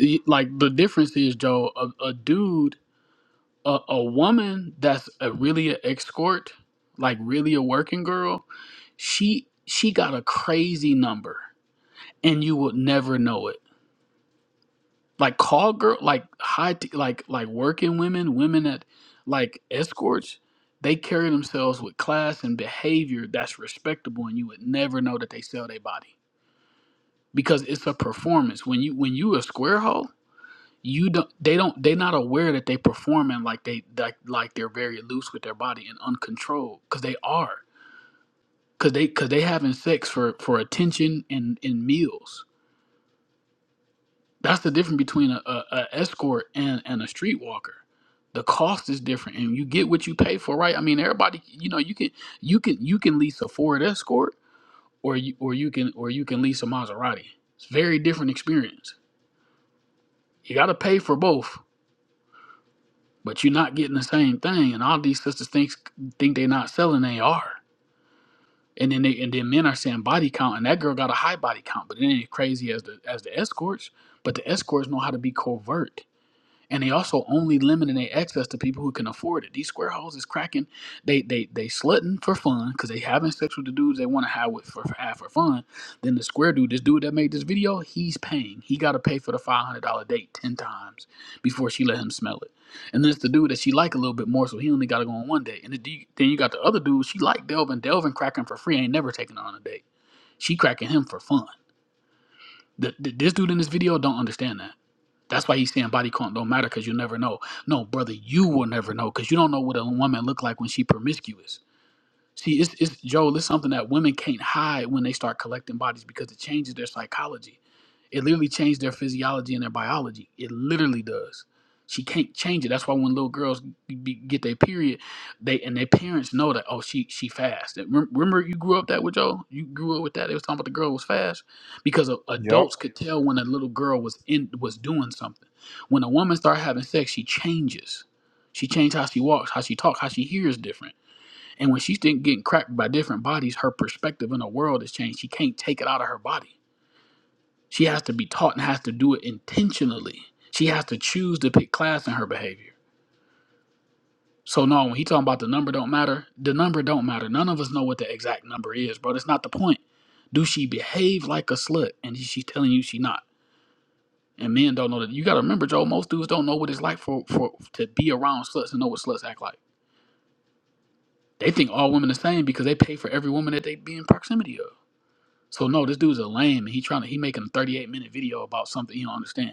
P: y- like the difference is joe a, a dude a, a woman that's a really an escort like really a working girl she she got a crazy number and you would never know it like call girl like high t- like like working women women that like escorts they carry themselves with class and behavior that's respectable and you would never know that they sell their body because it's a performance when you when you a square hole you don't they don't they're not aware that they performing like they like like they're very loose with their body and uncontrolled because they are because they because they having sex for for attention and and meals that's the difference between a, a, a escort and and a streetwalker the cost is different and you get what you pay for right i mean everybody you know you can you can you can lease a ford escort or you or you can or you can lease a maserati it's a very different experience you got to pay for both but you're not getting the same thing. And all these sisters think think they're not selling, they are. And then they and then men are saying body count, and that girl got a high body count, but it ain't as crazy as the as the escorts. But the escorts know how to be covert and they also only limiting their access to people who can afford it. These square holes is cracking. They they they slutting for fun because they having sex with the dudes they want to have with for, for have for fun. Then the square dude, this dude that made this video, he's paying. He got to pay for the five hundred dollar date ten times before she let him smell it. And then it's the dude that she like a little bit more, so he only got to go on one date. And the, dude- then you got the other dude she like Delvin. Delvin cracking for free ain't never taking her on a date. She cracking him for fun. The, the, this dude in this video don't understand that that's why he's saying body count don't matter because you'll never know. No, brother, you will never know because you don't know what a woman look like when she promiscuous. See, it's, it's Joel, it's something that women can't hide when they start collecting bodies because it changes their psychology it literally changed their physiology and their biology. It literally does. She can't change it. That's why when little girls be, get their period, they and their parents know that oh she she fast. And rem- Remember you grew up that with Joe. You grew up with that. They was talking about the girl was fast because a-
A: Yep.
P: adults could tell when a little girl was in was doing something. When a woman starts having sex, she changes. She changed how she walks, how she talks, how she hears different. And when she's getting getting cracked by different bodies, her perspective in the world has changed. She can't take it out of her body she has to be taught and has to do it intentionally. She has to choose to pick class in her behavior. So no, when he talking about the number don't matter, the number don't matter. None of us know what the exact number is, bro. That's not the point. Do she behave like a slut? And she's telling you she not. And men don't know that. You gotta remember, Joe. Most dudes don't know what it's like for for to be around sluts and know what sluts act like. They think all women the same because they pay for every woman that they be in proximity of. So no, this dude's a lame. and He trying to he making a 38 minute video about something he don't understand,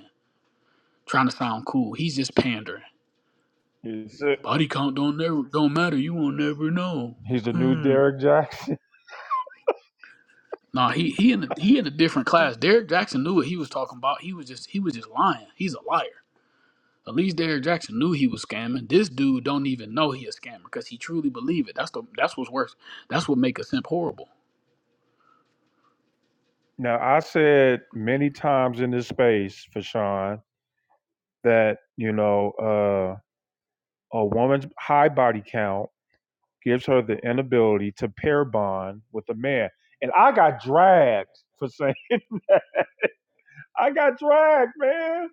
P: trying to sound cool. He's just pandering.
A: He's a,
P: Body count don't never don't matter. You won't never know.
A: he's the new
P: Mm.
A: Derek Jackson.
P: Nah, he he in a, he in a different class. Derek Jackson knew what he was talking about. He was just he was just lying. He's a liar. At least Derek Jackson knew he was scamming. This dude don't even know he a scammer because he truly believe it. That's the that's what's worse. That's what make a simp horrible.
A: Now I said many times in this space for Sean that you know uh, a woman's high body count gives her the inability to pair bond with a man, and I got dragged for saying that. I got dragged, man.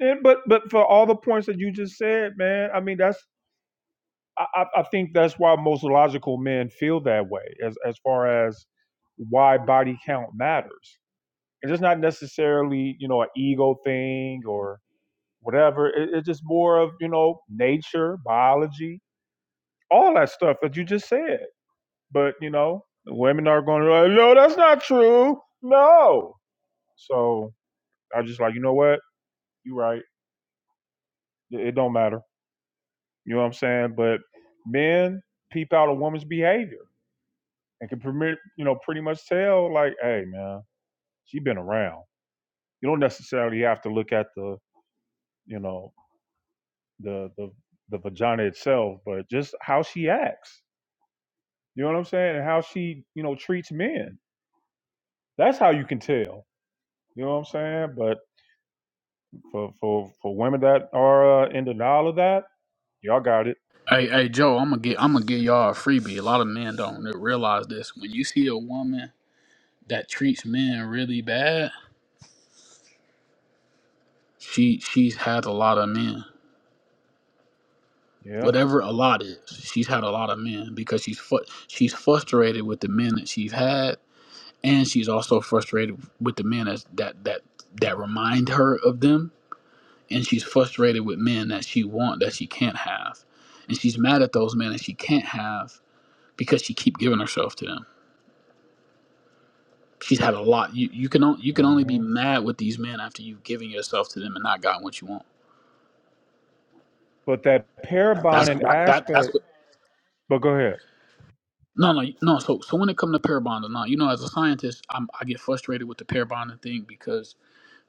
A: And but but for all the points that you just said, man, I mean that's I, I I think that's why most logical men feel that way as as far as why body count matters It's just not necessarily you know an ego thing or whatever it, it's just more of you know nature biology all that stuff that you just said but you know the women are going like, no that's not true no so i just like you know what you're right it, it don't matter you know what i'm saying but men peep out a woman's behavior and can permit you know pretty much tell like hey man she been around you don't necessarily have to look at the you know the the the vagina itself, but just how she acts. You know what I'm saying? And how she, you know, treats men. That's how you can tell. You know what I'm saying? But for for for women that are uh, in denial of that, y'all got it.
P: Hey, hey, Joe, I'm gonna get I'm gonna give y'all a freebie. A lot of men don't realize this. When you see a woman that treats men really bad, she she's had a lot of men.
A: Yeah.
P: whatever a lot is. She's had a lot of men because she's fu- she's frustrated with the men that she's had, and she's also frustrated with the men as, that that that remind her of them, and she's frustrated with men that she want that she can't have, and she's mad at those men that she can't have because she keep giving herself to them. She's had a lot. You you can on, you can only be
A: hmm
P: mad with these men after you've given yourself to them and not gotten what you want.
A: But that pair
P: That's
A: bonding
P: that, that that's
A: aspect.
P: what
A: But go ahead.
P: No, no, no. So, so when it comes to pair bonding, now you know, as a scientist, I'm, I get frustrated with the pair bonding thing because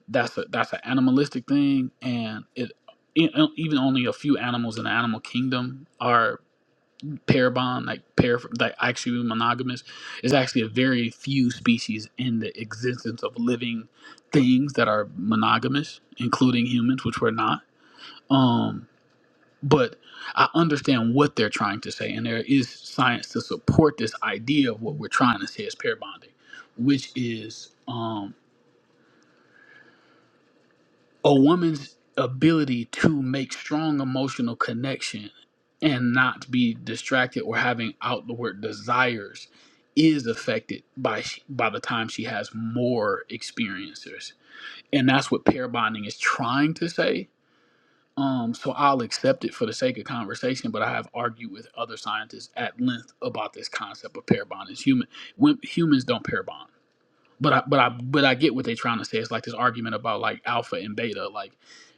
P: that's a that's an animalistic thing, and it e- e, even only a few animals in the animal kingdom are pair bond, like pair, like actually monogamous. It's actually a very few species in the existence of living things that are monogamous, including humans, which we're not. Um, but I understand what they're trying to say, and there is science to support this idea of what we're trying to say is pair bonding, which is um, a woman's ability to make strong emotional connection and not be distracted or having outward desires is affected by sh- by the time she has more experiences, and that's what pair bonding is trying to say Um, so I'll accept it for the sake of conversation, but I have argued with other scientists at length about this concept of pair bond. Is human when, humans don't pair bond, but I but I but I get what they're trying to say. It's like this argument about like alpha and beta. Like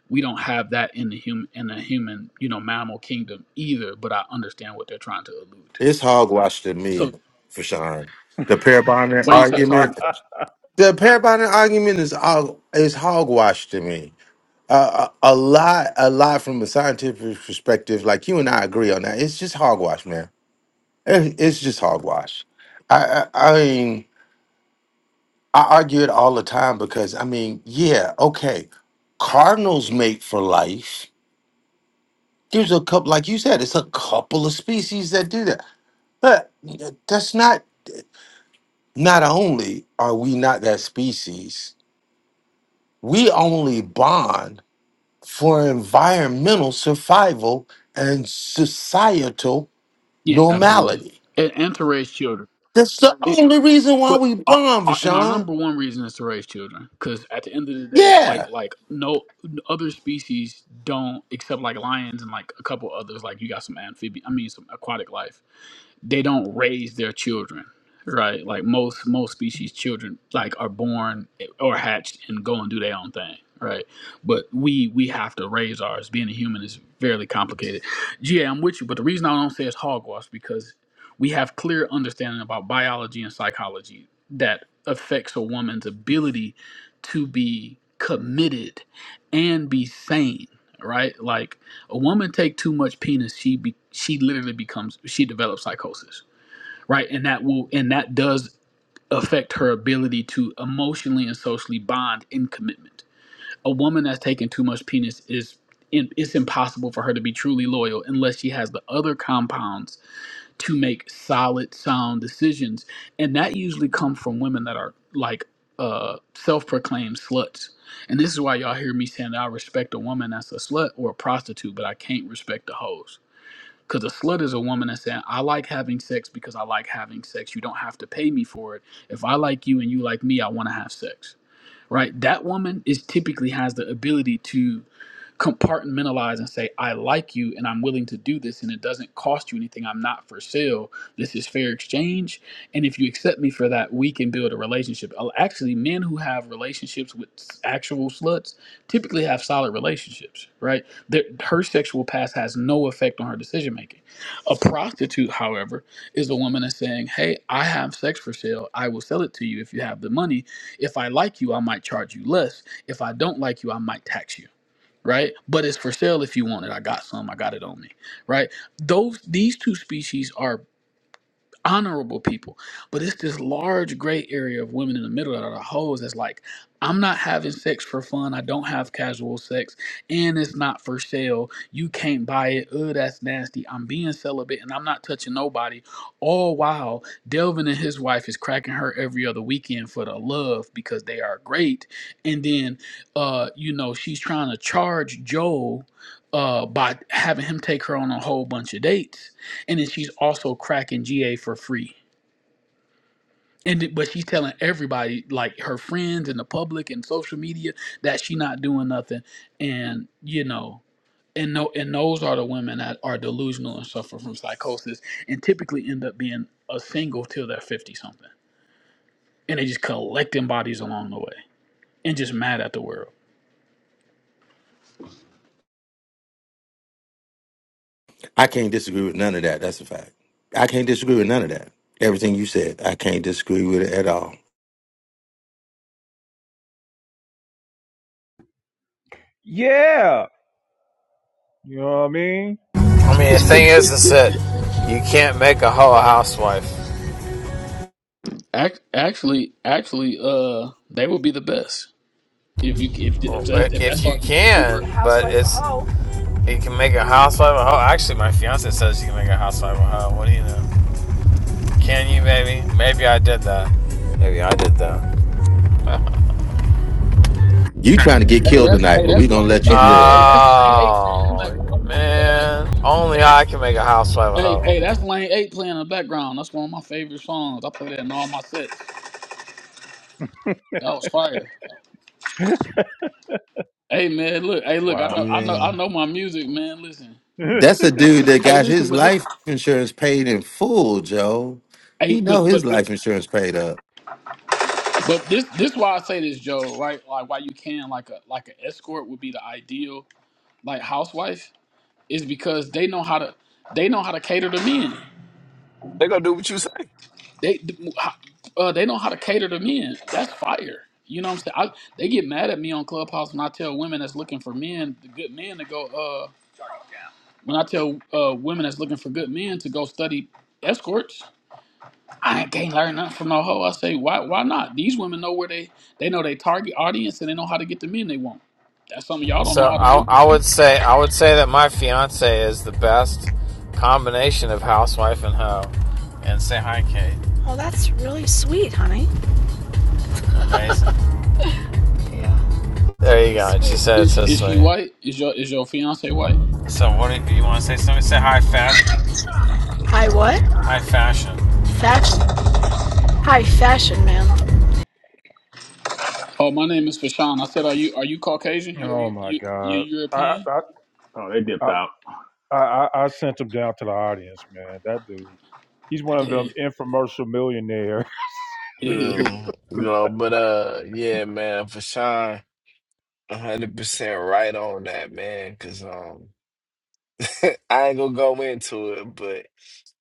P: we don't have that in the human in the human you know mammal kingdom either. But I understand what they're trying to allude to.
H: it's hogwash to
P: So
H: me for Sean. The pair bonding
P: why you say it's Hogwarts?
H: argument, the pair bonding argument is hog- is hogwash to me. Uh, a, a lot, a lot from a scientific perspective, like you and I agree on that. It's just hogwash, man. It- it's just hogwash. I, I, I mean. I argue it all the time because I mean, yeah, okay, cardinals mate for life. There's a couple, like you said, it's a couple of species that do that, but that's not. Not only are we not that species, we only bond for environmental survival and societal
P: Yeah, absolutely.
H: normality.
P: And, and to raise children.
H: That's the only reason why
P: But
H: we
P: our,
H: bond,
P: our, and our
H: Rashawn.
P: number one reason is to raise children, because at the end of the day,
H: Yeah.
P: like like no other species don't, except like lions and like a couple others. Like you got some amphibian, I mean some aquatic life they don't raise their children right like most most species children like are born or hatched and go and do their own thing right but we we have to raise ours being a human is fairly complicated yeah i'm with you but the reason i don't say it's hogwash because we have clear understanding about biology and psychology that affects a woman's ability to be committed and be sane right like a woman take too much penis, she be, she literally becomes she develops psychosis, right? And that will and that does affect her ability to emotionally and socially bond in commitment. A woman that's taking too much penis is in, it's impossible for her to be truly loyal unless she has the other compounds to make solid sound decisions and that usually come from women that are like uh self-proclaimed sluts and this is why y'all hear me saying that i respect a woman that's a slut or a prostitute but i can't respect the hoes because a slut is a woman that's saying i like having sex because i like having sex you don't have to pay me for it if i like you and you like me i want to have sex right that woman is typically has the ability to compartmentalize and say, I like you and I'm willing to do this and it doesn't cost you anything. I'm not for sale. This is fair exchange. And if you accept me for that, we can build a relationship. Uh, Actually, men who have relationships with s- actual sluts typically have solid relationships, right? Their, her sexual past has no effect on her decision making. A prostitute, however, is a woman that's saying, Hey, I have sex for sale. I will sell it to you if you have the money. If I like you, I might charge you less. If I don't like you, I might tax you right? But it's for sale if you want it. I got some. I got it on me, right? Those these two species are honorable people. But it's this large gray area of women in the middle that are the hoes that's like, I'm not having sex for fun. I don't have casual sex. And it's not for sale. You can't buy it. Ugh, that's nasty. I'm being celibate and I'm not touching nobody. All while Delvin and his wife is cracking her every other weekend for the love because they are great. And then, uh, you know, she's trying to charge Joel uh, by having him take her on a whole bunch of dates and then she's also cracking GA for free. And th- but she's telling everybody, like her friends and the public and social media, that she not doing nothing. And you know, and no, and those are the women that are delusional and suffer from psychosis, and typically end up being a single till they're fifty something, and they just collecting bodies along the way, and just mad at the world.
H: I can't disagree with none of that. That's a fact. I can't disagree with none of that. Everything you said, I can't disagree with it at all.
A: Yeah. You know what I mean?
R: I mean, the thing is, is that you can't make a hoe a housewife.
P: Ac- Actually, actually, uh, they would be the best if you if
R: Well,
P: if that if
R: if
P: that's all
R: you
P: you can
R: can,
P: afford.
R: but it's you can make a housewife a hoe. Actually, my fiance says you can make a housewife a hoe. What do you know? Can you, baby? Maybe I did that. Maybe I did that.
H: You trying to get
P: Hey,
H: killed
P: that's
H: tonight,
P: hey,
H: but we
P: that's
H: gonna
P: lane
H: let
P: eight.
H: you
P: Hey,
H: live.
P: that's lane eight playing in the
R: oh
P: background. I know that. I play
R: man,
P: that.
R: only I can make a housewife a
P: Hey,
R: hoe.
P: hey, that's lane eight playing in the background. That's one of my favorite songs. I play that in all my sets. That was fire. Hey man, look, hey look, I
L: I
P: know,
A: Wow.
P: I know, I
L: mean,
P: know my music, man. Listen,
H: That's a dude that
P: hey,
H: got
P: listen,
H: his
P: but this,
H: life insurance paid in full, Joe. He
P: hey,
H: know
P: but
H: his
P: but but
H: life insurance paid up.
P: but this this why I say this, Joe, right? Like why you can like a like an escort would be the ideal like housewife is because they know how to they know how to cater to men.
L: they gonna do what you say,
P: They uh, they know how to cater to men. That's fire. You know what I'm saying? I, they get mad at me on Clubhouse when I tell women that's looking for men, good men, to go. Uh, when I tell uh, women that's looking for good men to go study escorts, I ain't can't learn nothing from no hoe. I say, why? Why not? These women know where they they know they target audience and they know how to get the men they want. That's something y'all don't know
R: So
P: how to
R: I,
P: do.
R: I would say I would say that my fiance is the best combination of housewife and hoe. And say hi, Kate. Oh, that's really sweet, honey. Amazing. there you go. Sweet. She said it
P: Is,
R: so
P: is she
R: sweet.
P: white? Is your is your fiance white?
R: So what do you, you want to say? Somebody say hi, fashion. Hi what? Hi, fashion. Fashion. Hi fashion, man.
P: Oh, my name is Fashawn. I said, are you are you Caucasian? You are
A: Oh
P: you
A: my
P: you you
A: God. I
P: European?
A: I
Q: oh, they dipped
A: I
Q: out.
A: I, I I sent him down to the audience, man. That dude. He's one of them infomercial millionaire.
L: Yeah, you know. But uh, yeah, man, for Sean, 100 percent right on that, man. Cause um, I ain't gonna go into it, but.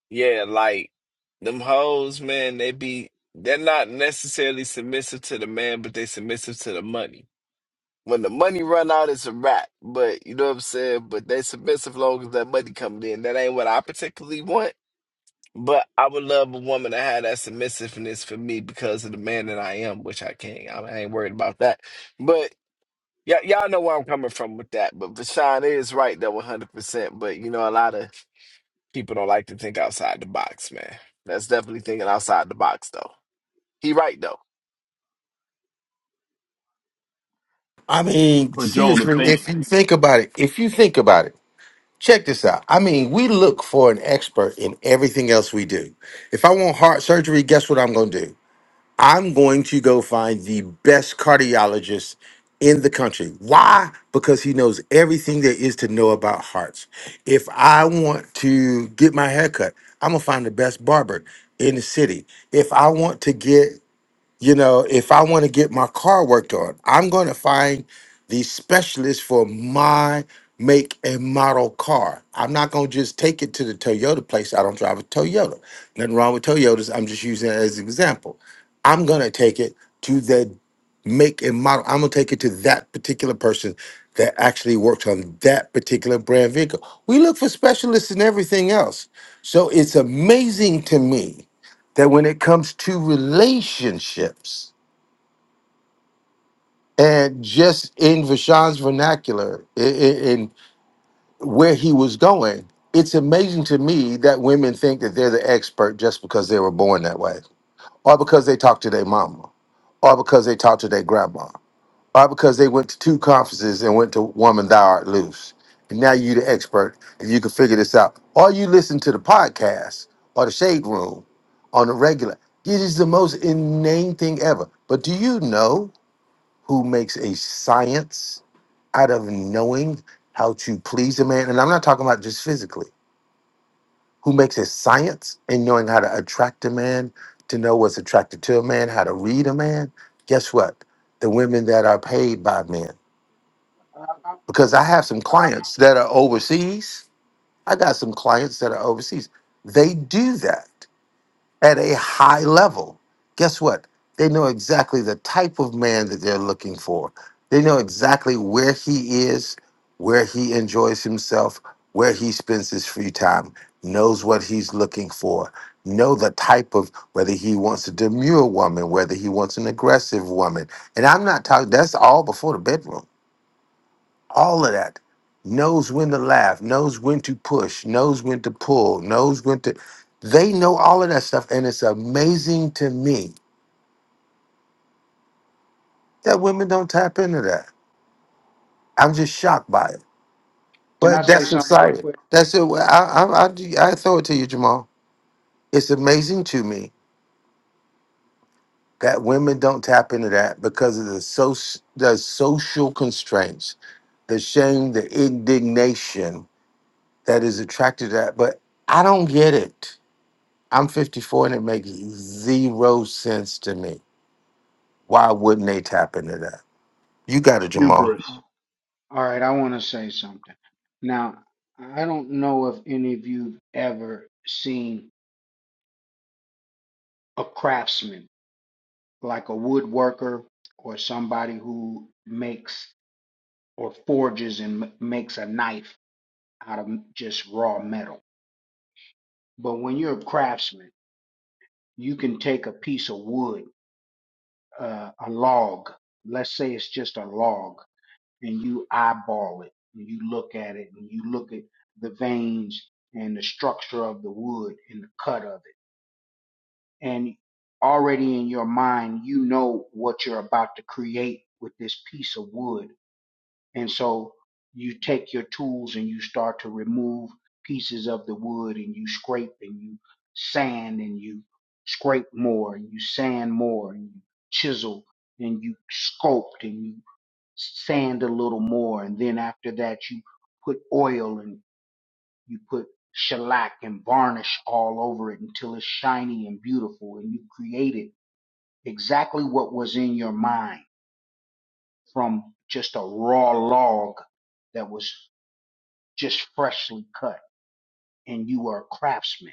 L: Yeah, like them hoes, man, they be they're not necessarily submissive to the man, but they submissive to the money. When the money run out, it's a wrap. But you know what I'm saying? But they submissive long as that money coming in. That ain't what I particularly want. But I would love a woman to have that submissiveness for me because of the man that I am, which I can't. I ain't worried about that. But y'all y'all know where I'm coming from with that. But Vashawn is right though, 100%. But you know, a lot of People don't like to think outside the box, man. That's definitely thinking outside the box, though. He right though.
H: I mean,
Q: But Joe, to
H: seriously,
Q: think
H: if you think about it, if you think about it, check this out. I mean, we look for an expert in everything else we do. If I want heart surgery, guess what I'm gonna do? I'm going to go find the best cardiologist in the country. Why? Because he knows everything there is to know about hearts. If I want to get my hair cut, I'm going to find the best barber in the city. If I want to get you know, if I want to get my car worked on, I'm going to find the specialist for my make and model car. I'm not going to just take it to the Toyota place. I don't drive a Toyota. Nothing wrong with Toyotas. I'm just using it as an example. I'm going to take it to the make and model. I'm going to take it to that particular person that actually works on that particular brand vehicle. We look for specialists in everything else. So it's amazing to me that when it comes to relationships and just in Vashon's vernacular i- i- in where he was going, it's amazing to me that women think that they're the expert just because they were born that way or because they talk to their mama or because they talk to their grandma. Why? Because they went to two conferences and went to Woman Thou Art Loose. And now you the expert and you can figure this out. Or you listen to the podcast or the shade room on the regular. It is the most inane thing ever. But do you know who makes a science out of knowing how to please a man? And I'm not talking about just physically. Who makes a science in knowing how to attract a man, to know what's attracted to a man, how to read a man? Guess what? The women that are paid by men
S: Uh,
H: because I have some clients that are overseas. I got some clients that are overseas. They do that at a high level. Guess what? They know exactly the type of man that they're looking for. They know exactly where he is, where he enjoys himself, where he spends his free time, knows what he's looking for, know the type of whether he wants a demure woman, whether he wants an aggressive woman. And I'm not talking that's all before the bedroom all of that knows when to laugh knows when to push knows when to pull knows when to they know all of that stuff and it's amazing to me that women don't tap into that i'm just shocked by it
S: Can I
H: but
S: say
H: that's
S: something real
H: exciting
S: quick?
H: that's it Well, i i, I, I throw it to you jamal it's amazing to me that women don't tap into that because of the so the social constraints the shame the indignation that is attracted to that but i don't get it I'm 54 and it makes zero sense to me. Why wouldn't they tap into that? You got it, Jamal.
Q: hubris—that's
S: All right, I want to say something. Now, I don't know if any of you've ever seen a craftsman, like a woodworker or somebody who makes or forges and m- makes a knife out of m- just raw metal. But when you're a craftsman, you can take a piece of wood, uh, a log, let's say it's just a log, and you eyeball it and you look at it and you look at the veins and the structure of the wood and the cut of it. And already in your mind, you know what you're about to create with this piece of wood. And so you take your tools and you start to remove pieces of the wood and you scrape and you sand and you scrape more and you sand more and you chisel and you sculpt and you sand a little more, and then after that you put oil and you put shellac and varnish all over it until it's shiny and beautiful, and you created exactly what was in your mind from just a raw log that was just freshly cut, and you are a craftsman.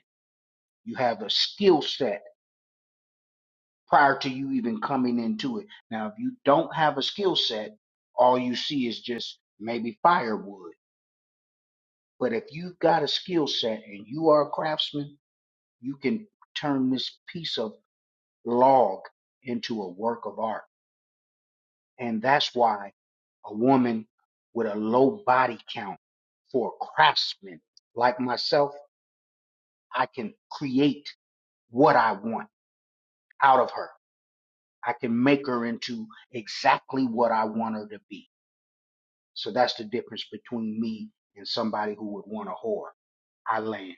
S: You have a skill set prior to you even coming into it. Now, if you don't have a skill set, all you see is just maybe firewood But if you've got a skill set and you are a craftsman, you can turn this piece of log into a work of art. And that's why a woman with a low body count for a craftsman like myself, I can create what I want out of her. I can make her into exactly what I want her to be. So that's the difference between me and somebody who would want a whore. I land.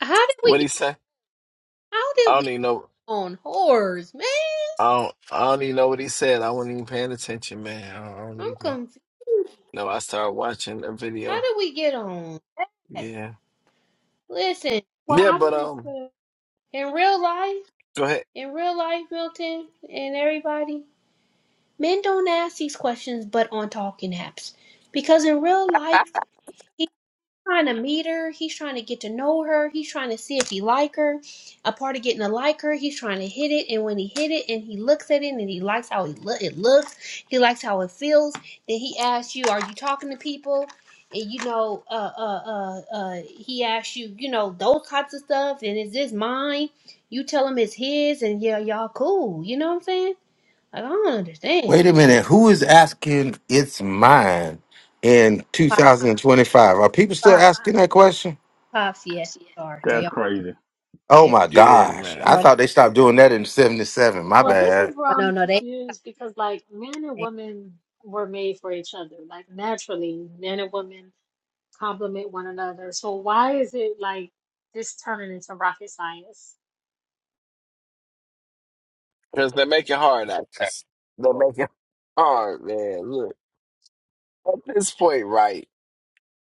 M: How did we
L: What he
M: get?
L: say?
M: How
L: I
M: did we
L: don't
M: get
L: even know.
M: on whores, man?
L: I don't. I don't even know what he said. I wasn't even paying attention, man. I don't, I don't
M: I'm
L: even.
M: confused.
L: No, I started watching a
M: How
L: video.
M: did we get on? that?
L: Yeah.
M: Listen,
N: Well,
L: Yeah,
N: I
L: but
N: wanted
L: um,
N: to.
M: in real life.
L: go ahead.
M: in real life, Milton, and everybody, men don't ask these questions but on talking apps. Because in real life, trying to meet her. He's trying to get to know her. He's trying to see if he like her. A part of getting to like her, he's trying to hit it. And when he hit it, and he looks at it, and he likes how it, lo- it looks, he likes how it feels. Then he asks you, "Are you talking to people?" And you know, uh, uh, uh, uh, he asks you, you know, those types of stuff. And is this mine? You tell him it's his, and yeah, y'all cool. You know what I'm saying? Like I don't understand.
H: Wait a minute. Who is asking it's mine in
M: Pop,
H: 2025? Are people still
M: pop,
H: asking that question?
M: pops. Yes, they are. They are.
Q: crazy.
H: Oh
M: They are.
H: my
L: Yeah,
H: gosh. I
M: No,
L: man.
H: thought they stopped doing that in 77. My
M: no,
N: Well, this
H: bad.
N: is where
M: no,
N: I'm
M: no. They.
N: confused because, like, men and
M: they
N: women were made for each other. Like, naturally, men and women complement one another. So, why is it like this turning into rocket science?
L: Because they make it hard, actors. They make it hard, man. Look, at this point, right?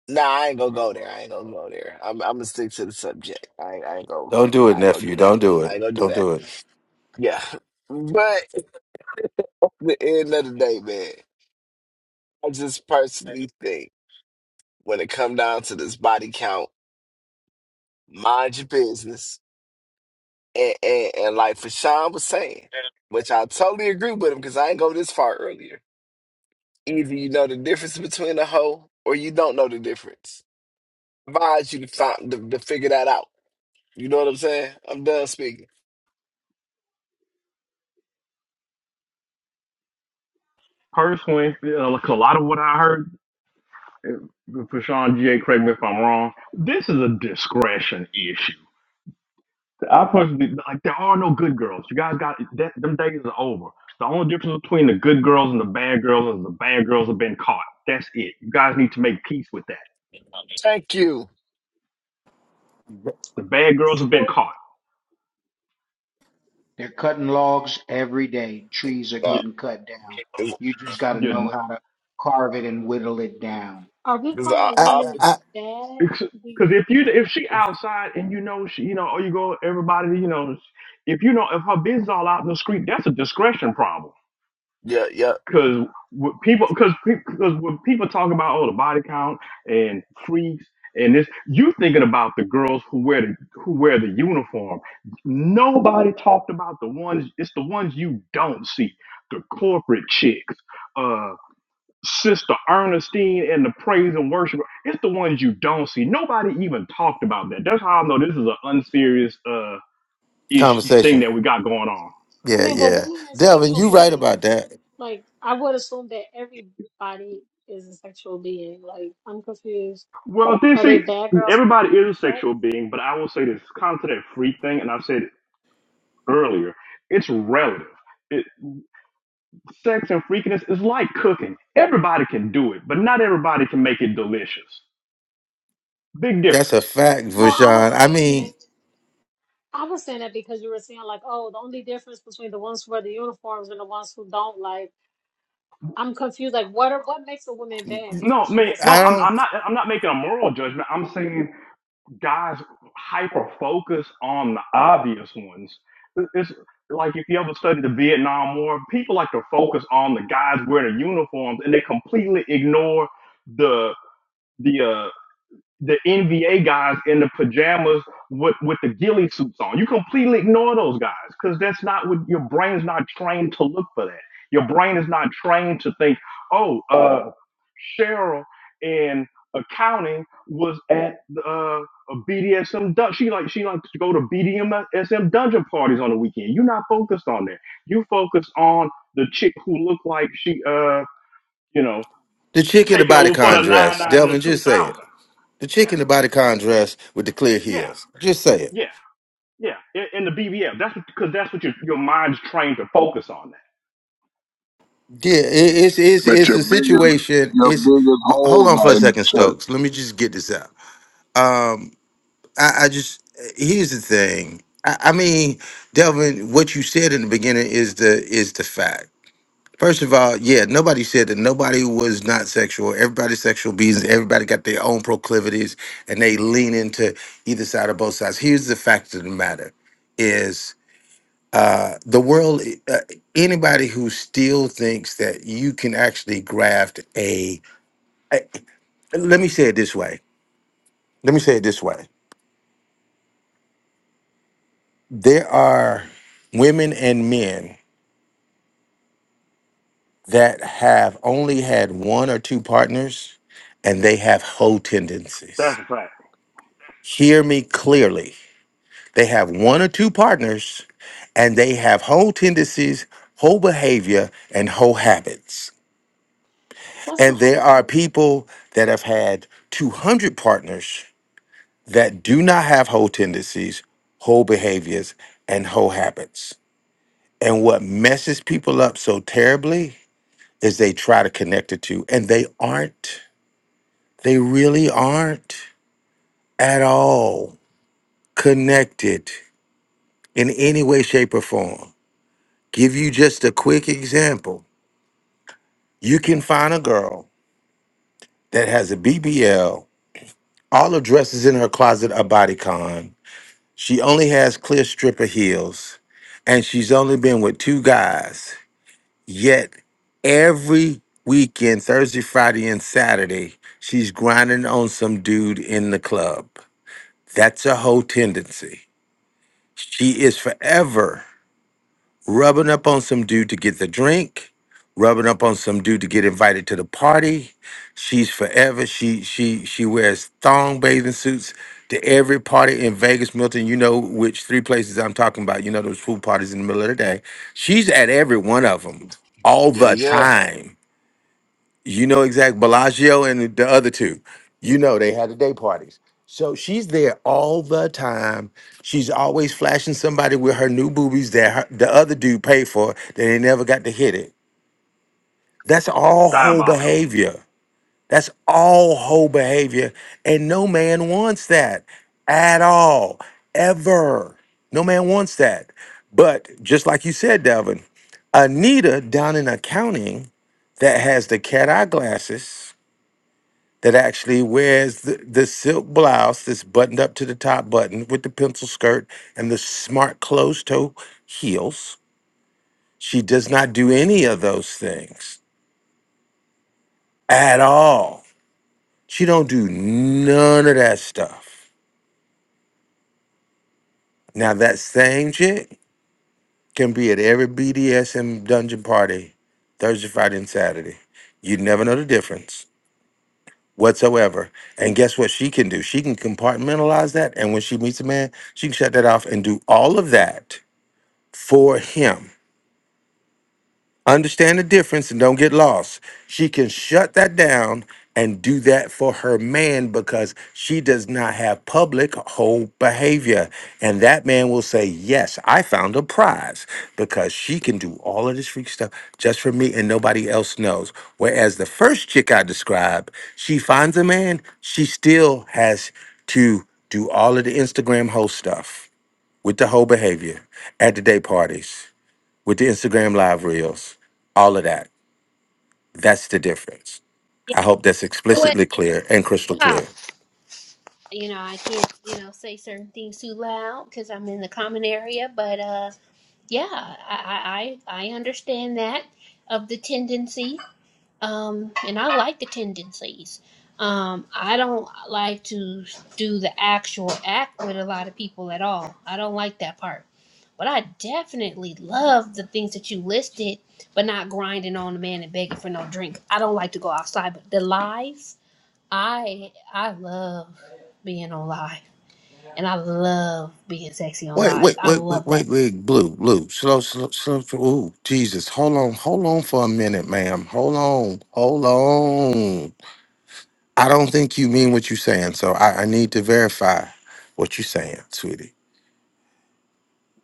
L: Nah, I ain't gonna go there. I ain't gonna go there. I'm. I'm gonna stick to the subject. I ain't. I ain't gonna.
H: Don't do it,
L: I ain't gonna
H: nephew.
L: do that.
H: Don't do
L: I
H: it.
L: ain't gonna do
H: Don't
L: that.
H: do it.
L: Yeah. But at the end of the day, man, I just personally think when it come down to this body count, mind your business. And, and, and like Fashawn was saying, which I totally agree with him because I ain't go this far earlier. Either you know the difference between a hoe or you don't know the difference. I advise you to, find, to, to figure that out. You know what I'm saying? I'm done speaking.
Q: Personally, you know, like a lot of what I heard Prashawn G. A. Correct me if I'm wrong. This is a discretion issue. I personally like there are no good girls. You guys got that, them days are over. The only difference between the good girls and the bad girls is the bad girls have been caught. That's it. You guys need to make peace with that.
L: Thank you.
Q: The bad girls have been
N: So,
Q: caught.
S: They're cutting logs every day. Trees are
Q: You,
L: No,
S: getting cut down.
L: 'cause-
S: You just got to know
Q: you,
S: how to carve it and whittle it down.
N: are we
L: 'cause I,
N: calling
H: I,
L: I,
N: women
H: I,
N: bad? We,
Q: because if you if she outside and you know she you know or you go everybody you know if you know if her business all out in the street that's a discretion problem
L: yeah, yeah,
Q: because what people because because when people talk about oh the body count and freaks and this you thinking about the girls who wear the who wear the uniform nobody talked about the ones it's the ones you don't see the corporate chicks uh sister ernestine and the praise and worship it's the ones you don't see nobody even talked about that that's how i know this is an unserious uh ish thing
H: conversation.
Q: that we got going on
N: I
H: Yeah,
N: mean, well,
H: yeah.
N: women are
H: Devin,
N: sexual
H: you right about
N: beings.
H: that.
N: Like, I would assume that everybody is a sexual being. Like, I'm confused.
Q: Well, they
N: Are they
Q: say
N: bad girls for
Q: everybody
N: having
Q: is a
N: sex?
Q: sexual being, but I will say this comes to that freak thing, and I said it earlier, it's relative. It, sex and freakiness is like cooking. Everybody can do it, but not everybody can make it delicious. Big
H: That's a
Q: difference.
H: fact,
N: No, I
H: Vashawn.
N: was
H: I
N: saying that.
H: mean,
N: I was saying that because you were saying like, oh, the only difference between the ones who wear the uniforms and the ones who don't, like, I'm confused. Like, what are, what makes a woman bad
Q: No,
N: because she
Q: man,
N: has sex?
Q: no,
H: I
Q: I'm,
H: don't.
Q: I'm not. I'm not making a moral judgment. I'm saying guys hyper focus on the obvious ones. It's like if you ever studied the Vietnam War, people like to focus on the guys wearing the uniforms, and they completely ignore the the uh the NBA guys in the pajamas with with the ghillie suits on. You completely ignore those guys because that's not what your brain's not trained to look for that. Your brain is not trained to think, oh, uh, Cheryl in accounting was at uh, a BDSM. she like she likes to go to BDSM dungeon parties on the weekend. You're not focused on that. You focus on the chick who looked like she uh you know
H: The chick in the
Q: taking over for the
H: bodycon
Q: nine
H: dress.
Q: nine and the
H: Delvin,
Q: two
H: just say it.
Q: thousand.
H: The
Q: yeah.
H: chick in the bodycon dress with the clear
Q: Yeah,
H: heels. Just say it.
Q: yeah, yeah. In, in the BBL, that's because that's what your your mind's trained to focus on. That
H: Yeah, it, it's it's
O: But
H: it's
O: your
H: a
O: biggest,
H: situation.
O: your
H: It's
O: biggest
H: ho- hold
O: holes
H: on for
O: are
H: a
O: in the
H: second,
O: church.
H: Stokes. Let me just get this out. Um, I, I just here's the thing. I, I mean, Delvin, what you said in the beginning is the is the fact. First of all, yeah, nobody said that nobody was not sexual. Everybody's sexual beings. Everybody got their own proclivities, and they lean into either side or both sides. Here's the fact of the matter: is uh, the world uh, anybody who still thinks that you can actually graft a, I- Let me say it this way. Let me say it this way. There are women and men that have only had one or two partners, and they have hoe tendencies
Q: that's a fact.
H: Hear me clearly. They have one or two partners and they have whole tendencies, whole behavior, and whole habits.
N: What's the
H: And
N: whole
H: there
N: thing?
H: are people that have had 200 partners that do not have whole tendencies, whole behaviors, and whole habits. And what messes people up so terribly is they try to connect the two, and they aren't. They really aren't at all connected in any way, shape, or form. Give you just a quick example. You can find a girl that has a BBL. All her dresses in her closet are bodycon. She only has clear stripper heels, and she's only been with two guys. Yet every weekend, Thursday, Friday, and Saturday, she's grinding on some dude in the club. That's a whole tendency. She is forever rubbing up on some dude to get the drink, rubbing up on some dude to get invited to the party. She's forever. She she she wears thong bathing suits to every party in Vegas, Milton. You know which three places I'm talking about. You know those pool parties in the middle of the day. She's at every one of them all
L: yeah,
H: the
L: yeah.
H: time you know exact Bellagio and the other two. You know they had the day parties. So she's there all the time. She's always flashing somebody with her new boobies that her, the other dude paid for that they never got to hit it. That's all whole
Q: Diabolical.
H: behavior. That's all whole behavior. And no man wants that at all, ever. No man wants that. But just like you said, Devin, Anita down in accounting that has the cat eye glasses that actually wears the, this silk blouse that's buttoned up to the top button with the pencil skirt and the smart closed toe heels. She does not do any of those things at all. She don't do none of that stuff. Now that same chick can be at every BDSM dungeon party Thursday, Friday, and Saturday. You'd never know the difference. whatsoever. And guess what she can do? She can compartmentalize that. And when she meets a man, she can shut that off and do all of that for him Understand the difference and don't get lost. She can shut that down and do that for her man because she does not have public whole behavior. And that man will say, Yes, I found a prize because she can do all of this freak stuff just for me and nobody else knows. Whereas the first chick I described, she finds a man, she still has to do all of the Instagram whole stuff with the whole behavior at the day parties with the Instagram live reels, all of that. That's the difference. I hope that's
M: what
H: explicitly clear and crystal
M: pop.
H: clear.
M: You know, I can't, you know, say certain things too loud because I'm in the common area. But uh, yeah, I, I I I understand that of the tendency. Um, and I like the tendencies. Um, I don't like to do the actual act with a lot of people at all. I don't like that part. But I definitely love the things that you listed, but not grinding on a man and begging for no drink. I don't like to go outside, but the lies. I I love being on live, and I love being sexy on
H: Wait,
M: live.
H: wait,
M: I
H: wait, wait,
M: love that.
H: wait, wait, blue, blue, slow, slow, slow. Ooh, Jesus, hold on, hold on for a minute, ma'am. Hold on, hold on. I don't think you mean what you're saying, so I, I need to verify what you're saying, sweetie.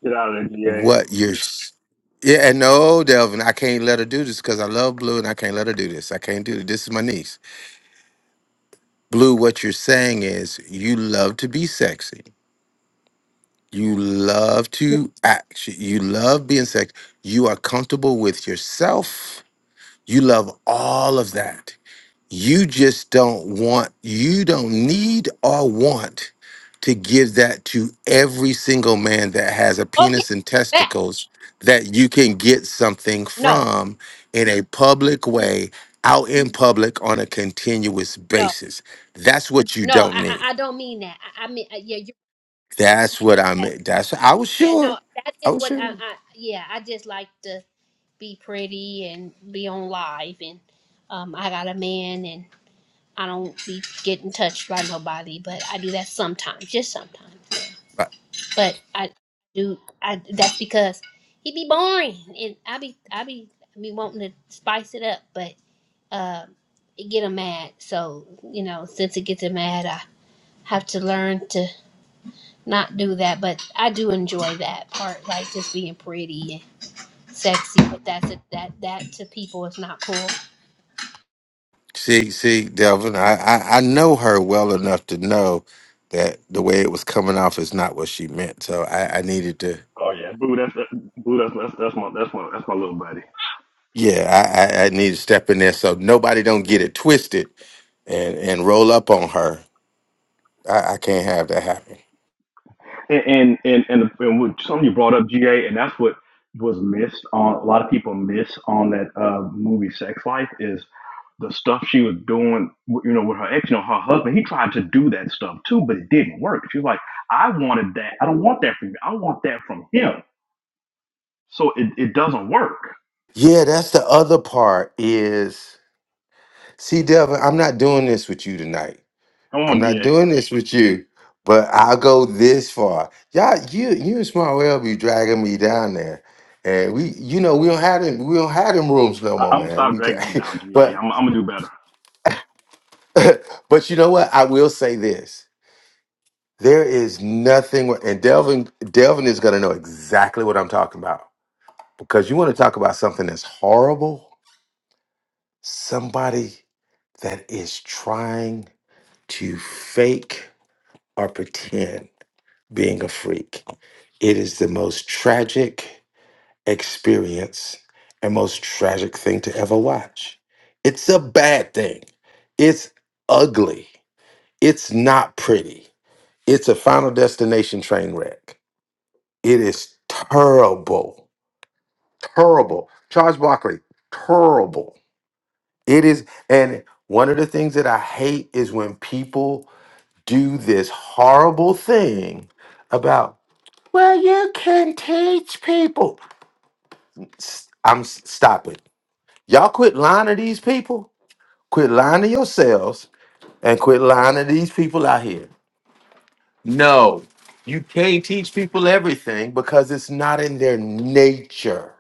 Q: Get out of there, GA.
H: What you're, s- yeah, and no, Delvin, I can't let her do this because I love blue, and I can't let her do this. I can't do this. This is my niece. Blue, what you're saying is you love to be sexy. You love to act. You love being sexy. You are comfortable with yourself. You love all of that. You just don't want, you don't need or want to give that to every single man that has a
M: Oh yeah,
H: penis and
M: that.
H: testicles that you can get something
M: No,
H: from in a public
M: Mm,
H: way, out in public on a continuous
M: no,
H: basis. That's what you
M: no.
H: don't
M: I
H: need.
M: I, I don't mean that. I, I mean uh, yeah, you
H: That's what I
M: yeah,
H: meant. That's I was
M: yeah. No,
H: sure.
M: that
H: I
M: is
H: was
M: what I,
H: sure.
M: I yeah. I just like to be pretty and be on live, and um, I got a man, and I don't be getting touched by nobody, but I do that sometimes, just sometimes.
H: Right.
M: But I do. I that's because he be boring, and I be I be I be wanting to spice it up, but um, it get him mad. So you know, since it gets him mad, I have to learn to not do that. But I do enjoy that part, like just being pretty and sexy. But that's a, that that to people is not cool.
H: See, see, Delvin, I, I I know her well enough to know that the way it was coming off is not what she meant. So I, I needed to,
Q: Oh yeah. Boo, that's boo, that's that's that's my that's my that's my little buddy.
H: yeah, I, I I needed to step in there so nobody don't get it twisted and and roll up on her. I, I can't have that happen.
Q: And and and and, and what, something you brought up, GA, and that's what was missed on a lot of people miss on that uh, movie Sex Life is the stuff she was doing, you know, with her ex, you know, her husband. He tried to do that stuff too, but it didn't work. She was like, I wanted that. I don't want that from you. I want that from him. So it, it doesn't work.
H: Yeah, that's the other part is see, Delvin, I'm not doing this with you tonight.
Q: Come
H: I'm
Q: on,
H: not
Q: GA.
H: doing this with you, but I'll go this far. Y'all, you you and Smart Well be dragging me down there. And we, you know, we don't have them, we don't have them rooms no
Q: I,
H: more,
Q: am gonna
H: man.
Q: stop
H: We can
Q: dragging you down, GA.
H: but
Q: I'm, I'm gonna do better.
H: but you know what? I will say this. There is nothing wor- and Delvin Delvin is gonna know exactly what I'm talking about. Because you want to talk about something that's horrible, somebody that is trying to fake or pretend being a freak. It is the most tragic experience and most tragic thing to ever watch. It's a bad thing. It's ugly. It's not pretty. It's a final destination train wreck. It is terrible. Terrible. Charles Barkley, terrible. It is, and one of the things that I hate is when people do this horrible thing about Well, you can teach people. S- I'm s- stop it. Y'all quit lying to these people. Quit lying to yourselves and quit lying to these people out here. No, you can't teach people everything because it's not in their nature.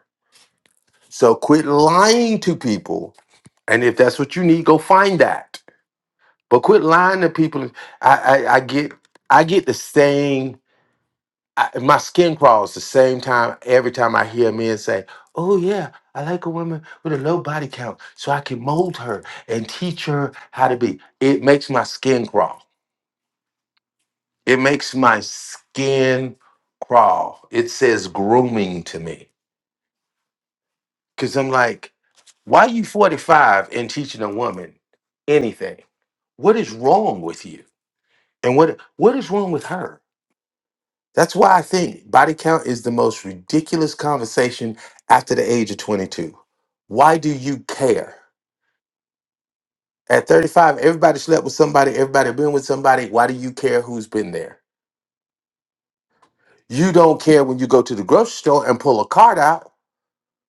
H: So quit lying to people. And if that's what you need, go find that. But quit lying to people. I I, I get I get the saying I, my skin crawls the same time every time I hear men say, "Oh yeah, I like a woman with a low body count, so I can mold her and teach her how to be." It makes my skin crawl. It makes my skin crawl. It says grooming to me because I'm like, "Why you 45 and teaching a woman anything? What is wrong with you? And what what is wrong with her?" That's why I think body count is the most ridiculous conversation after the age of 22. Why do you care? At 35, everybody slept with somebody, everybody been with somebody. Why do you care who's been there? You don't care when you go to the grocery store and pull a cart out.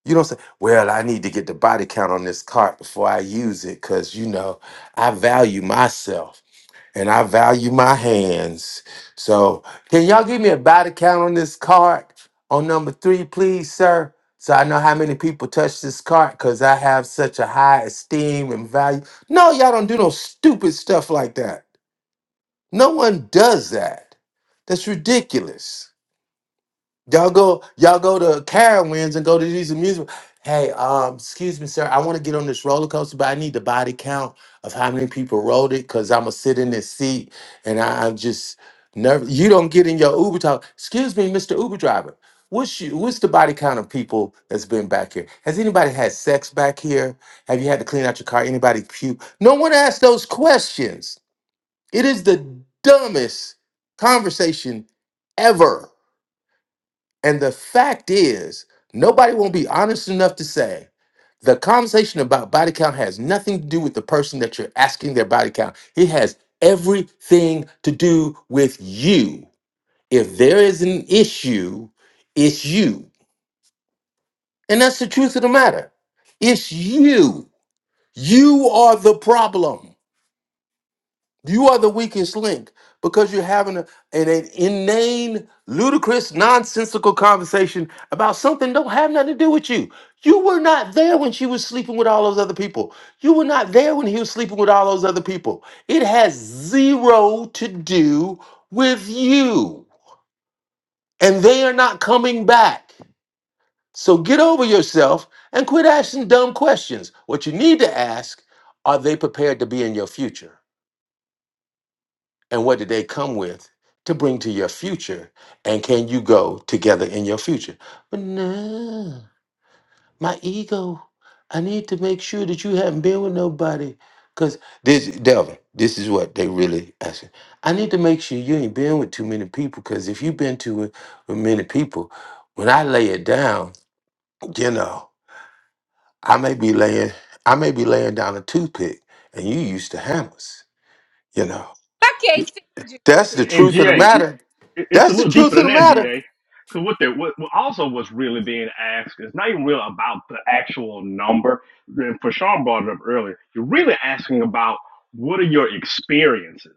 H: You don't say, Well, I need to get the body count on this cart before I use it because, you know, I value myself. and I value my hands. So, can y'all give me a body count on this card on number three, please, sir? So I know how many people touch this card because I have such a high esteem and value. No, y'all don't do no stupid stuff like that. No one does that. That's ridiculous. Y'all go, y'all go to Carowinds and go to these amusement. Hey, um, excuse me, sir. I want to get on this roller coaster, but I need the body count of how many people rode it because I'm gonna sit in this seat and I, I'm just nervous. You don't get in your Uber talk. Excuse me, Mr. Uber driver. What's you, what's the body count of people that's been back here? Has anybody had sex back here? Have you had to clean out your car? Anybody puke? No one asked those questions. It is the dumbest conversation ever. And the fact is, nobody won't be honest enough to say the conversation about body count has nothing to do with the person that you're asking their body count. It has everything to do with you. If there is an issue, it's you. And that's the truth of the matter. It's you. You are the problem. You are the weakest link because you're having a, an, an inane, ludicrous, nonsensical conversation about something that don't have nothing to do with you. You were not there when she was sleeping with all those other people. You were not there when he was sleeping with all those other people. It has zero to do with you. And they are not coming back. So get over yourself and quit asking dumb questions. What you need to ask are they prepared to be in your future? And what did they come with to bring to your future? And can you go together in your future? But no, my ego. I need to make sure that you haven't been with nobody. Cause this Delvin, this is what they really asking. I need to make sure you ain't been with too many people. Cause if you've been too with many people, when I lay it down, you know, I may be laying, I may be laying down a toothpick, and you used to hammers, you know.
M: I can't stand you.
H: That's the
Q: And,
H: truth of the
Q: GA,
H: matter.
Q: it, it's a
H: That's the
Q: little deeper
H: truth of
Q: than
H: the
Q: that,
H: matter.
Q: GA. Because what, they- what what also was really being asked is not even real about the actual number. And for Sean brought it up earlier. You're really asking about what are your experiences.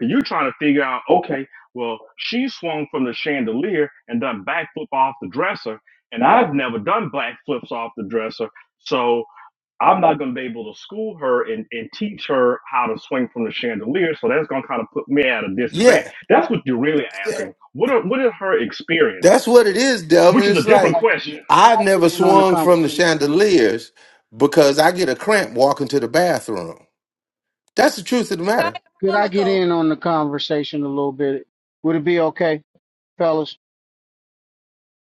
Q: And you're trying to figure out, okay, well, she swung from the chandelier and done backflip off the dresser, and I've never done backflips off the dresser. So I'm not going to be able to school her and, and teach her how to swing from the chandelier. So that's going to kind of put me at a disadvantage.
H: Yeah.
Q: That's what you're really
H: That-
Q: asking. What are what are her
H: That's
Q: experiences?
H: what it is,
Q: Which
H: Delvin.
Q: is a
H: It's
S: I'd
Q: different
H: like
S: like to get,
Q: question.
S: can
H: I've
S: I get
H: never
S: in on the
H: swung from the
S: conversation a little bit?
H: chandeliers because I get a cramp walking to the bathroom. That's the truth of the matter.
S: Could I get
M: Follicle.
S: in on the conversation a little bit? Would it be okay, fellas?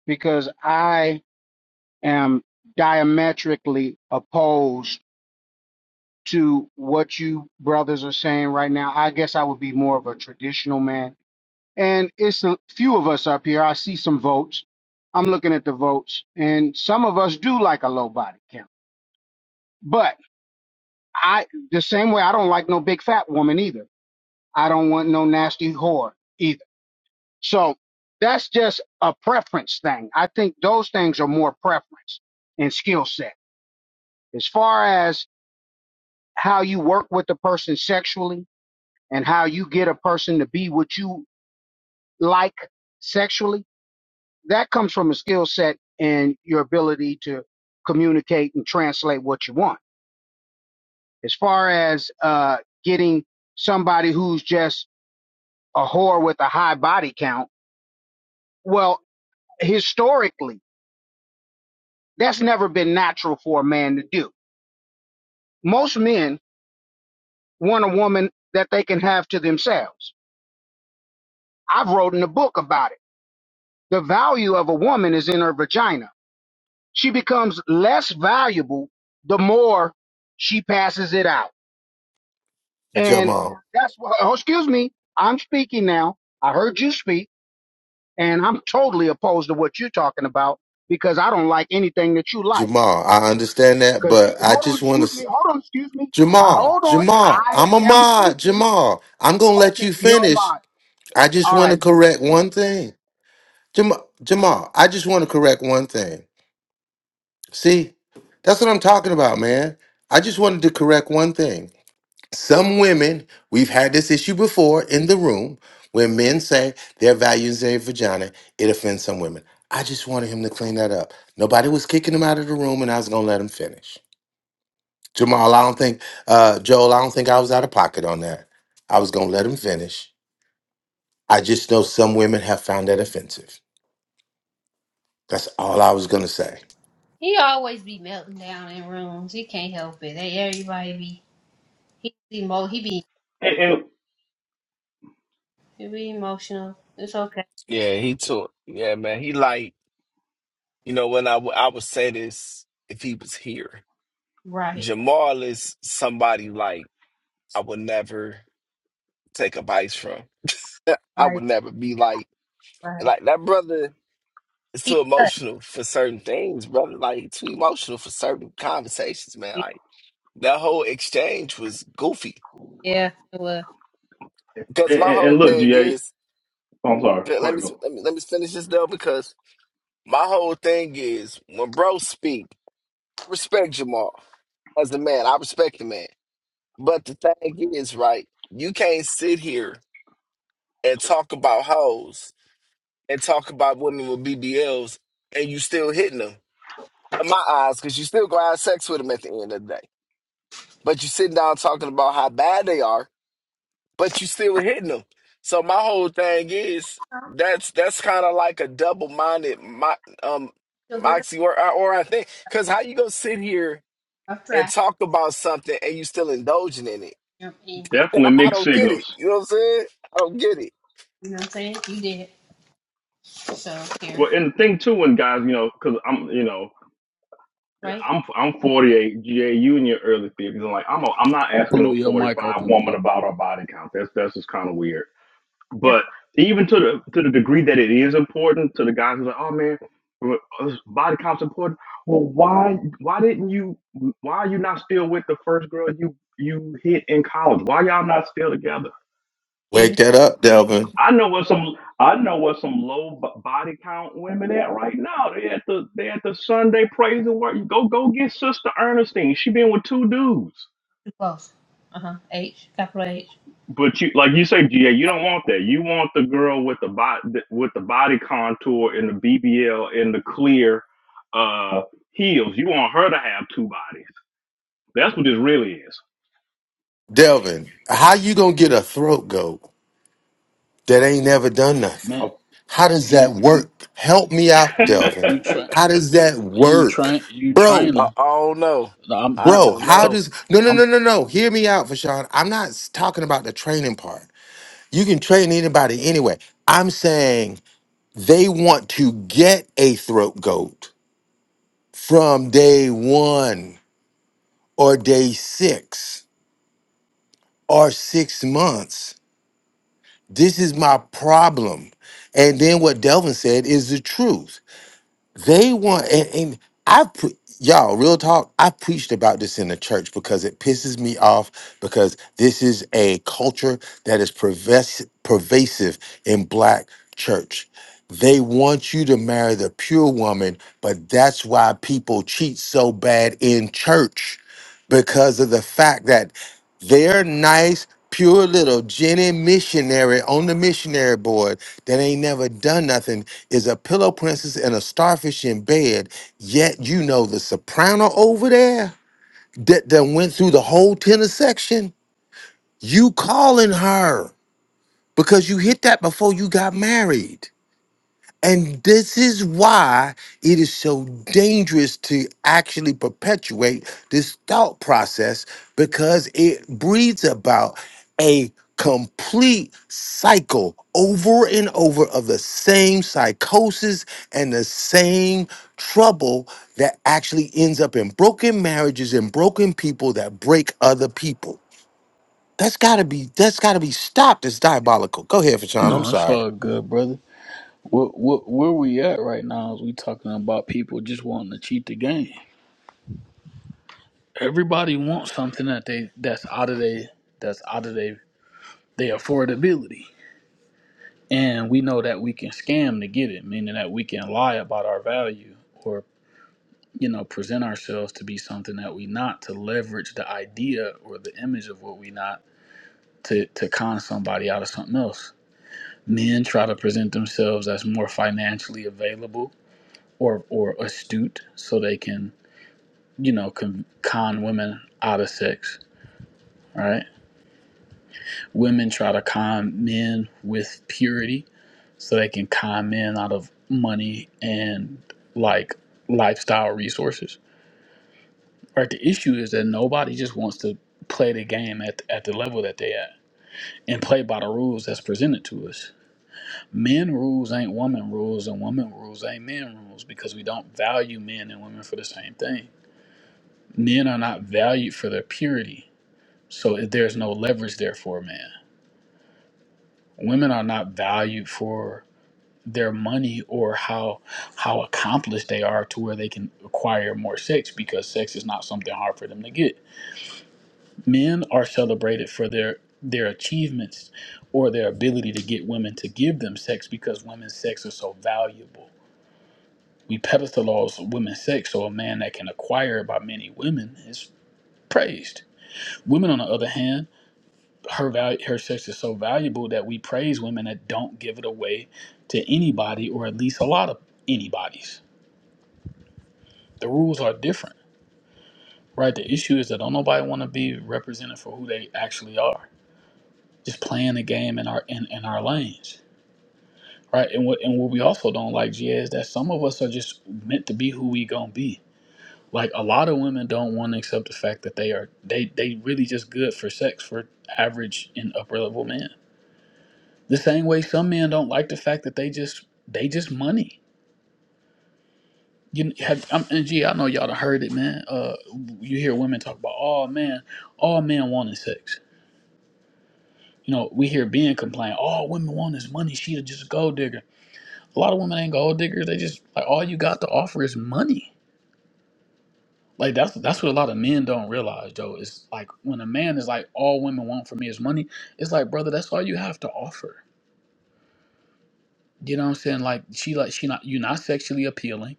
S: Because I am diametrically opposed to what you brothers are saying right now. I guess I would be more of a traditional man and it's a few of us up here. I see some votes. I'm looking at the votes, and some of us do like a low body count. But I, the same way, I don't like no big fat woman either. I don't want no nasty whore either. So that's just a preference thing. I think those things are more preference and skill set. As far as how you work with a person sexually and how you get a person to be what you like sexually, that comes from a skill set and your ability to communicate and translate what you want. As far as uh, getting somebody who's just a whore with a high body count, well, historically, that's never been natural for a man to do. Most men want a woman that they can have to themselves. I've written a book about it. The value of a woman is in her vagina. She becomes less valuable the more she passes it out And
H: Jamal.
S: that's what, oh, excuse me, I'm speaking now. I heard you speak, and I'm totally opposed to what you're talking about because I don't like anything that you like.
H: Jamal. I understand that,
S: Because
H: but
S: you,
H: I
S: hold on,
H: just want
S: excuse me,
H: to
S: hold on, excuse me, uh,
H: Jamal,
S: hold on,
H: Jamal,
S: I
H: I'm a
S: am
H: mod,
S: speaking.
H: Jamal. I'm gonna let
S: Okay,
H: you
S: you're
H: finish.
S: mine.
H: I just
S: All right.
H: want to correct one thing. Jamal, Jamal, I just want to correct one thing. See, that's what I'm talking about, man. I just wanted to correct one thing. Some women, we've had this issue before in the room where men say their values their vagina, it offends some women. I just wanted him to clean that up. Nobody was kicking him out of the room, and I was gonna let him finish. Jamal, I don't think, uh, Joel, I don't think I was out of pocket on that. I was gonna let him finish. I just know some women have found that offensive. That's all I was gonna say.
M: He always be melting down in rooms. He can't help it. They everybody be he be mo he be
Q: And and,
M: he be emotional. It's okay.
L: Yeah, he took. Yeah, man. He like. You know, when I, w- I would say this if he was here,
M: Right.
L: Jamal is somebody like I would never take advice from. I
M: Right.
L: would never be like,
M: Right.
L: like that brother is
M: He
L: too
M: does.
L: emotional for certain things, brother. Like, too emotional for certain conversations, man. Like, that whole exchange was goofy.
M: Yeah. It was.
L: Because
Q: and,
L: my
Q: and
L: whole
Q: look,
L: thing
Q: GA,
L: is,
Q: I'm sorry. Go
L: let
Q: ahead,
L: me,
Q: Mel.
L: let me, let me finish this though, because my whole thing is when bro speak, respect Jamal as a man. I respect the man. But the thing is, right, you can't sit here and talk about hoes and talk about women with BBLs and you still hitting them. In my eyes, because you still gonna have sex with them at the end of the day. But you sitting down talking about how bad they are, but you still hitting them. So my whole thing is that's that's kind of like a double minded my um
M: She'll give her
L: moxie or or I think because how you gonna sit here
M: a rough
L: and
M: draft.
L: talk about something and you still indulging in it?
M: You know, and we,
Q: Definitely
L: I
Q: mixed
L: don't get it.
Q: signals.
L: You know what I'm saying? I don't get it.
M: you know what I'm saying? You did. it. So here.
Q: Well, and the thing too, and guys, you know, because I'm, you know,
M: Right?
Q: I'm I'm 48, GA, you in your early 50s, and like I'm a, I'm not asking no
P: Blew your mic
Q: 45
P: open,
Q: woman
P: Blue.
Q: about her body count. That's that's just kind of weird.
M: Here.
Q: But even to the to the degree that it is important to the guys who are like, oh man, well, uh, body count's important. Well, why why didn't you? Why are you not still with the first girl you you hit in college? Why y'all not still together?
H: Wake
M: G.
H: that up, Delvin.
Q: I know what some I know what some low b- body count women at right now. They at the they at the Sunday praise and work. Go go get Sister Ernestine. She been with two dudes.
M: Too close. Uh huh. H. Capital H.
Q: But you, like you say, GA, you don't want that. You want the girl with the body with the body contour and the BBL and the clear uh, heels. You want her to have two bodies. That's what this really is.
H: Delvin, how you gonna get a throat goat that ain't never done nothing?
P: Man,
Q: Oh.
H: How does that
P: you you
H: work? Help me out,
P: you
H: Delvin.
P: you try
H: How does that
P: you
H: work?
P: try you trying
H: Bro,
L: I,
P: to.
L: I don't know.
P: nah, I'm
L: I
P: I'm t-
H: bro,
L: don't
P: I'm
H: how
P: t-
L: know.
H: does no no
P: I'm
H: no no no hear me out, Fashawn. I'm not s- talking about the training part. You can train anybody anyway. I'm saying they want to get a throat goat from day one or day six or six months This is my problem. And then what Delvin said is the truth. They want, and, and I put, y'all, real talk, I preached about this in the church because it pisses me off because this is a culture that is pervas- pervasive in black church. They want you to marry the pure woman, but that's why people cheat so bad in church because of the fact that their nice, pure little Jenny missionary on the missionary board that ain't never done nothing is a pillow princess and a starfish in bed, yet you know the soprano over there that, that went through the whole tenor section, you calling her because you hit that before you got married. And this is why it is so dangerous to actually perpetuate this thought process because it breeds about a complete cycle over and over of the same psychosis and the same trouble that actually ends up in broken marriages and broken people that break other people. That's gotta be that's gotta be stopped. It's diabolical. Go ahead, Fashawn. I'm
P: no, it's
H: sorry.
P: all good, brother. What what where we at right now is we talking about people just wanting to cheat the game. Everybody wants something that they that's out of they that's out of they their affordability, and we know that we can scam to get it, meaning that we can lie about our value or. you know, present ourselves to be something that we not, to leverage the idea or the image of what we not to, to con somebody out of something else. Men try to present themselves as more financially available or, or astute so they can, you know, con, con women out of sex, right? Women try to con men with purity so they can con men out of money and like lifestyle resources Right. The issue is that nobody just wants to play the game at, at the level that they at and play by the rules that's presented to us. Men rules ain't woman rules and woman rules ain't men rules because we don't value men and women for the same thing. Men are not valued for their purity. So if there's no leverage there for a man. Women are not valued for their money or how how accomplished they are to where they can acquire more sex because sex is not something hard for them to get Men are celebrated for their their achievements or their ability to get women to give them sex because women's sex is so valuable. We pedestalize women's sex, so a man that can acquire it by many women is praised. Women, on the other hand, her value, her sex is so valuable that we praise women that don't give it away to anybody, or at least a lot of anybody's. The rules are different, right? The issue is that don't nobody want to be represented for who they actually are, just playing the game in our in, in our lanes. Right. And what and what we also don't like, G, is that some of us are just meant to be who we gonna be. Like a lot of women don't want to accept the fact that they are they they really just good for sex for average and upper level men. The same way some men don't like the fact that they just they just money. You have I'm, and G, I know y'all done heard it, man. Uh, you hear women talk about, oh man, all men want is sex. You know, we hear Ben complain, all women want is money. She just a gold digger. A lot of women ain't gold diggers. They just like all you got to offer is money Like that's that's what a lot of men don't realize, Joe. It's like when a man is like, all women want from me is money. It's like, brother, that's all you have to offer. You know what I'm saying? Like she like she not you're not sexually appealing,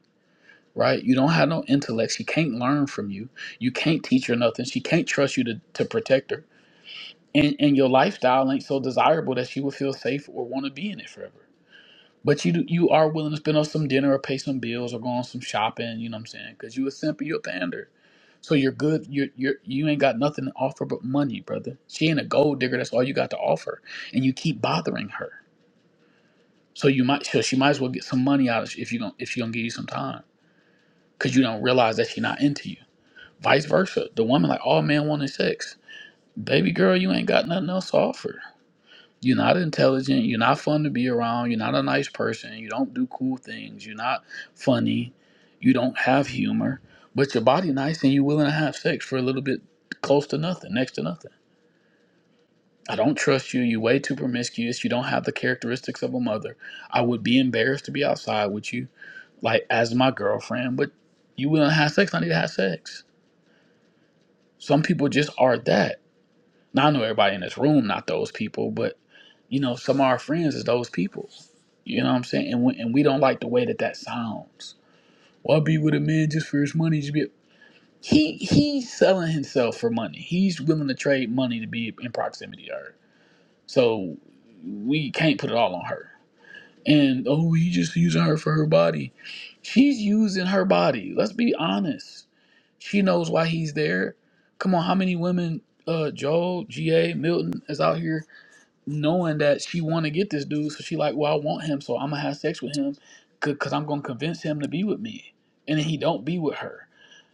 P: right? You don't have no intellect. She can't learn from you. You can't teach her nothing. She can't trust you to to protect her. And and your lifestyle ain't so desirable that she would feel safe or want to be in it forever. But you do, you are willing to spend on some dinner or pay some bills or go on some shopping. You know what I'm saying? Because you a simp and you a pander. So you're good. You're you're you ain't got nothing to offer but money, brother. She ain't a gold digger. That's all you got to offer, and you keep bothering her. So you might so she might as well get some money out of you if you don't if she gonna give you some time because you don't realize that she not into you. Vice versa, the woman like all men want is sex. Baby girl, you ain't got nothing else to offer You're not intelligent. You're not fun to be around. You're not a nice person. You don't do cool things. You're not funny. You don't have humor. But your body nice and you're willing to have sex for a little bit close to nothing, next to nothing. I don't trust you. You're way too promiscuous. You don't have the characteristics of a mother. I would be embarrassed to be outside with you, like as my girlfriend, but you willing to have sex, I need to have sex. Some people just are that. Now I know everybody in this room, not those people, but you know, some of our friends is those people. You know what I'm saying? And we, and we don't like the way that that sounds. Well, I be with a man just for his money. Just be he he's selling himself for money. He's willing to trade money to be in proximity to her. So we can't put it all on her. And oh, he just using her for her body. She's using her body. Let's be honest. She knows why he's there. Come on, how many women? Uh, Joel, Ga, Milton is out here knowing that she want to get this dude, so she like, well, I want him, so I'm gonna have sex with him, because i 'cause I'm gonna convince him to be with me, and then he don't be with her,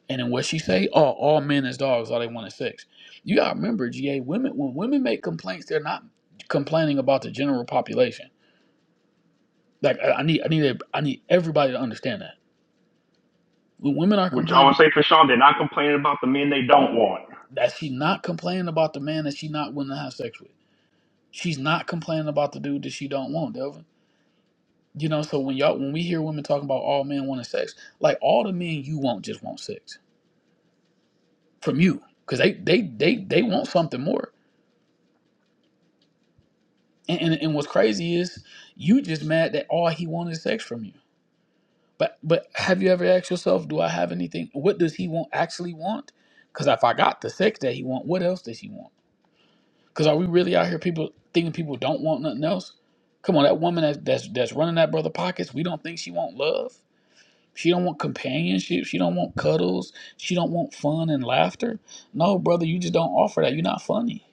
P: and then what she say? Oh, all men is dogs, all they want is sex. You gotta remember, GA, women when women make complaints, they're not complaining about the general population. Like I, I need, I need, a, I need everybody to understand that when women are
Q: Which I always
P: complaining
Q: say for Sean, they're not complaining about the men they don't want.
P: that she not complaining about the man that she not willing to have sex with. She's not complaining about the dude that she don't want, Delvin. You know, so when y'all when we hear women talking about all men wanting sex, like all the men you want just want sex from you. Cause they they they they want something more. And and, and what's crazy is you just mad that all he wanted is sex from you. But but have you ever asked yourself, do I have anything? What does he want actually want? Cause if I got the sex that he want, what else does he want? Cause are we really out here people thinking people don't want nothing else? Come on, that woman that, that's that's running that brother pockets, we don't think she want love. She don't want companionship. She don't want cuddles. She don't want fun and laughter. No, brother, you just don't offer that. You're not funny.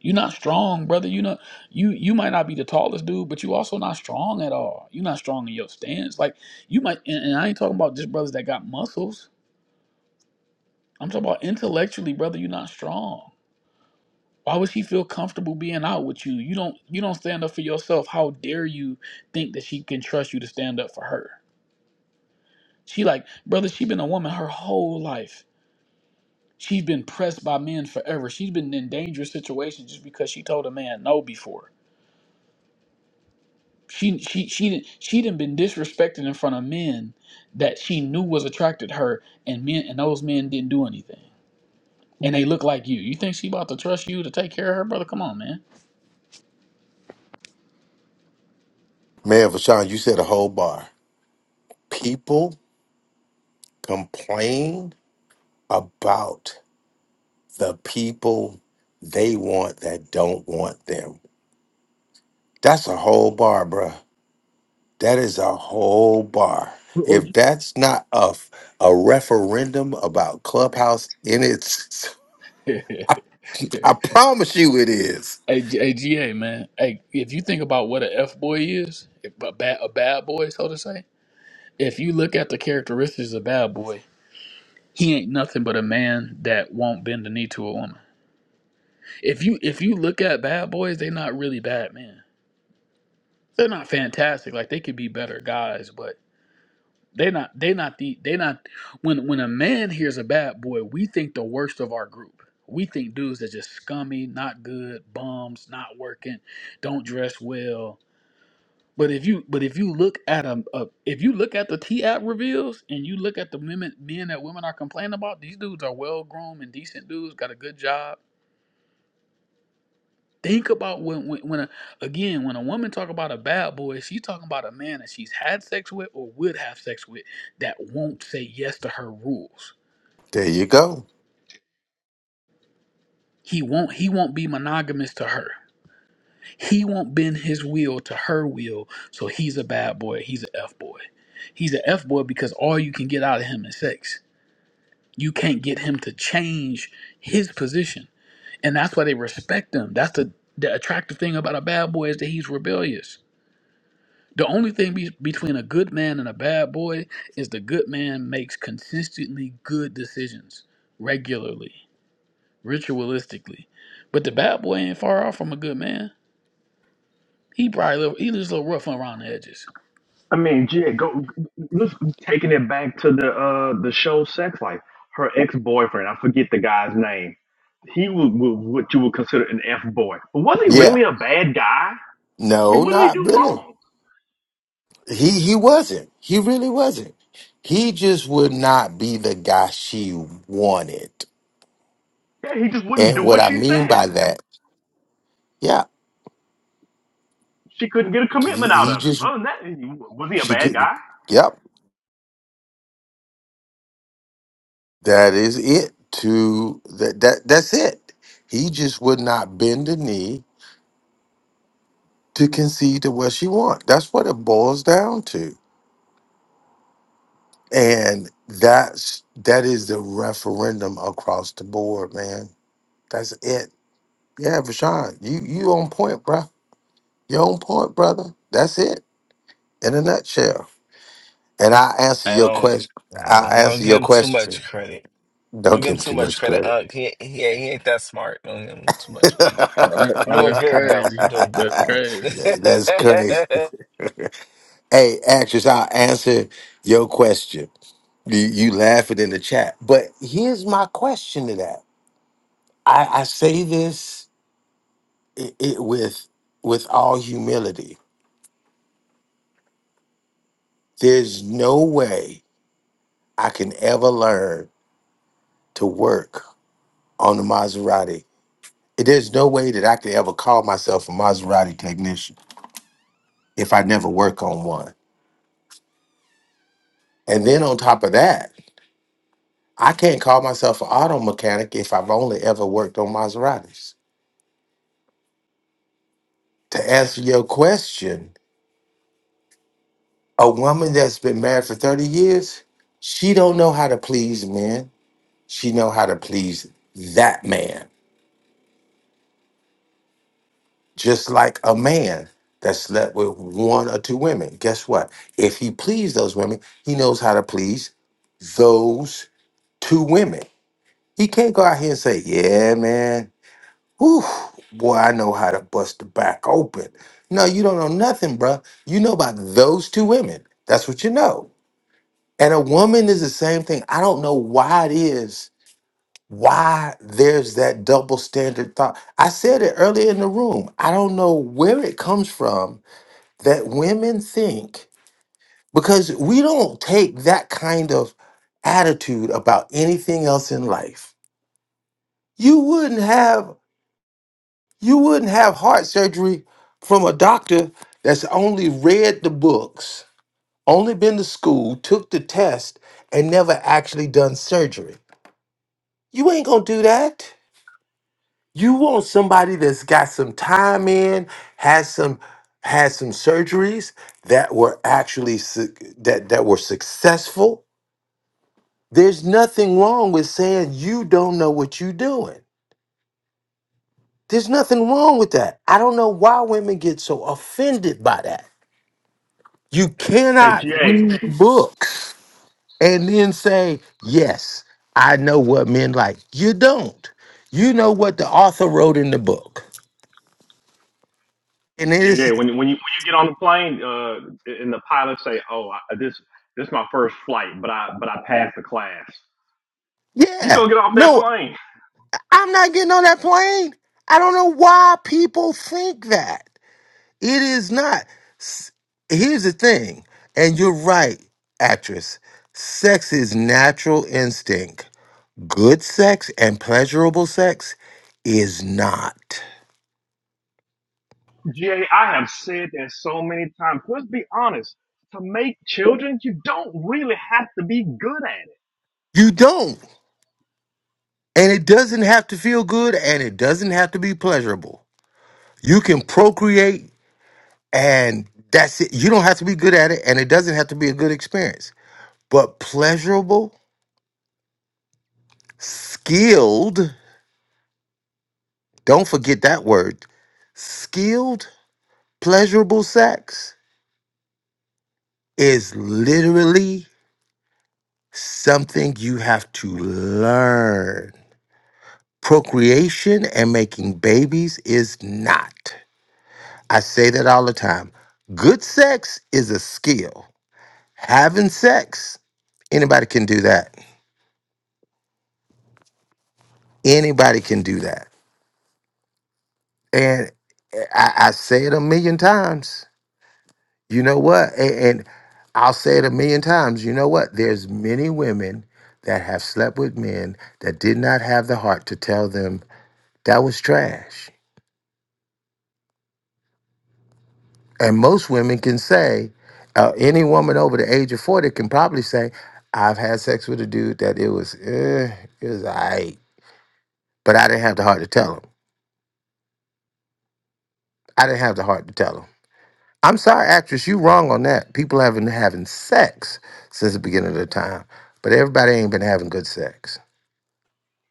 P: You're not strong, brother. You know, you you might not be the tallest dude, but you also not strong at all. You're not strong in your stance. Like you might, and, and I ain't talking about just brothers that got muscles. I'm talking about intellectually, brother. You're not strong. Why would she feel comfortable being out with you? You don't you don't stand up for yourself. How dare you think that she can trust you to stand up for her? She like, brother, she been a woman her whole life. She's been pressed by men forever. She's been in dangerous situations just because she told a man no before. She she she didn't she didn't been disrespected in front of men that she knew was attracted to her, and men and those men didn't do anything. And they look like you. You think she about to trust you to take care of her, brother? Come on, man.
H: Man, Fashawn, you said a whole bar. People complain about the people they want that don't want them. That's a whole bar, bruh. That is a whole bar.
P: Or you-
H: If that's not a, f- a referendum about Clubhouse in its,
P: hey,
H: I, I promise you it is.
P: G- hey, GA, man. Hey, if you think about what a F boy is, if a bad a bad boy, so to say. If you look at the characteristics of a bad boy, he ain't nothing but a man that won't bend the knee to a woman. If you if you look at bad boys, they're not really bad men. They're not fantastic. Like they could be better guys, but they are not they not the they not when when a man hears a bad boy, we think the worst of our group. We think dudes that just scummy, not good, bums, not working, don't dress well. But if you but if you look at a, a if you look at the T app reveals and you look at the women men that women are complaining about, these dudes are well groomed and decent dudes, got a good job Think about when, when, when a, again, when a woman talk about a bad boy, she's talking about a man that she's had sex with or would have sex with that won't say yes to her rules.
H: There you go.
P: He won't. He won't be monogamous to her. He won't bend his will to her will. So he's a bad boy. He's an f boy. He's an f boy because all you can get out of him is sex. You can't get him to change his position, and that's why they respect him. That's the the attractive thing about a bad boy is that he's rebellious The only thing be- between a good man and a bad boy is the good man makes consistently good decisions regularly, ritualistically. But the bad boy ain't far off from a good man. He probably little, he just a little rough around the edges.
Q: I mean, GA, go. Let's taking it back to the uh, the show Sex Life. Her ex boyfriend, I forget the guy's name. He was, was what you would consider an f boy, but was he
H: Yeah.
Q: really a bad guy? I mean,
H: No,
Q: what did he
H: not
Q: do
H: really.
Q: wrong?
H: He he wasn't. He really wasn't. He just would not be the guy she wanted.
Q: Yeah, he just wouldn't
H: And
Q: do what
H: what I
Q: she
H: mean
Q: said.
H: by that Yeah,
Q: She couldn't get a
H: he,
Q: commitment out
H: he
Q: of him.
H: just
Q: Other than that, was he a
H: she
Q: bad
H: couldn't.
Q: guy?
H: Yep, that is it. To that that that's it. He just would not bend the knee to concede to what she want. That's what it boils down to, and that's that is the referendum across the board, man. That's it. Yeah, Rashawn, you you on point, bruh. You on point, brother. That's it in a nutshell. And I answer
L: I
H: your
L: don't.
H: question.
L: I'm
H: I
L: gonna
H: answer
L: give
H: your
L: him too
H: question.
L: much credit. I'm
H: Don't
L: going give him
H: give him
L: too
H: too
L: much
H: much
L: credit.
H: credit.
L: Uh, he, he, he ain't that smart. Don't give him too much credit.
P: Oh, that,
L: You
P: oh,
L: doing
P: that's
L: good though. You
P: crazy.
L: doing good.
P: That's crazy.
H: That's crazy. Hey, actress, I'll answer your question. You, you laugh it in the chat. But here's my question to that. I, I say this it, it, with with all humility. There's no way I can ever learn to work on the Maserati. There's no way that I could ever call myself a Maserati technician if I never work on one. And then on top of that, I can't call myself an auto mechanic if I've only ever worked on Maseratis. To answer your question, a woman that's been married for 30 years, she don't know how to please men. She know how to please that man. Just like a man that slept with one or two women. Guess what? If he pleased those women, he knows how to please those two women. He can't go out here and say, yeah, man, Whew, boy, I know how to bust the back open. No, you don't know nothing, bruh. You know about those two women. That's what you know. And a woman is the same thing. I don't know why it is, why there's that double standard thought. I said it earlier in the room. I don't know where it comes from that women think, because we don't take that kind of attitude about anything else in life. You wouldn't have You wouldn't have heart surgery from a doctor that's only read the books, only been to school, took the test, and never actually done surgery. You ain't gonna do that. You want somebody that's got some time in, has some has some surgeries that were actually su- that that were successful. There's nothing wrong with saying you don't know what you're doing. There's nothing wrong with that. I don't know why women get so offended by that. You
Q: Hey,
H: cannot
Q: GA,
H: read books and then say, Yes, I know what men like. You don't. You know what the author wrote in the book. And it
Q: GA,
H: is,
Q: when when you when you get on the plane, uh, and the pilot say, "Oh, I, this this is my first flight, but I but I passed the class." You
H: yeah.
Q: gonna get off that
H: No,
Q: plane,
H: I'm not getting on that plane. I don't know why people think that. It is not. S- Here's the thing, and you're right, actress. Sex is natural instinct. Good sex and pleasurable sex is not.
Q: GA? I have said that so many times. Let's be honest. To make children, you don't really have to be good at it.
H: You don't. And it doesn't have to feel good and it doesn't have to be pleasurable. You can procreate and that's it. You don't have to be good at it and it doesn't have to be a good experience. But pleasurable, skilled, don't forget that word, skilled, pleasurable sex is literally something you have to learn. Procreation and making babies is not. I say that all the time. Good sex is a skill. having sex anybody can do that anybody can do that and i, I say it a million times you know what and, and i'll say it a million times you know what there's many women that have slept with men that did not have the heart to tell them that was trash and most women can say uh, any woman over the age of 40 can probably say i've had sex with a dude that it was eh, it was all right but i didn't have the heart to tell him i didn't have the heart to tell him I'm sorry, actress, you wrong on that. People have been having sex since the beginning of the time, but everybody ain't been having good sex.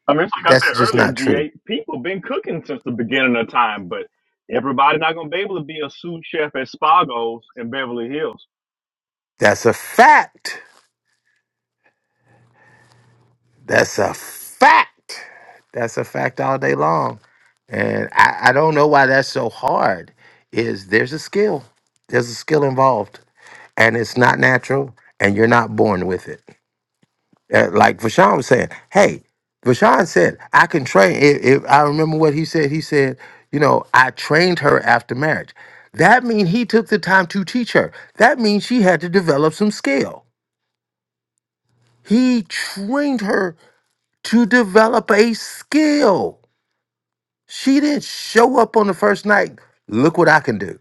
Q: I mean, it's like I
H: That's
Q: said
H: just
Q: earlier,
H: not true.
Q: GA, people been cooking since the beginning of time, but everybody not going to be able to be a sous chef at Spago's in Beverly Hills.
H: That's a fact. That's a fact. That's a fact all day long. And I, I don't know why that's so hard. Is there's a skill. There's a skill involved. And it's not natural and you're not born with it. Uh, like Vashawn was saying, hey, Vashawn said, I can train. If, if I remember what he said, he said, you know, I trained her after marriage. That means he took the time to teach her. That means she had to develop some skill. He trained her to develop a skill. She didn't show up on the first night, look what I can do.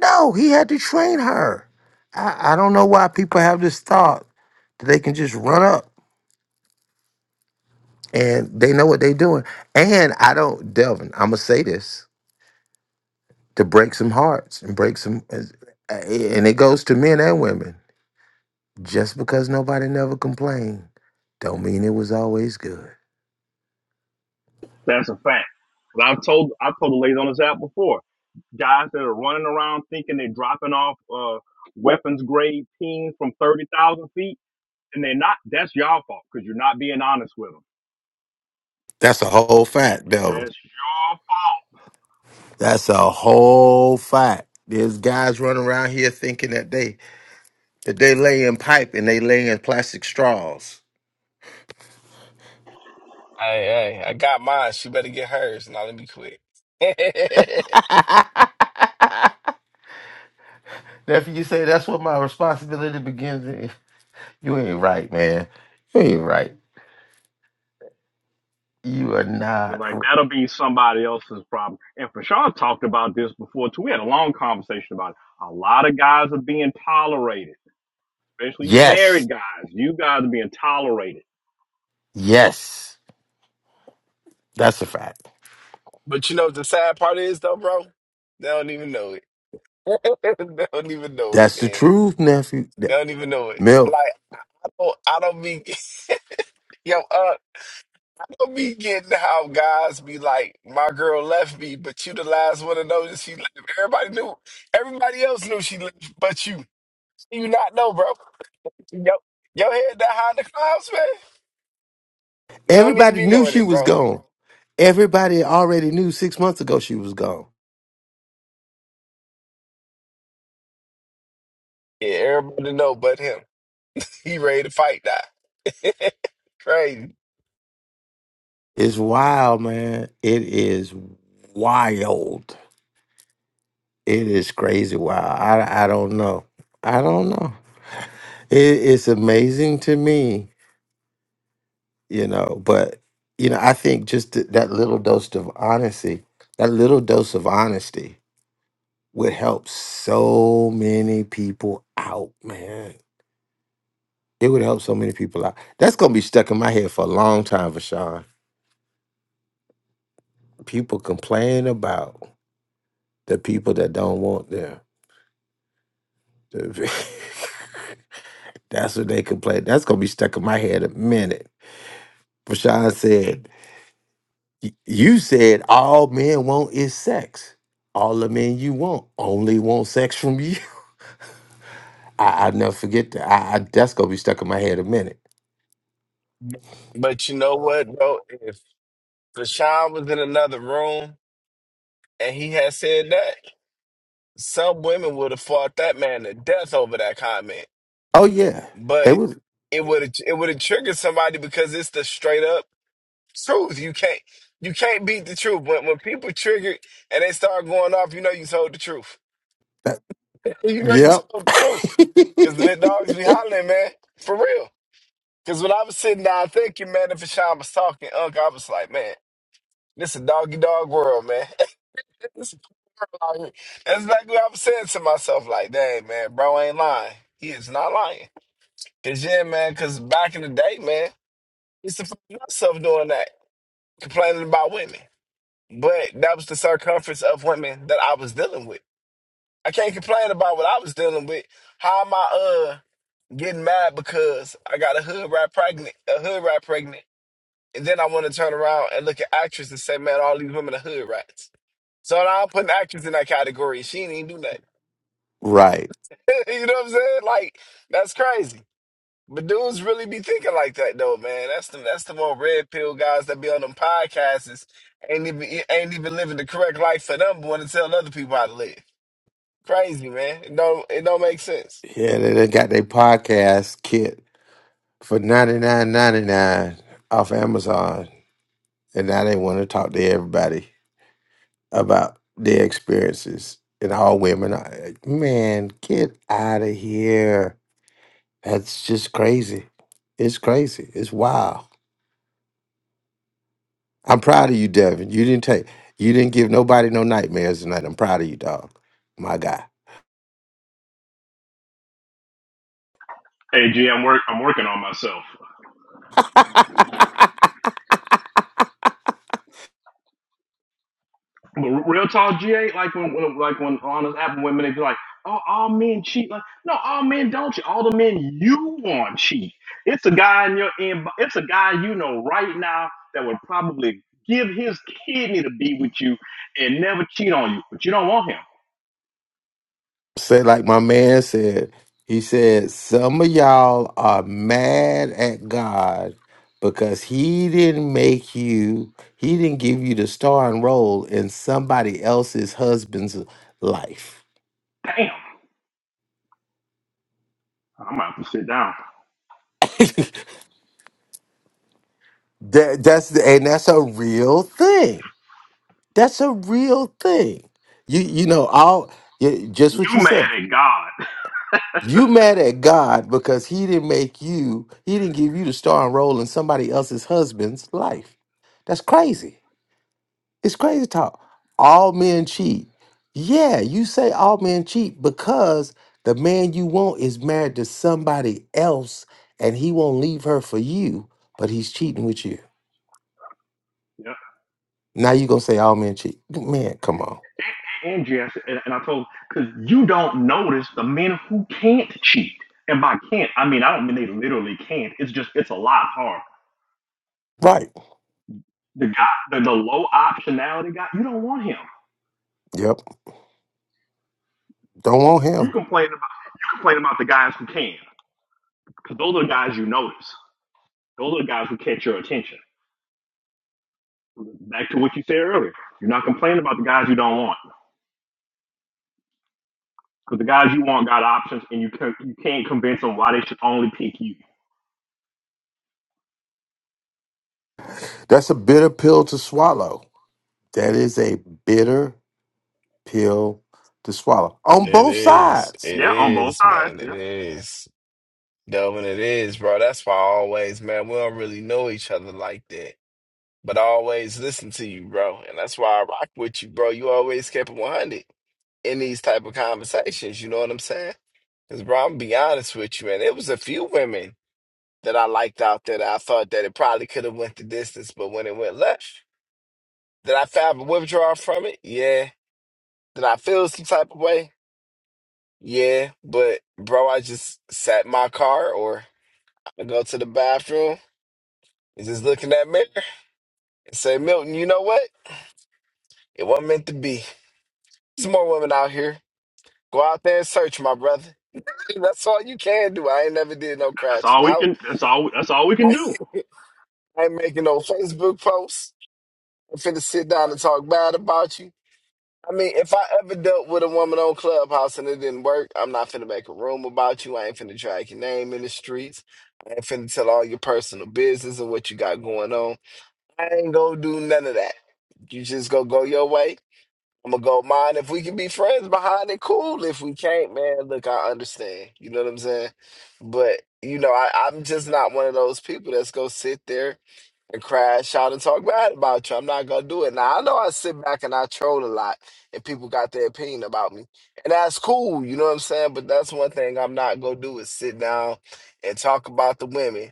H: No, he had to train her. I, I don't know why people have this thought that they can just run up. and they know what they're doing. And I don't, Delvin. I'm gonna say this to break some hearts and break some, and it goes to men and women. Just because nobody never complained, don't mean it was always good.
Q: That's a fact. But I've told, I've told the ladies on this app before, guys that are running around thinking they're dropping off, uh, weapons grade teams from 30,000 feet and they're not, that's y'all fault because you're not being honest with them.
H: That's a whole fact, Delvin.
Q: That's your fault.
H: That's a whole fact. There's guys running around here thinking that they that they lay in pipe and they lay in plastic straws.
L: Hey, hey, I got mine. She better get hers. Now let me quit.
H: Nephew, you say that's what my responsibility begins in. You ain't right, man. You ain't right. You are
Q: And
H: not.
Q: like that'll be somebody else's problem. And Fashawn talked about this before too. We had a long conversation about it. A lot of guys are being tolerated, especially you
H: Yes.
Q: married guys. You guys are being tolerated.
H: Yes. That's a fact.
L: but you know what the sad part is though, bro? They don't even know it. they don't even know it,
H: That's the
L: man.
H: truth, nephew.
L: They
H: Th-
L: don't even know it.
H: Milk.
L: Like I don't, I don't be yo. Uh, Don't be getting how guys be like, my girl left me, but you the last one to know that she left. Everybody knew. Everybody else knew she left, but you. You not know, bro. Yo, your head that high in the clouds, man. They don't even
H: Everybody
L: be
H: knew
L: knowing
H: she
L: it,
H: was
L: bro.
H: gone. Everybody already knew six months ago she was gone.
L: Yeah, everybody know but him. He ready to fight that. Crazy.
H: It's wild, man. It is wild. It is crazy wild. I, I don't know. I don't know. It, it's amazing to me, you know, but, you know, I think just th- that little dose of honesty, that little dose of honesty would help so many people out, man. It would help so many people out. That's gonna be stuck in my head for a long time, Vashawn. People complain about the people that don't want them. The- That's what they complain. That's gonna be stuck in my head a minute. Vashawn said, "Y- "You said all men want is sex. All the men you want only want sex from you." I, I never forget that. I, I that's gonna be stuck in my head a minute.
L: But you know what, bro? If Deshaun was in another room and he had said that, some women would have fought that man to death over that comment.
H: Oh yeah, they
L: but
H: was.
L: it would it would have triggered somebody because it's the straight up truth. You can't you can't beat the truth. When when people trigger and they start going off, you know you told the truth. You know you
H: Yep.
L: told the truth. Cause the dogs be hollering, man, for real. Cause when I was sitting down thinking, man, if Sean was talking, Unc, I was like, man, this a doggy dog world, man. this a world out here. That's like what I was saying to myself, like, dang, man, bro ain't lying. He is not lying. Cause yeah, man, cause back in the day, man. used to find myself doing that, complaining about women. But that was the circumference of women that I was dealing with. I can't complain about what I was dealing with. How am I uh getting mad because I got a hood rat pregnant, a hood rat pregnant, and then I want to turn around and look at actress and say, man, all these women are hood rats. So now I'm putting actress in that category. She didn't even do nothing.
H: right.
L: you know what I'm saying? Like that's crazy. But dudes really be thinking like that though, man. That's the that's the more red pill guys that be on them podcasts is ain't even ain't even living the correct life for them, but want to tell other people how to live. Crazy, man. It don't it don't make sense.
H: Yeah, they, they got their podcast kit for ninety nine ninety nine off Amazon, and now they want to talk to everybody about their experiences. And all women are like, man, get out of here. That's just crazy. It's crazy. It's wild. I'm proud of you, Devin. You didn't take. You didn't give nobody no nightmares tonight. I'm proud of you, dog. My guy.
Q: Hey, G, I'm work. I'm working on myself. But real talk, GA, like when, when like when on this app, women they be like, "Oh, all men cheat." Like, no, all men don't cheat. All the men you want cheat. It's a guy in your inbox. It's a guy you know right now that would probably give his kidney to be with you and never cheat on you, but you don't want him.
H: say like my man said he said some of y'all are mad at god because he didn't make you he didn't give you the starring role in somebody else's husband's life
Q: Damn, I'm about to sit down.
H: that, that's the, and that's a real thing that's a real thing you you know all y- just what
Q: You
H: you
Q: mad
H: said
Q: at God?
H: you mad at god because he didn't make you he didn't give you the starring role in somebody else's husband's life that's crazy It's crazy talk. All men cheat. Yeah, you say all men cheat because the man you want is married to somebody else and he won't leave her for you, but he's cheating with you.
Q: Yeah.
H: Now you going to say all men cheat. Man, come on.
Q: And, and, GA, I said- and, and I told because you don't notice the men who can't cheat. And by can't, I mean I don't mean they literally can't. It's just it's a lot harder
H: Right.
Q: The guy, the, the low optionality guy, you don't want him.
H: Yep. Don't want
Q: You
H: him.
Q: complain about you complain about the guys who can, because those are the guys you notice. Those are the guys who catch your attention. Back to what you said earlier, you're not complaining about the guys you don't want, because the guys you want got options, and you can you can't convince them why they should only pick you.
H: That's a bitter pill to swallow. That is a bitter pill to swallow on
L: It
H: both
L: is.
H: sides.
L: It
Q: Yeah, on both
L: is,
Q: sides.
L: man. It
Q: Yeah,
L: is. Delvin, it is, bro. That's why I always, man, we don't really know each other like that. But I always listen to you, bro. And that's why I rock with you, bro. You always kept it 100 in these type of conversations. You know what I'm saying? Because, bro, I'm be honest with you, and it was a few women that I liked out there that I thought that it probably could have went the distance, but when it went left, did I find a withdrawal from it? Yeah. Did I feel some type of way? Yeah. But, bro, I just sat in my car or I go to the bathroom and just look in that mirror and say, Milton, you know what? It wasn't meant to be. There's more women out here. Go out there and search, my brother. That's all you can do. I ain't never did no
Q: that's
L: crashing
Q: all we
L: out.
Q: can. That's all. That's all we can
L: I
Q: do.
L: ain't making no Facebook posts. I'm finna sit down and talk bad about you. I mean, if I ever dealt with a woman on Clubhouse and it didn't work, I'm not finna make a room about you. I ain't finna drag your name in the streets. I ain't finna tell all your personal business and what you got going on. I ain't gonna do none of that. You just gonna go your way. I'm gonna go mine. If we can be friends behind it, cool. If we can't, man, look, I understand. You know what I'm saying? But you know, I, I'm just not one of those people that's gonna sit there and crash out and talk bad about you. I'm not gonna do it. Now I know I sit back and I troll a lot, and people got their opinion about me, and that's cool. You know what I'm saying? But that's one thing I'm not gonna do is sit down and talk about the women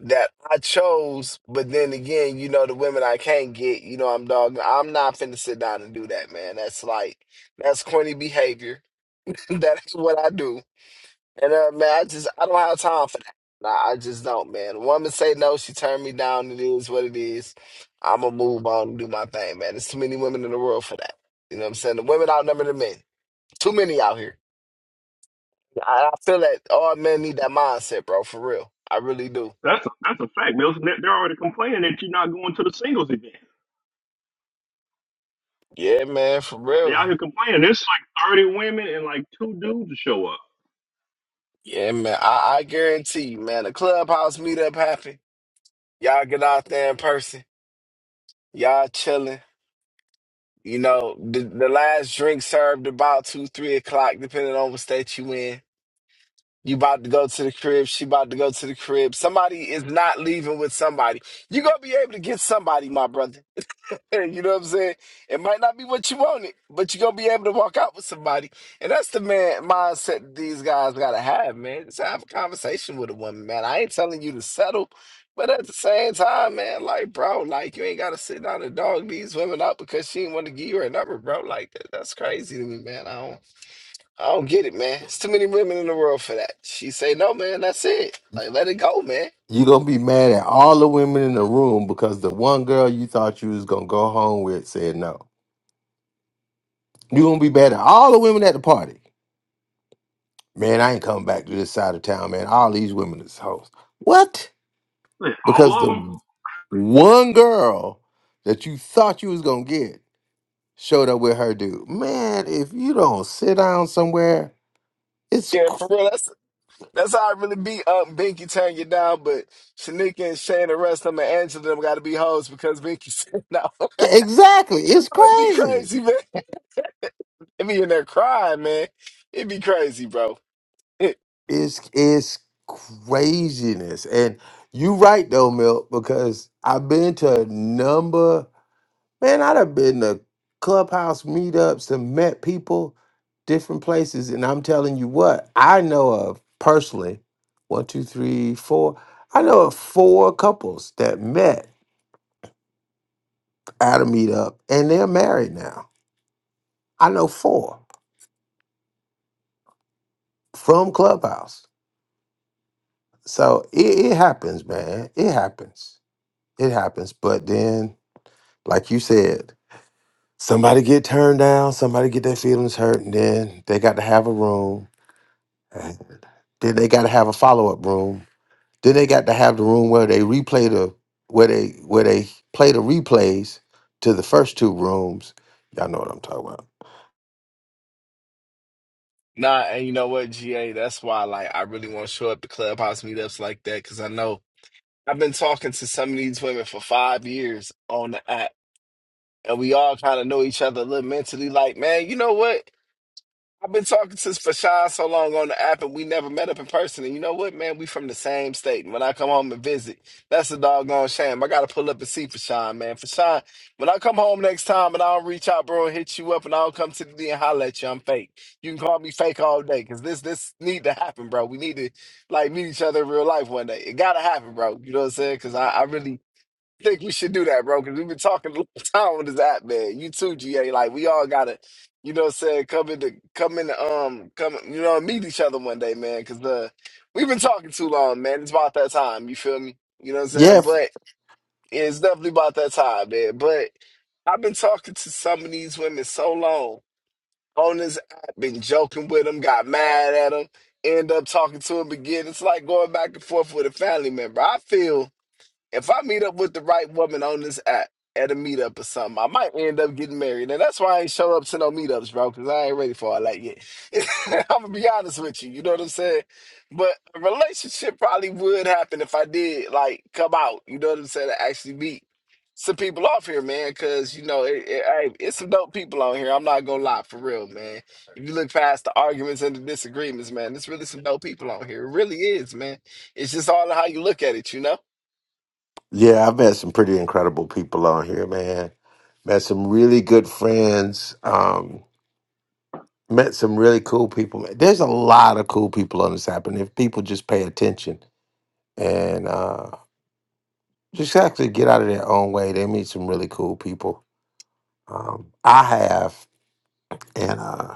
L: that I chose, but then again, you know, the women I can't get, you know, I'm dog. I'm not finna sit down and do that, man. That's like that's corny behavior. that's what I do. And uh man, I just I don't have time for that. Nah, I just don't, man. A woman say no, she turned me down, it is what it is. I'ma move on and do my thing, man. There's too many women in the world for that. You know what I'm saying? The women outnumber the men. Too many out here. I, I feel that all men need that mindset, bro, for real. I really do.
Q: That's a, that's a fact, Mills. They're already complaining that you're not going to the singles event.
L: Yeah, man, for
Q: They out
L: real.
Q: here complaining. There's like 30 women and like two dudes to show up.
L: Yeah, man. I, I guarantee you, man. The clubhouse meetup happen. Y'all get out there in person. Y'all chilling. You know, the, the last drink served about two, three o'clock, depending on what state you in. You about to go to the crib. She about to go to the crib. Somebody is not leaving with somebody. You gonna be able to get somebody, my brother. You know what I'm saying? It might not be what you wanted, but you're gonna be able to walk out with somebody. And that's the man mindset that these guys gotta have, man. Just have a conversation with a woman, man. I ain't telling you to settle, but at the same time, man, like bro, like you ain't gotta sit down and dog these women out because she ain't want to give you her number, bro. Like that, that's crazy to me, man. I don't I don't get it, man. It's too many women in the world for that. She say no, man, that's it. Like let it go, man.
H: You're going to be mad at all the women in the room because the one girl you thought you was going to go home with said no. You gonna be better. All the women at the party. Man, I ain't coming back to this side of town, man. All these women is hoes. What?
Q: All
H: Because
Q: of
H: the
Q: them.
H: one girl that you thought you was gonna get showed up with her dude. Man, if you don't sit down somewhere, it's
L: Yeah, for
H: cr-
L: real. That's. That's how I really beat up um, Binky turn you down, but Shanika and Shane and rest of them and Angela them gotta be hoes because Binky said no. It'd
H: exactly it's
L: be
H: crazy.
L: crazy, man. It be in there crying, man. It'd be crazy, bro.
H: It's it's craziness. And you right though, Milk, because I've been to a number Man, I'd have been to clubhouse meetups and met people different places. And I'm telling you what, I know of personally one, two, three, four. I know of four couples that met at a meetup and they're married now. I know four from Clubhouse. So it, it happens, man. It happens. It happens. But then, like you said, somebody get turned down, somebody get their feelings hurt, and then they got to have a room Then they got to have a follow up room. Then they got to have the room where they replay the where they where they play the replays to the first two rooms. Y'all know what I'm talking about.
L: nah, and you know what, GA, that's why like I really want to show up to clubhouse meetups like that, because I know I've been talking to some of these women for five years on the app. And we all kind of know each other a little mentally, like, man, you know what? I've been talking to Fashawn so long on the app, and we never met up in person. And you know what, man? We from the same state. And when I come home and visit, that's a doggone shame. I gotta pull up and see Fashawn, man. Fashawn, when I come home next time and I don't reach out, bro, and hit you up, and I don't come to the D and holler at you, I'm fake. You can call me fake all day, cause this this need to happen, bro. We need to like meet each other in real life one day. It gotta happen, bro. You know what I'm saying? Cause I, I really think we should do that, bro, because we've been talking a long time on this app, man. You too, GA. Like we all gotta, you know what I'm saying, come into come into um come you know, meet each other one day, man, because the we've been talking too long, man. It's about that time, you feel me? You know what I'm
H: Yeah,
L: saying?
H: f-
L: But yeah, it's definitely about that time, man. But I've been talking to some of these women so long on this app, been joking with them, got mad at them, end up talking to them again. It's like going back and forth with a family member. I feel if I meet up with the right woman on this app at a meetup or something, I might end up getting married. And that's why I ain't show up to no meetups, bro, because I ain't ready for all that yet. I'm gonna be honest with you, you know what I'm saying? But a relationship probably would happen if I did like come out, you know what I'm saying, to actually meet some people off here, man, because you know it, it, hey, it's some dope people on here. I'm not gonna lie, for real, man. If you look past the arguments and the disagreements, man, it's really some dope people on here. It really is, man. It's just all how you look at it, you know.
H: yeah. I've met some pretty incredible people on here, man. Met some really good friends. Um, met some really cool people. There's a lot of cool people on this app, and if people just pay attention and uh, just actually get out of their own way, they meet some really cool people. Um, I have. and uh,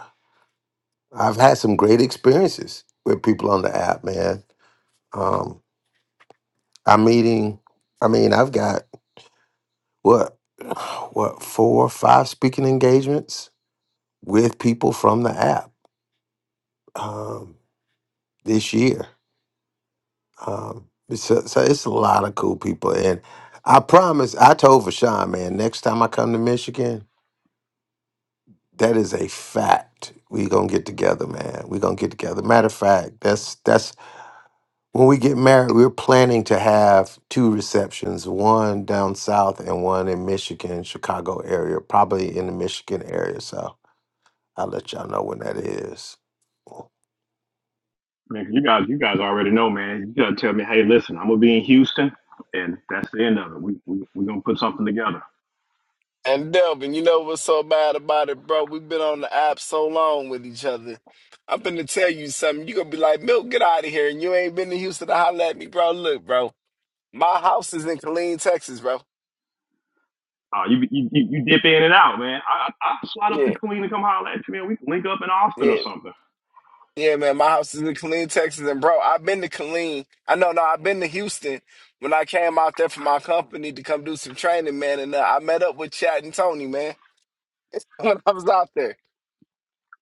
H: I've had some great experiences with people on the app, man. Um, I'm meeting. I mean, I've got what, what four or five speaking engagements with people from the app um, this year. Um, it's a, so it's a lot of cool people, and I promise. I told Vashawn, man, next time I come to Michigan, that is a fact. We gonna get together, man. We gonna get together. Matter of fact, that's that's when we get married, we're planning to have two receptions, one down south and one in Michigan, Chicago area, probably in the Michigan area. So I'll let y'all know when that is.
Q: Man, you guys, you guys already know, man. You gotta tell me, hey, listen, I'm gonna be in Houston, and that's the end of it. We we we gonna put something together.
L: And Delvin, you know what's so bad about it, bro? We've been on the app so long with each other. I'm finna tell you something. you gonna be like, Milk, get out of here. And you ain't been to Houston to holler at me, bro. Look, bro. My house is in Killeen, Texas, bro.
Q: Uh, you, you you you dip in and out, man. I I I'll slide up to
L: Yeah,
Q: Queen and come holler at you, man. We can link up in Austin or
L: yeah.
Q: something.
L: Yeah, man. My house is in Killeen, Texas. And bro, I've been to Killeen. I know no, I've been to Houston when I came out there for my company to come do some training, man. And uh, I met up with Chat and Tony, man. When I was out there.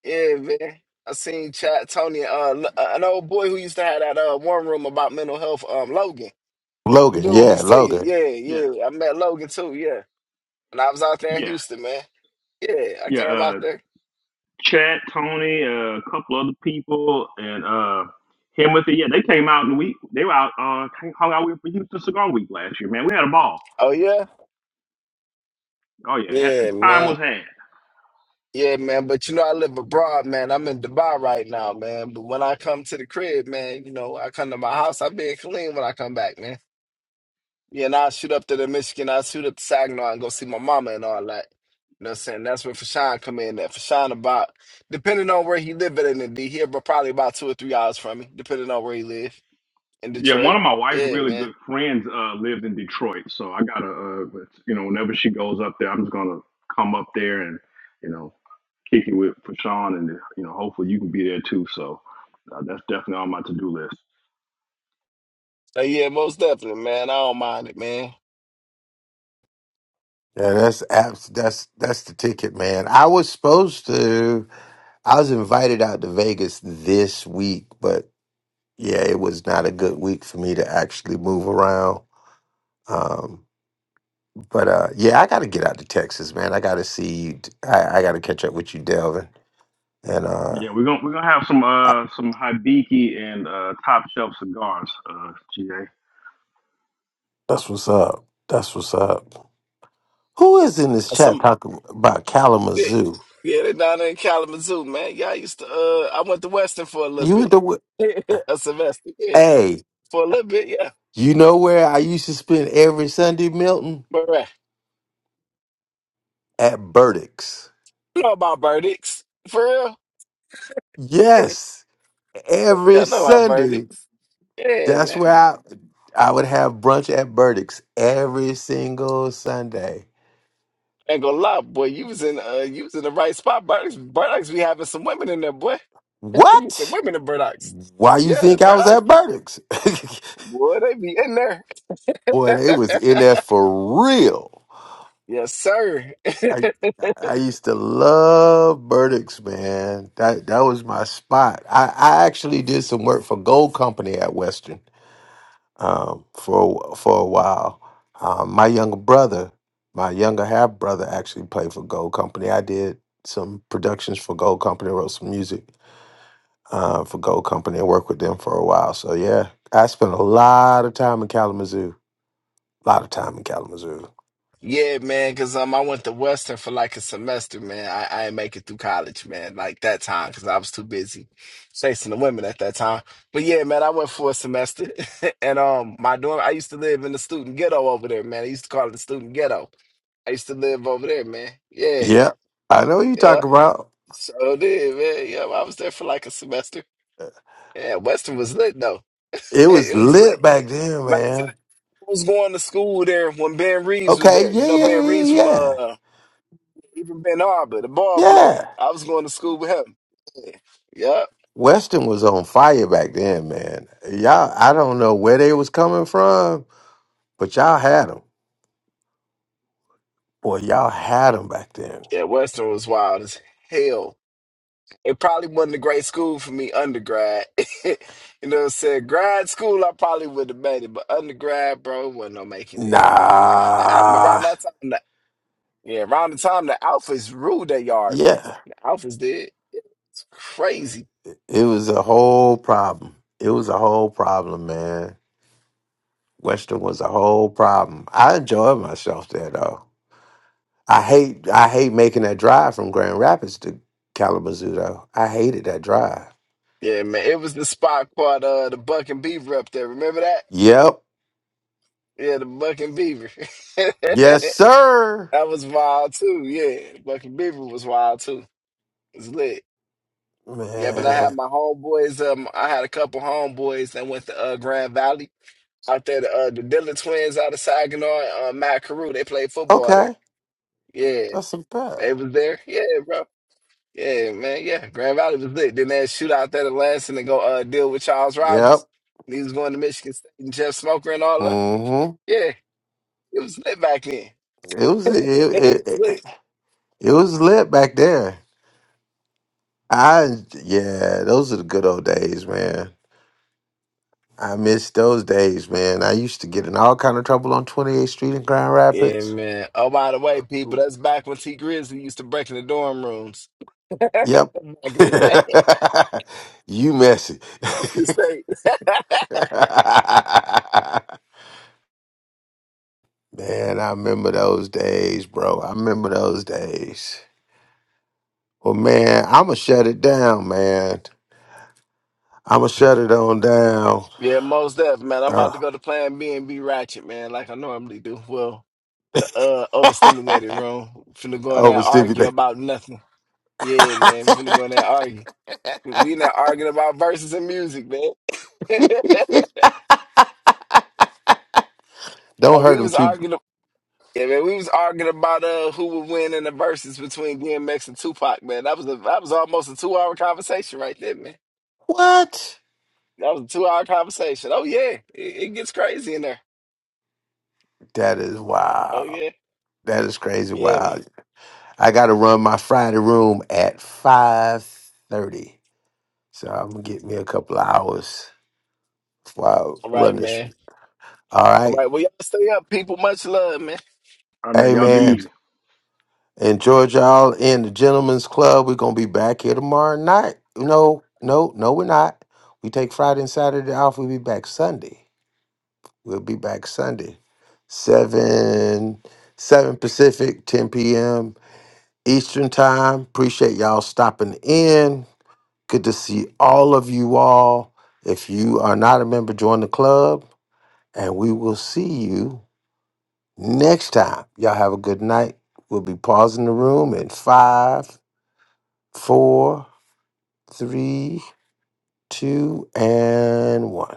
L: Yeah, man. I seen Chad Tony, uh, l- uh, an old boy who used to have that uh one room about mental health, um, Logan. Dude
H: Logan,
L: who be
H: yeah,
L: singing.
H: Logan.
L: Yeah,
Q: Yeah,
L: yeah. I met Logan too, yeah. when I was out there in
Q: yeah,
L: Houston, man. Yeah, I
Q: yeah.
L: came out
Q: Uh,
L: there.
Q: Chad, Tony, uh, a couple other people, and uh, him with it. Yeah, they came out and we they were out uh hung out with for Houston Cigar Week last year, man. We had a ball.
L: Oh yeah?
Q: Oh yeah, had, the
L: Yeah,
Q: time
L: man.
Q: was had.
L: Yeah, man. But you know, I live abroad, man. I'm in Dubai right now, man. But when I come to the crib, man, you know, I come to my house. I be clean when I come back, man. Yeah, and I'll shoot up to the Michigan, I'll shoot up to Saginaw and go see my mama and all that. You know what I'm saying? That's where Fashawn come in at. Fashawn about depending on where he live at in the D, he about probably about two or three hours from me, depending on where he live in
Q: Yeah, one
L: Detroit.
Q: of my wife's
L: Yeah,
Q: really
L: man.
Q: good friends uh, lives in Detroit, so I gotta, uh, you know, whenever she goes up there, I'm just gonna come up there and, you know, kick it with for Sean, and you know, hopefully you can be there too. So uh, that's definitely on my to do list.
L: Uh, yeah, most definitely, man. I don't mind it, man.
H: Yeah, that's abs- that's that's the ticket, man. I was supposed to I was invited out to Vegas this week, but yeah, it was not a good week for me to actually move around. Um, But uh, yeah, I got to get out to Texas, man. I got to see. I, I got to catch up with you, Delvin. And uh,
Q: Yeah, we're gonna we're gonna have some
H: I,
Q: uh some Hibiki and uh top shelf cigars, uh, GA.
H: that's what's up. That's what's up. Who is in this
L: Uh,
H: chat
L: Some
H: talking about
L: yeah,
H: Kalamazoo?
L: yeah, they down there in Kalamazoo, man. Yeah, I used to uh I went to Western for a little
H: You with
L: bit.
H: the
L: a semester, yeah.
H: hey?
L: For a little bit, yeah.
H: You know where I used to spend every Sunday, Milton?
L: But right.
H: At Burdick's.
L: I know about verdicts. For real. Yeah,
H: Yes, every
L: I know about
H: Sunday.
L: verdicts. Yeah,
H: That's where
L: man.
H: I I would have brunch at Burdick's every single Sunday.
L: I ain't gonna lie, boy. You was in uh you was in the right spot. Burdocks Burdocks be having some women in there, boy. They be
H: What?
L: some women in Burdocks.
H: Why you
L: Yeah,
H: think I was
L: Burdocks.
H: at Burdick's?
L: Boy, they be in there.
H: Boy, they was in there for real.
L: Yes, sir.
H: I I used to love Burdick's, man. That that was my spot. I, I actually did some work for Gold Company at Western um, for for a while. Um, my younger brother, my younger half brother, actually played for Gold Company. I did some productions for Gold Company, wrote some music uh, for Gold Company, and worked with them for a while. So yeah, I spent a lot of time in Kalamazoo. A lot of time in Kalamazoo.
L: Yeah, man, cause um I went to Western for like a semester, man. I, I didn't make it through college, man, like that time, cause I was too busy chasing the women at that time. But yeah, man, I went for a semester and um my dorm I used to live in the student ghetto over there, man. I used to call it the student ghetto. I used to live over there, man. Yeah.
H: Yeah, I know what you
L: yeah.
H: talk about.
L: So did, man. Yeah, I was there for like a semester. Yeah, Western was lit though.
H: It was
L: It was lit.
H: lit back then,
L: Matter of
H: man.
L: fact, I was going to school there when Ben Reeves was
H: Okay,
L: there. You
H: yeah,
L: know
H: yeah, yeah,
L: Ben
H: yeah,
L: Reeves from
H: yeah.
L: uh even Ben Arbor, the ball player.
H: Yeah.
L: I was going to school with him. Yeah. Yep.
H: Weston was on fire back then, man. Y'all, I don't know where they was coming from, but y'all had them. Boy, y'all had them back then.
L: Yeah, Western was wild as hell. It probably wasn't a great school for me undergrad. you know what I'm saying? Grad school I probably would have made it, but undergrad, bro, wasn't no making it. Nah, nah, I,
H: Nah,
L: around that time nah, Yeah, around the time the Alphas ruled that yard, man.
H: yeah.
L: The Alphas did. It's crazy.
H: It it was a whole problem. It was a whole problem, man. Western was a whole problem. I enjoyed myself there, though. I hate I hate making that drive from Grand Rapids to Kalamazoo though. I hated that drive.
L: Yeah, man. It was the spot called uh, the Buck and Beaver up there. Remember that?
H: Yep.
L: Yeah, the Buck and Beaver.
H: Yes,
L: that
H: sir.
L: was wild too. Yeah, Buck and Beaver was wild too. It's lit. Yeah, but I had
H: Man.
L: my homeboys. Um, I had a couple homeboys that went to uh, Grand Valley out there. The, uh, the Dillon twins out of Saginaw, uh, Matt Carew. They played football there.
H: Okay.
L: Yeah,
H: That's a bet.
L: they was there. Yeah, bro. Yeah, man. Yeah, Grand Valley was lit. Then that shootout there at Lansing and go uh, deal with Charles
H: Yep.
L: Rogers. And he was going to Michigan State and Jeff Smoker and all that.
H: Mm-hmm.
L: Yeah, it was lit back then.
H: It was it,
L: it
H: it,
L: was lit.
H: it, it was lit back there. I yeah, those are the good old days, man. I miss those days, man. I used to get in all kind of trouble on 28th Street in Grand
L: Yeah,
H: Rapids.
L: man. Oh, by the way, people, that's back when T Grizzly used to break in the dorm rooms
H: Yep.
L: back in the day.
H: you messy.
L: Michigan State.
H: Man, I remember those days, bro. I remember those days. Well, man, I'ma shut it down, man. I'ma shut it on down.
L: Yeah, most def, man. I'm
H: Uh,
L: about to go to Plan B and be ratchet, man, like I normally do. Well, the uh overstimulated room, finna go in there and argue
H: overstimulate.
L: about nothing. Yeah, man, finna go in there and argue. We not arguing about verses and music, man. like
H: Don't
L: we
H: hurt him
L: was
H: too.
L: arguing, yeah, man. We was arguing about uh who would win in the verses between DMX and Tupac, man. That was a that was almost a two hour conversation right there, man.
H: What?
L: That was a two hour conversation. Oh yeah, it, it gets crazy in there.
H: That is
L: Oh
H: wild.
L: yeah,
H: That is crazy
L: yeah, man.
H: wild. I gotta run my Friday room at five thirty, so I'm gonna get me a couple of hours while
L: All
H: I run
L: right,
H: this.
L: man.
H: All
L: All
H: right,
L: right, well y'all stay up, people. Much love, man.
Q: All right, man,
H: hey
Q: y'all be
H: man.
Q: easy.
H: Enjoy y'all in the Gentlemen's Club. We're gonna be back here tomorrow night. No, no, no, we're not. We take Friday and Saturday off. We'll be back Sunday. We'll be back Sunday, seven seven Pacific, ten p.m. Eastern time. Appreciate y'all stopping in. Good to see all of you all. If you are not a member, join the club, and we will see you next time. Y'all have a good night. We'll be pausing the room in five four, three, two, and one.